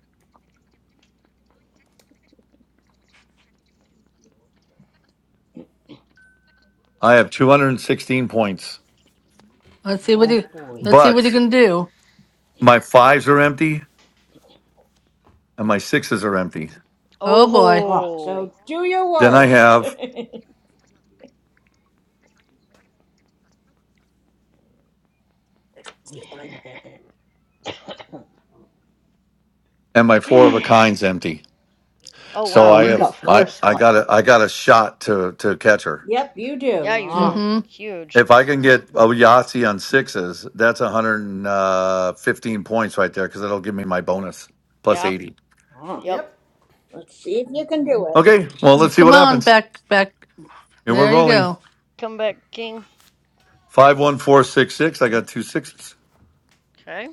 E: I have 216 points,
L: Let's see what
F: Oh
L: you,
F: boy.
L: let's see what
E: but
L: you can do.
E: my fives are empty and my sixes are empty.
L: Oh boy.
F: Ah.
G: Oh.
J: So do your
E: Then I
J: worst.
E: have and my four of a kind's empty.
G: Oh,
E: So
F: oh,
E: I
G: wow.
F: you
E: have
F: got
E: I
F: four
E: I got
F: slots.
E: a I got a shot to to catch her.
J: yep, you
G: Yeah,
J: do.
G: you
F: Ah.
G: do.
J: So
L: Mm-hmm.
G: Huge.
E: If I can get a
F: Mm.
E: Yahtzee on sixes, that's 115 points right there because that'll give me my bonus plus
G: Yeah.
E: 80.
F: Ah.
G: Yep.
B: Yep.
J: let's see if you can
F: Mm-hmm.
J: do it.
E: Okay, well let's see
L: Come
E: what
L: on,
E: happens.
L: back, back.
E: Here we're
L: There you
E: rolling
L: go.
G: Comeback king.
E: five one four six six. I got two sixes.
G: Okay.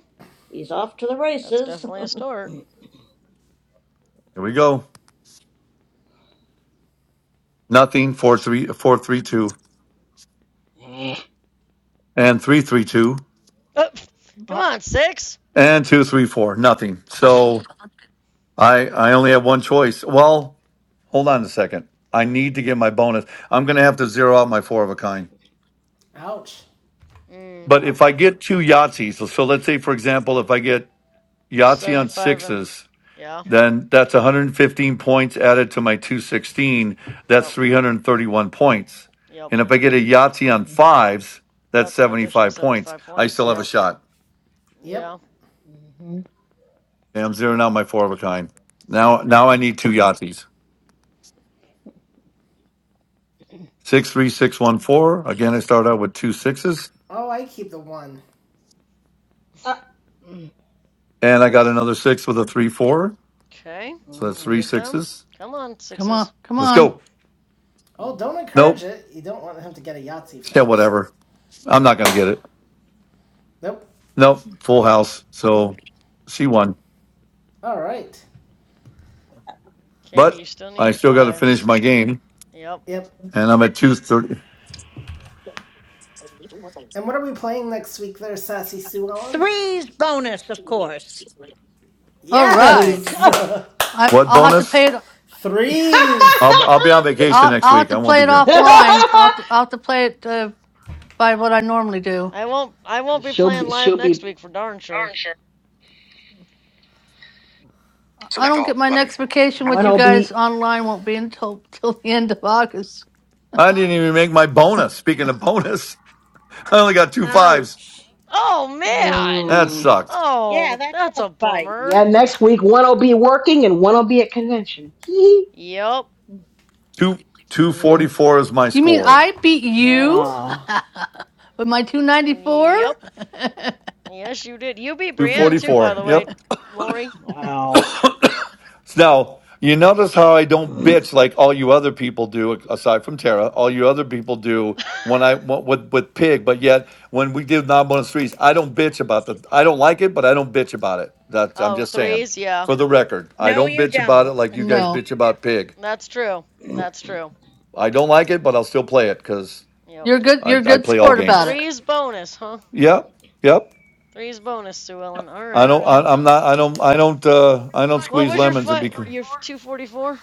J: He's off to the
G: That's
J: races.
G: definitely a start.
E: Here we go. Nothing four three four three two
F: Eh.
E: and three three two.
G: Oh, come
F: Ah.
G: on, six.
E: And two, three, four, nothing. So I I only have one choice. Well, hold on a second. I need to get my bonus. I'm going to have to zero out my four of a kind.
B: Ouch.
G: Mm,
E: But if I
F: Ouch.
E: get two Yahtzees, so, so let's say for example, if I get Yahtzee on
G: 75 and.
E: sixes,
G: Yeah.
E: then that's 115 points added to my 216. That's
G: Yep.
E: 331 points.
G: Yep.
E: And if I get a Yahtzee on
F: Mm-hmm.
E: fives, that's
G: That's an additional
E: 75 points.
G: 75
E: I
G: points.
E: still have a
G: Yeah.
B: Yep.
E: shot.
B: Yep.
G: Yeah.
F: Mm-hmm.
E: And I'm zeroing out my four of a kind. Now, now I need two Yahtzees. Six three six one four. Again, I start out with two sixes,
B: Oh, I keep the one.
F: Ah. Mm.
E: and I got another six with a three four.
G: Okay.
E: So that's
G: Three
F: Mm.
E: three
G: of them.
E: sixes.
G: Come on,
L: Come
G: sixes.
L: on, come
E: Let's
L: on.
E: go.
B: Oh,
F: Mm.
B: don't encourage
E: Nope.
B: it. You don't want him to get a Yahtzee,
E: Yeah,
B: folks.
E: whatever. I'm not gonna get it.
B: Nope.
E: Nope. Full house. So she won,
B: All right.
G: Okay, but
E: but
G: you still need
E: I
G: your
E: still got to finish
G: fives.
E: my game,
G: Yep.
B: Yep.
E: and I'm at two thirty.
B: And what are we playing next week there, Sassy Sue Ellen?
J: Three's bonus, of course.
L: All
B: Yes!
L: right. I,
E: What
L: I'll have to pay
E: bonus?
L: it.
B: Threes.
E: I'll I'll be on vacation
L: I'll,
E: next
L: I'll have
E: week.
L: to
E: I won't
L: play
E: be
L: it
E: here.
L: offline. I'll, have to- I'll have to play it uh, by what I normally do.
G: I won't I won't
F: Cause
G: be
F: she'll
G: playing
F: be
G: live
F: she'll
G: next
F: be
G: week for darn sure.
L: I
D: Select
L: don't
D: all.
L: get my
D: Button.
L: next vacation
F: one
L: with you
F: will
L: guys
F: be
L: online. Won't be until till the end of August.
E: I didn't even make my bonus. Speaking of bonus, I only got two fives.
J: Ouch.
G: Oh man.
E: That
F: Mm.
E: sucked.
J: Yeah,
G: Oh,
J: that
G: that's
J: does
G: a
J: bite.
G: bummer.
F: Yeah, next week one will be working and one will be at convention. Hee hee.
G: Yep.
E: Two two forty
F: mm.
E: four is my
L: You mean
E: score.
L: I beat
B: All
L: you
B: right.
F: Ah,
L: with my two ninety four?
G: Yep. Yes, you did. You beat
E: Two
L: Yeah,
G: Brienne
E: forty
G: too, by
E: four.
G: the
E: Yep.
G: way, Lori.
F: wow.
E: Now, you notice how I don't bitch like all you other people do, aside from Tara. All you other people do when I went with with Pig, but yet when we did nine bonus threes, I don't bitch about the. I don't like it, but I don't bitch about it. That's I'm
G: oh,
E: just saying
G: threes, yeah.
E: for the record. I
J: No,
E: don't
J: you
E: bitch about it
J: don't.
E: like you guys
L: no,
E: bitch about Pig.
G: That's true. That's true.
E: I don't like it, but I'll still play it because
G: Yep.
L: you're good.
E: I,
L: You're a
E: I
L: good
E: play all
L: sport about
E: games.
L: it.
G: Threes bonus, huh?
E: Yep, yep.
G: Threes bonus, Sue Ellen. All
E: I
G: right.
E: don't. I,
G: Well,
E: I'm not. I don't. I don't. Uh, I don't
G: what
E: squeeze
G: was your
E: lemons and
G: fi-
E: be
G: your
E: two
G: 244?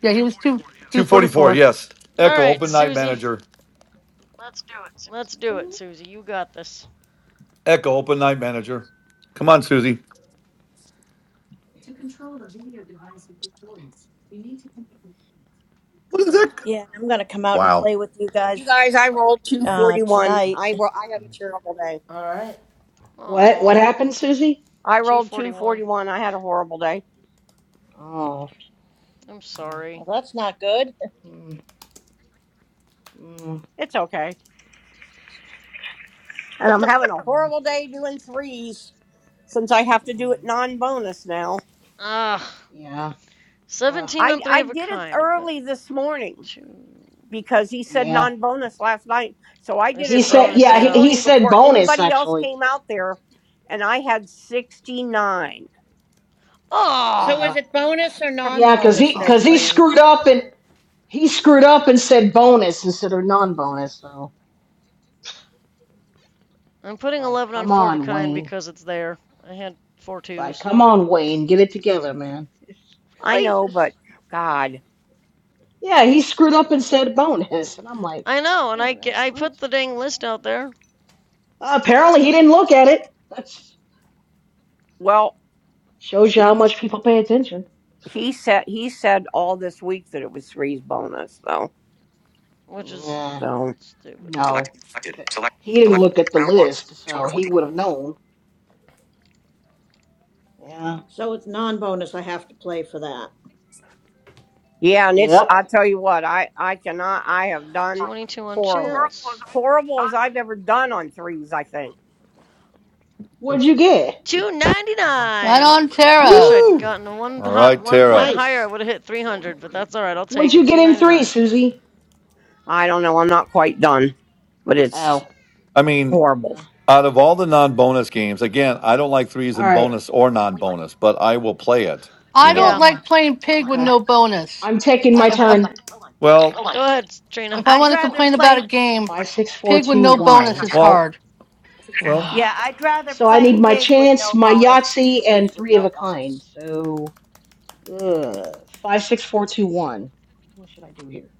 L: Yeah, he was two two forty
E: forty four.
L: four.
G: All
E: Yes. Echo
G: right,
E: open night
G: Susie.
E: manager.
G: Let's do it, Susie. You got this.
E: Echo, open night manager. Come on, Susie. What is
G: Or did.
E: that?
J: Yeah, and I'm going to come out and play with you
D: You
J: guys
D: guys, I rolled
J: uh,
D: 241.
J: tonight.
D: I ro- I had a terrible day.
B: All right.
F: what? What
G: Oh.
F: happened, Susie?
D: I rolled
G: 241.
D: 241. I had a horrible day.
F: Oh,
G: I'm
F: God.
G: sorry.
J: Well, that's not good.
F: Mm, mm,
D: It's okay. And
G: What
D: I'm
G: the.
D: having a
F: mm,
D: horrible day doing threes since I have to do it
F: mm.
D: non bonus now.
G: Ah.
F: yeah. Ugh,
G: 17
D: I,
G: on three
D: I
G: of a
D: did it
G: kind. I've got
D: early this morning
G: two.
D: because he said
F: yeah.
D: non bonus last night. So I
G: I
D: did
F: He
D: it
G: said
F: said.
D: early
G: bonus,
F: Yeah,
D: this
F: he,
G: yeah.
F: he
D: morning
F: said
D: before
F: bonus
D: anybody else
F: actually.
D: came out there. And I had 69.
J: So
G: Oh!
J: is
F: Yeah,
J: it bonus or non
F: yeah, cause
J: bonus
F: he
J: they're
L: Oh,
F: cause he
L: okay.
J: playing?
F: screwed up and he screwed up and said bonus instead of non-bonus. So
G: I'm
F: it's
G: putting
F: like,
G: 11 on
F: come
G: four of a
F: on,
G: kind
F: Wayne.
G: because it's there. I had four
F: It's like,
G: twos.
F: come on, Wayne, get it together, man.
D: I
G: Really?
D: know, but God.
F: Yeah, he screwed up and said bonus. And I'm like,
G: I know, and
F: wait
G: I,
F: a minute,
G: I
F: what?
G: put the dang list out there,
F: Uh, apparently he didn't look at it. That
D: Well,
F: shows you how much people pay attention.
D: he said he said all this week that it was threes bonus though.
G: which is
F: Yeah,
D: So.
G: stupid.
D: Selected.
F: no.
D: Selected. Select.
F: He didn't
D: Select.
F: look at the
D: Round one.
F: list,
D: score
F: so he
D: 14.
F: would have known. Yeah.
J: So it's non bonus. I have to play for that.
D: Yeah, and it's, I
F: Yep.
D: tell you what, I, I cannot, I have done
G: 22 on
D: horrible.
G: chance.
D: Horrible as I've ever done on threes, I think.
F: What'd you get?
L: Right
G: 299.
L: on,
G: I wish
L: Tara.
G: I'd
E: Woo!
G: gotten one
E: All
G: hot,
E: right,
G: one point
E: Tara.
G: higher. I
J: Nice.
G: would have hit 300, but that's all right. I'll take
F: What'd you
G: it.
F: get in three,
G: 299.
F: Susie?
D: I don't know. I'm not quite done, but it's
F: Oh.
E: I mean,
D: horrible.
F: no.
E: out of all the non bonus games, again, I don't like threes
F: All
E: in
F: right.
E: bonus or non bonus, but I will play it, you
L: I don't
E: know.
G: Yeah.
F: Yeah.
L: like playing pig with
F: Okay.
L: no bonus.
F: I'm taking my
L: I, if I
F: turn.
E: Well,
G: Go ahead, Trina.
L: if I
J: I'd
L: want to
J: rather
L: complain about a
J: play.
L: game,
F: Five,
D: Select
F: six, four,
L: pig with
F: two,
L: no
D: three.
L: bonus
F: one.
L: is
E: well,
L: hard.
E: well,
J: Yeah, I'd rather
F: so I need
J: play
F: my
J: pig with
F: chance,
J: no
F: my
J: bonus than
F: Yahtzee,
J: threes
F: and
J: with
F: three of
J: no
F: a kind.
J: bonus.
F: So uh, five, six, four, two, one. What should I do here?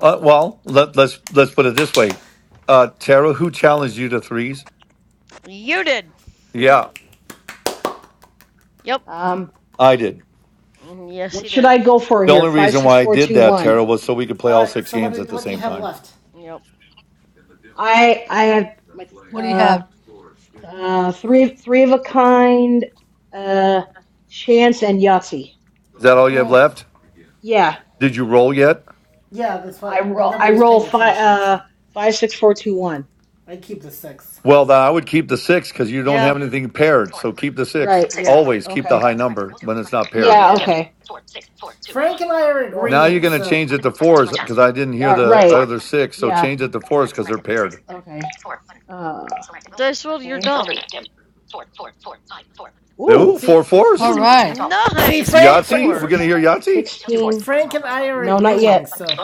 E: uh, well, let, let's, let's put it this way. Uh, Tara, who challenged you to threes?
G: You did.
E: Yeah,
G: Yep.
F: um,
E: I did.
G: Mm, Yes,
F: what
G: he
F: should
G: did.
F: I go for
E: The
F: here?
E: only
F: Five,
E: reason
F: six,
E: why I
F: four,
E: did
F: two,
E: that,
F: one.
E: Tara, was so we could play
B: All
E: all
B: right.
E: six
B: So what?
E: games at
B: do-
E: the
B: What do you
E: same
B: have
E: time.
B: left?
G: Yep.
F: I I have my
L: What do you
F: uh,
L: have?
F: uh three three of a kind, uh, chance and Yahtzee.
E: Is that
F: So
E: all you have
B: Uh,
E: left?
F: yeah,
E: Did you roll yet?
B: yeah, that's why.
F: I
B: But
F: roll
B: nobody
F: I
B: was
F: roll
B: paying
F: five
B: attention, so
F: uh five, six, four, two, one.
B: I keep the six.
E: Well, then I would keep the six because you don't
G: Yeah.
E: have anything paired. So keep the six.
F: Right.
B: Yeah.
E: Always keep the
F: Okay.
E: high number when it's not paired.
F: Yeah.
B: Yeah.
F: Okay.
B: Frank and I are
F: Four.
E: Now you're
B: agreeing.
E: going to
B: So
E: change it to fours because I didn't hear
F: Uh,
E: the
F: right.
E: other six. So
F: Yeah.
E: change it to fours because they're paired.
F: Okay. Uh,
G: Dice rolled. You're
F: okay.
G: dumb.
E: Ooh,
F: Ooh,
E: four
B: see,
L: All
F: 16.
E: fours.
L: right,
B: see,
G: Nice. Four
B: Frank, Fra-
E: Yahtzee? Are we
B: Fra-
E: going to
G: fours.
E: hear Yahtzee?
F: 16.
B: Frank and I are agreeing. So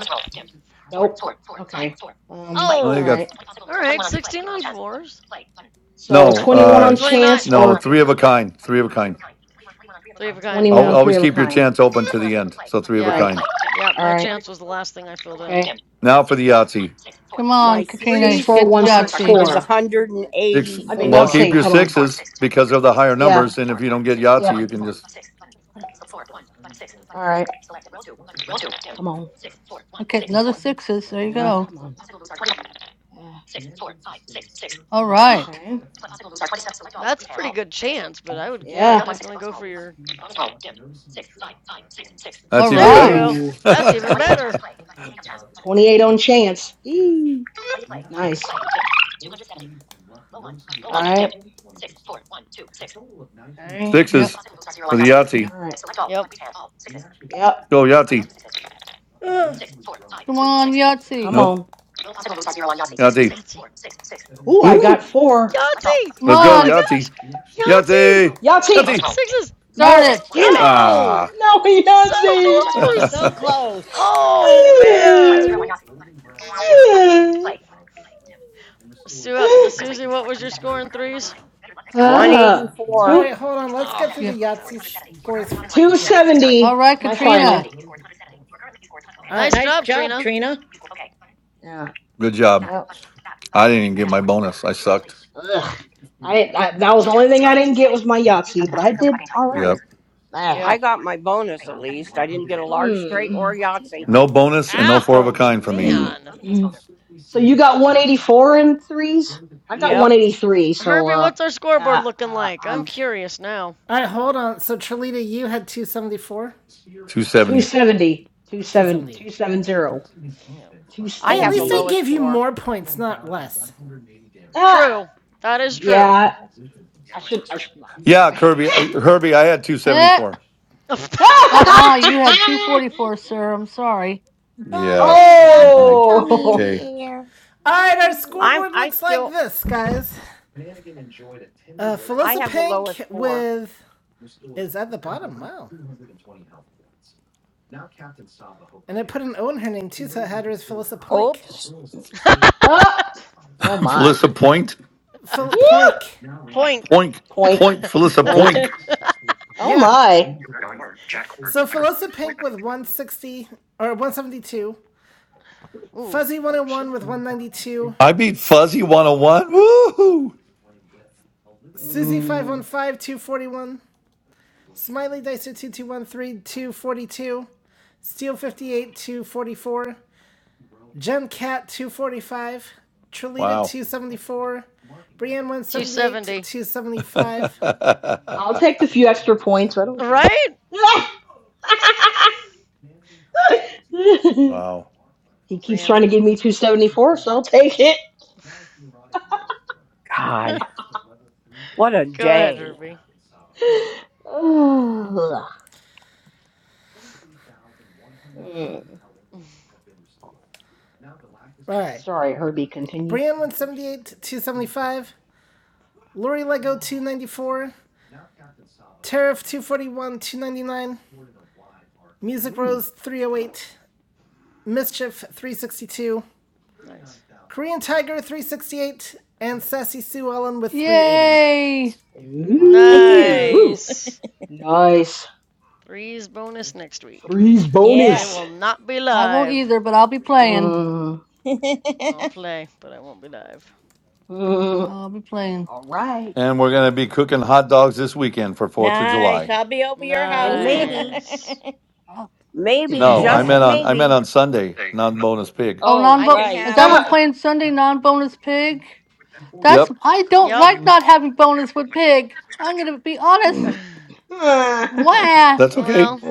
F: Um,
E: Oh, you
G: Oh.
E: got
G: All right. 16 on fours
F: So
E: no,
F: 21
G: or
F: on
E: uh,
G: 29.
E: no, three of a kind. Three of a kind.
G: Three of a kind.
F: 21
E: Al
F: on
G: Yeah.
F: three
E: always
F: of a
E: keep your
F: kind.
E: chance open to the end. So three of
F: All
E: a
G: Yeah.
F: right.
E: kind.
G: Yeah.
F: All
G: My
F: right.
G: chance was the last thing I filled in.
E: Now for the Yahtzee.
L: come on,
D: My
L: Katrina,
F: Six
D: three
F: four
L: get
F: one
D: score
L: Yahtzee.
D: is
E: Six.
F: I mean,
E: Well,
F: let's
D: 184.
F: see.
E: keep your
F: Hold on.
E: sixes because of the higher
F: Yeah.
E: numbers. And if you don't get
F: Yeah.
E: Yahtzee, you can just
F: All right. Come on.
L: Okay, another sixes. There you
F: Yeah,
L: go.
F: come on. Yeah.
L: All right.
F: Okay.
G: That's a pretty good chance, but I would yeah
F: Yeah.
G: definitely go for your
L: All
E: That's even
G: There you
E: better.
L: right.
G: go.
F: Ooh.
G: That's even better.
F: 28 on chance. Yee. Nice. All right. Okay.
L: Yep.
E: Sixes for the
F: All
E: Yahtzee.
F: right.
G: Yep.
F: Yep.
E: Go Yahtzee.
J: Ugh.
L: Come on,
F: Come
L: Yahtzee.
E: Nope.
F: on.
E: Yahtzee.
G: Yahtzee.
F: Ooh, I got
E: Ooh,
F: four.
G: Yahtzee!
L: Come
E: Let's
G: Oh
E: go
G: my
L: on.
G: gosh!
E: Yahtzee.
G: Yahtzee!
E: Yahtzee.
F: you
E: Yahtzee.
G: Sixes!
L: Darn
F: No.
L: it.
F: Damn it.
G: Oh!
E: Ah.
F: No, he
G: So
F: doesn't.
G: close!
J: So close.
G: Oh man! Su- uh, Susie, what was your score in threes?
F: Ah,
B: all
D: 184.
F: two,
B: right, hold on. Let's
G: Oh,
B: get through
L: Yep.
B: the Yahtzee
G: ouch.
B: scores. fir- yeah.
L: All
F: 270.
L: right,
F: My final.
L: Katrina.
B: All
G: Nice
B: right.
J: Nice
G: job,
J: job,
G: Trina.
J: Trina.
F: Yeah.
E: Good job.
F: Yep.
E: I didn't even get my bonus. I sucked.
F: Ugh. I, I that was the only thing I didn't get was my Yahtzee, but I did all right.
E: Yep.
F: Ah.
D: I
G: Yep.
D: got my bonus at least. I didn't get a large straight
F: Mm.
D: or Yahtzee.
E: No bonus and no four of a
G: Ouch,
E: kind for me.
F: Mm.
G: man.
F: So you got 184 in threes? I got
D: Yep.
F: 183, so
G: Herbie,
F: uh,
G: what's our scoreboard
F: uh,
G: looking
F: uh
G: like? I'm
F: I'm
G: curious now.
B: All right. Hold on. So Trelita, you had two seventy four.
E: 270.
F: 270,
B: Two
F: 270,
B: seventy.
F: 270,
G: Yep.
D: I
B: Hey, at
D: have the
B: least I
F: 270.
D: lowest
B: gave you
D: score.
B: more points, not less.
F: Ah,
G: True. That is true.
F: yeah,
D: Yeah,
F: I should, I
D: Westminster. Sh-
F: should, well,
E: Yeah,
F: anyway.
E: Kirby.
D: Westminster. Sh-
E: uh, Herbie, I had
L: Eh,
E: 274.
G: Yeah.
L: uh-uh. You had 244, sir. I'm sorry.
E: Yeah.
J: Somebody's got her
E: hmm
J: tummy in
F: oh,
J: the
E: Okay.
J: air.
B: All right, our
D: I'm
B: scoreboard
D: I
B: looks like
D: still
B: this, guys. Uh,
D: I
B: Felissa
D: have the lowest
B: Pink
D: four.
B: with is at the bottom. Wow, and it put an O in her name too, so it had her as Felissa Poink.
J: Oops.
F: up. Oh my.
E: Felissa Point.
B: Phil
F: Yeah.
B: Poink,
G: Poink.
E: Point.
F: Poink,
E: Point. Felissa
F: poink.
E: Point.
F: Oh
B: yeah.
F: my.
B: So Felissa Pink with 160 or 172.
G: Ooh,
B: Fuzzy
G: ouch.
B: 101 with 192.
E: I beat
B: S-
E: Fuzzy 101. Woohoo.
B: Susie five one
F: Mm.
B: five two forty one. Smiley Dicer two two one three two forty two. Steel 58 244. Jen Cat 245, Trelita
E: Wow.
B: 274, Brienne 178
G: 270.
B: 275.
F: I'll take the few extra points. I don't care.
G: Right?
F: he
E: wow.
G: Oh,
F: keeps trying
G: Brianna.
F: to give me 274, so I'll take it.
G: Go
D: God, what a
G: ahead,
D: day.
G: Herbie.
F: Ugh. Mm.
B: All right.
F: Sorry, Herbie, continue.
B: Brienne 178 275, Lori Lego 294, Tariff 241 299, Music
F: Ooh.
B: Rose 308, Mischief 362,
G: nice.
B: Korean Tiger 368, and Sassy Sue Ellen with 380.
L: Yay.
J: Thank
F: Ooh, woo.
J: you.
G: Nice.
F: Nice.
G: Threes bonus next week.
F: Three's
J: Yeah.
G: I
F: bonus.
G: will not be
L: I won't
G: live.
L: either, but I'll be playing.
F: Mm.
G: I'll play, but I won't be live.
F: Mm.
L: I'll be playing.
F: All right.
E: And we're going to be cooking hot dogs this weekend for 4th of
J: nice.
E: July.
J: I'll be over your
D: And
J: house.
F: Mm.
D: maybe,
G: Nice.
L: Uh,
D: maybe,
E: No, I
D: just
E: meant on I
D: maybe,
E: meant on Sunday, non
D: No.
E: bonus pig.
L: oh,
J: oh,
D: I
L: non-bo-
D: can
J: right.
L: Is
D: have
L: that
D: a
L: what we're
F: ah.
L: playing Sunday? Non-bonus pig? That's...
E: Yep,
L: I don't
G: Yep.
L: like
F: Mm.
L: not having bonus with pig. I'm going to be honest. Wah.
E: that's okay.
G: well,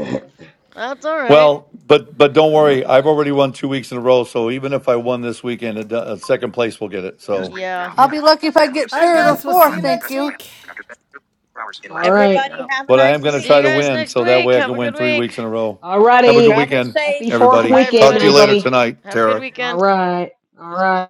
G: that's alright.
E: Well, but but don't worry. I've already won two weeks in a row. So even if I won this weekend, it do- uh, second place will get it.
D: News
E: So,
D: break
G: Yeah.
D: now.
L: I'll
B: Yep.
L: be lucky if I
D: Family of
L: get
B: All right,
D: six.
L: third or
B: guys, we'll see
D: Child
L: fourth,
B: you
L: thank
B: next
D: arrested by
L: you.
B: week.
D: after spending 34 hours in
F: All
D: Alaska.
F: right.
J: Everybody
G: Yep.
J: have a
E: but I am
J: nice
E: going to
G: See
E: try
G: you
E: to
J: week.
G: guys
E: win,
G: next
E: so that
G: week.
E: way I
G: Have
E: can
G: a
E: win
G: good
E: three
G: week.
E: weeks in a row.
F: All
E: Have a good
F: righty.
J: Travel
E: weekend,
J: safe.
F: Happy fourth
E: everybody.
G: Bye,
F: weekend,
E: Talk to you
G: everybody.
E: later
F: everybody.
E: tonight,
G: Have a good
E: Tara.
F: All
G: weekend.
F: right. All right.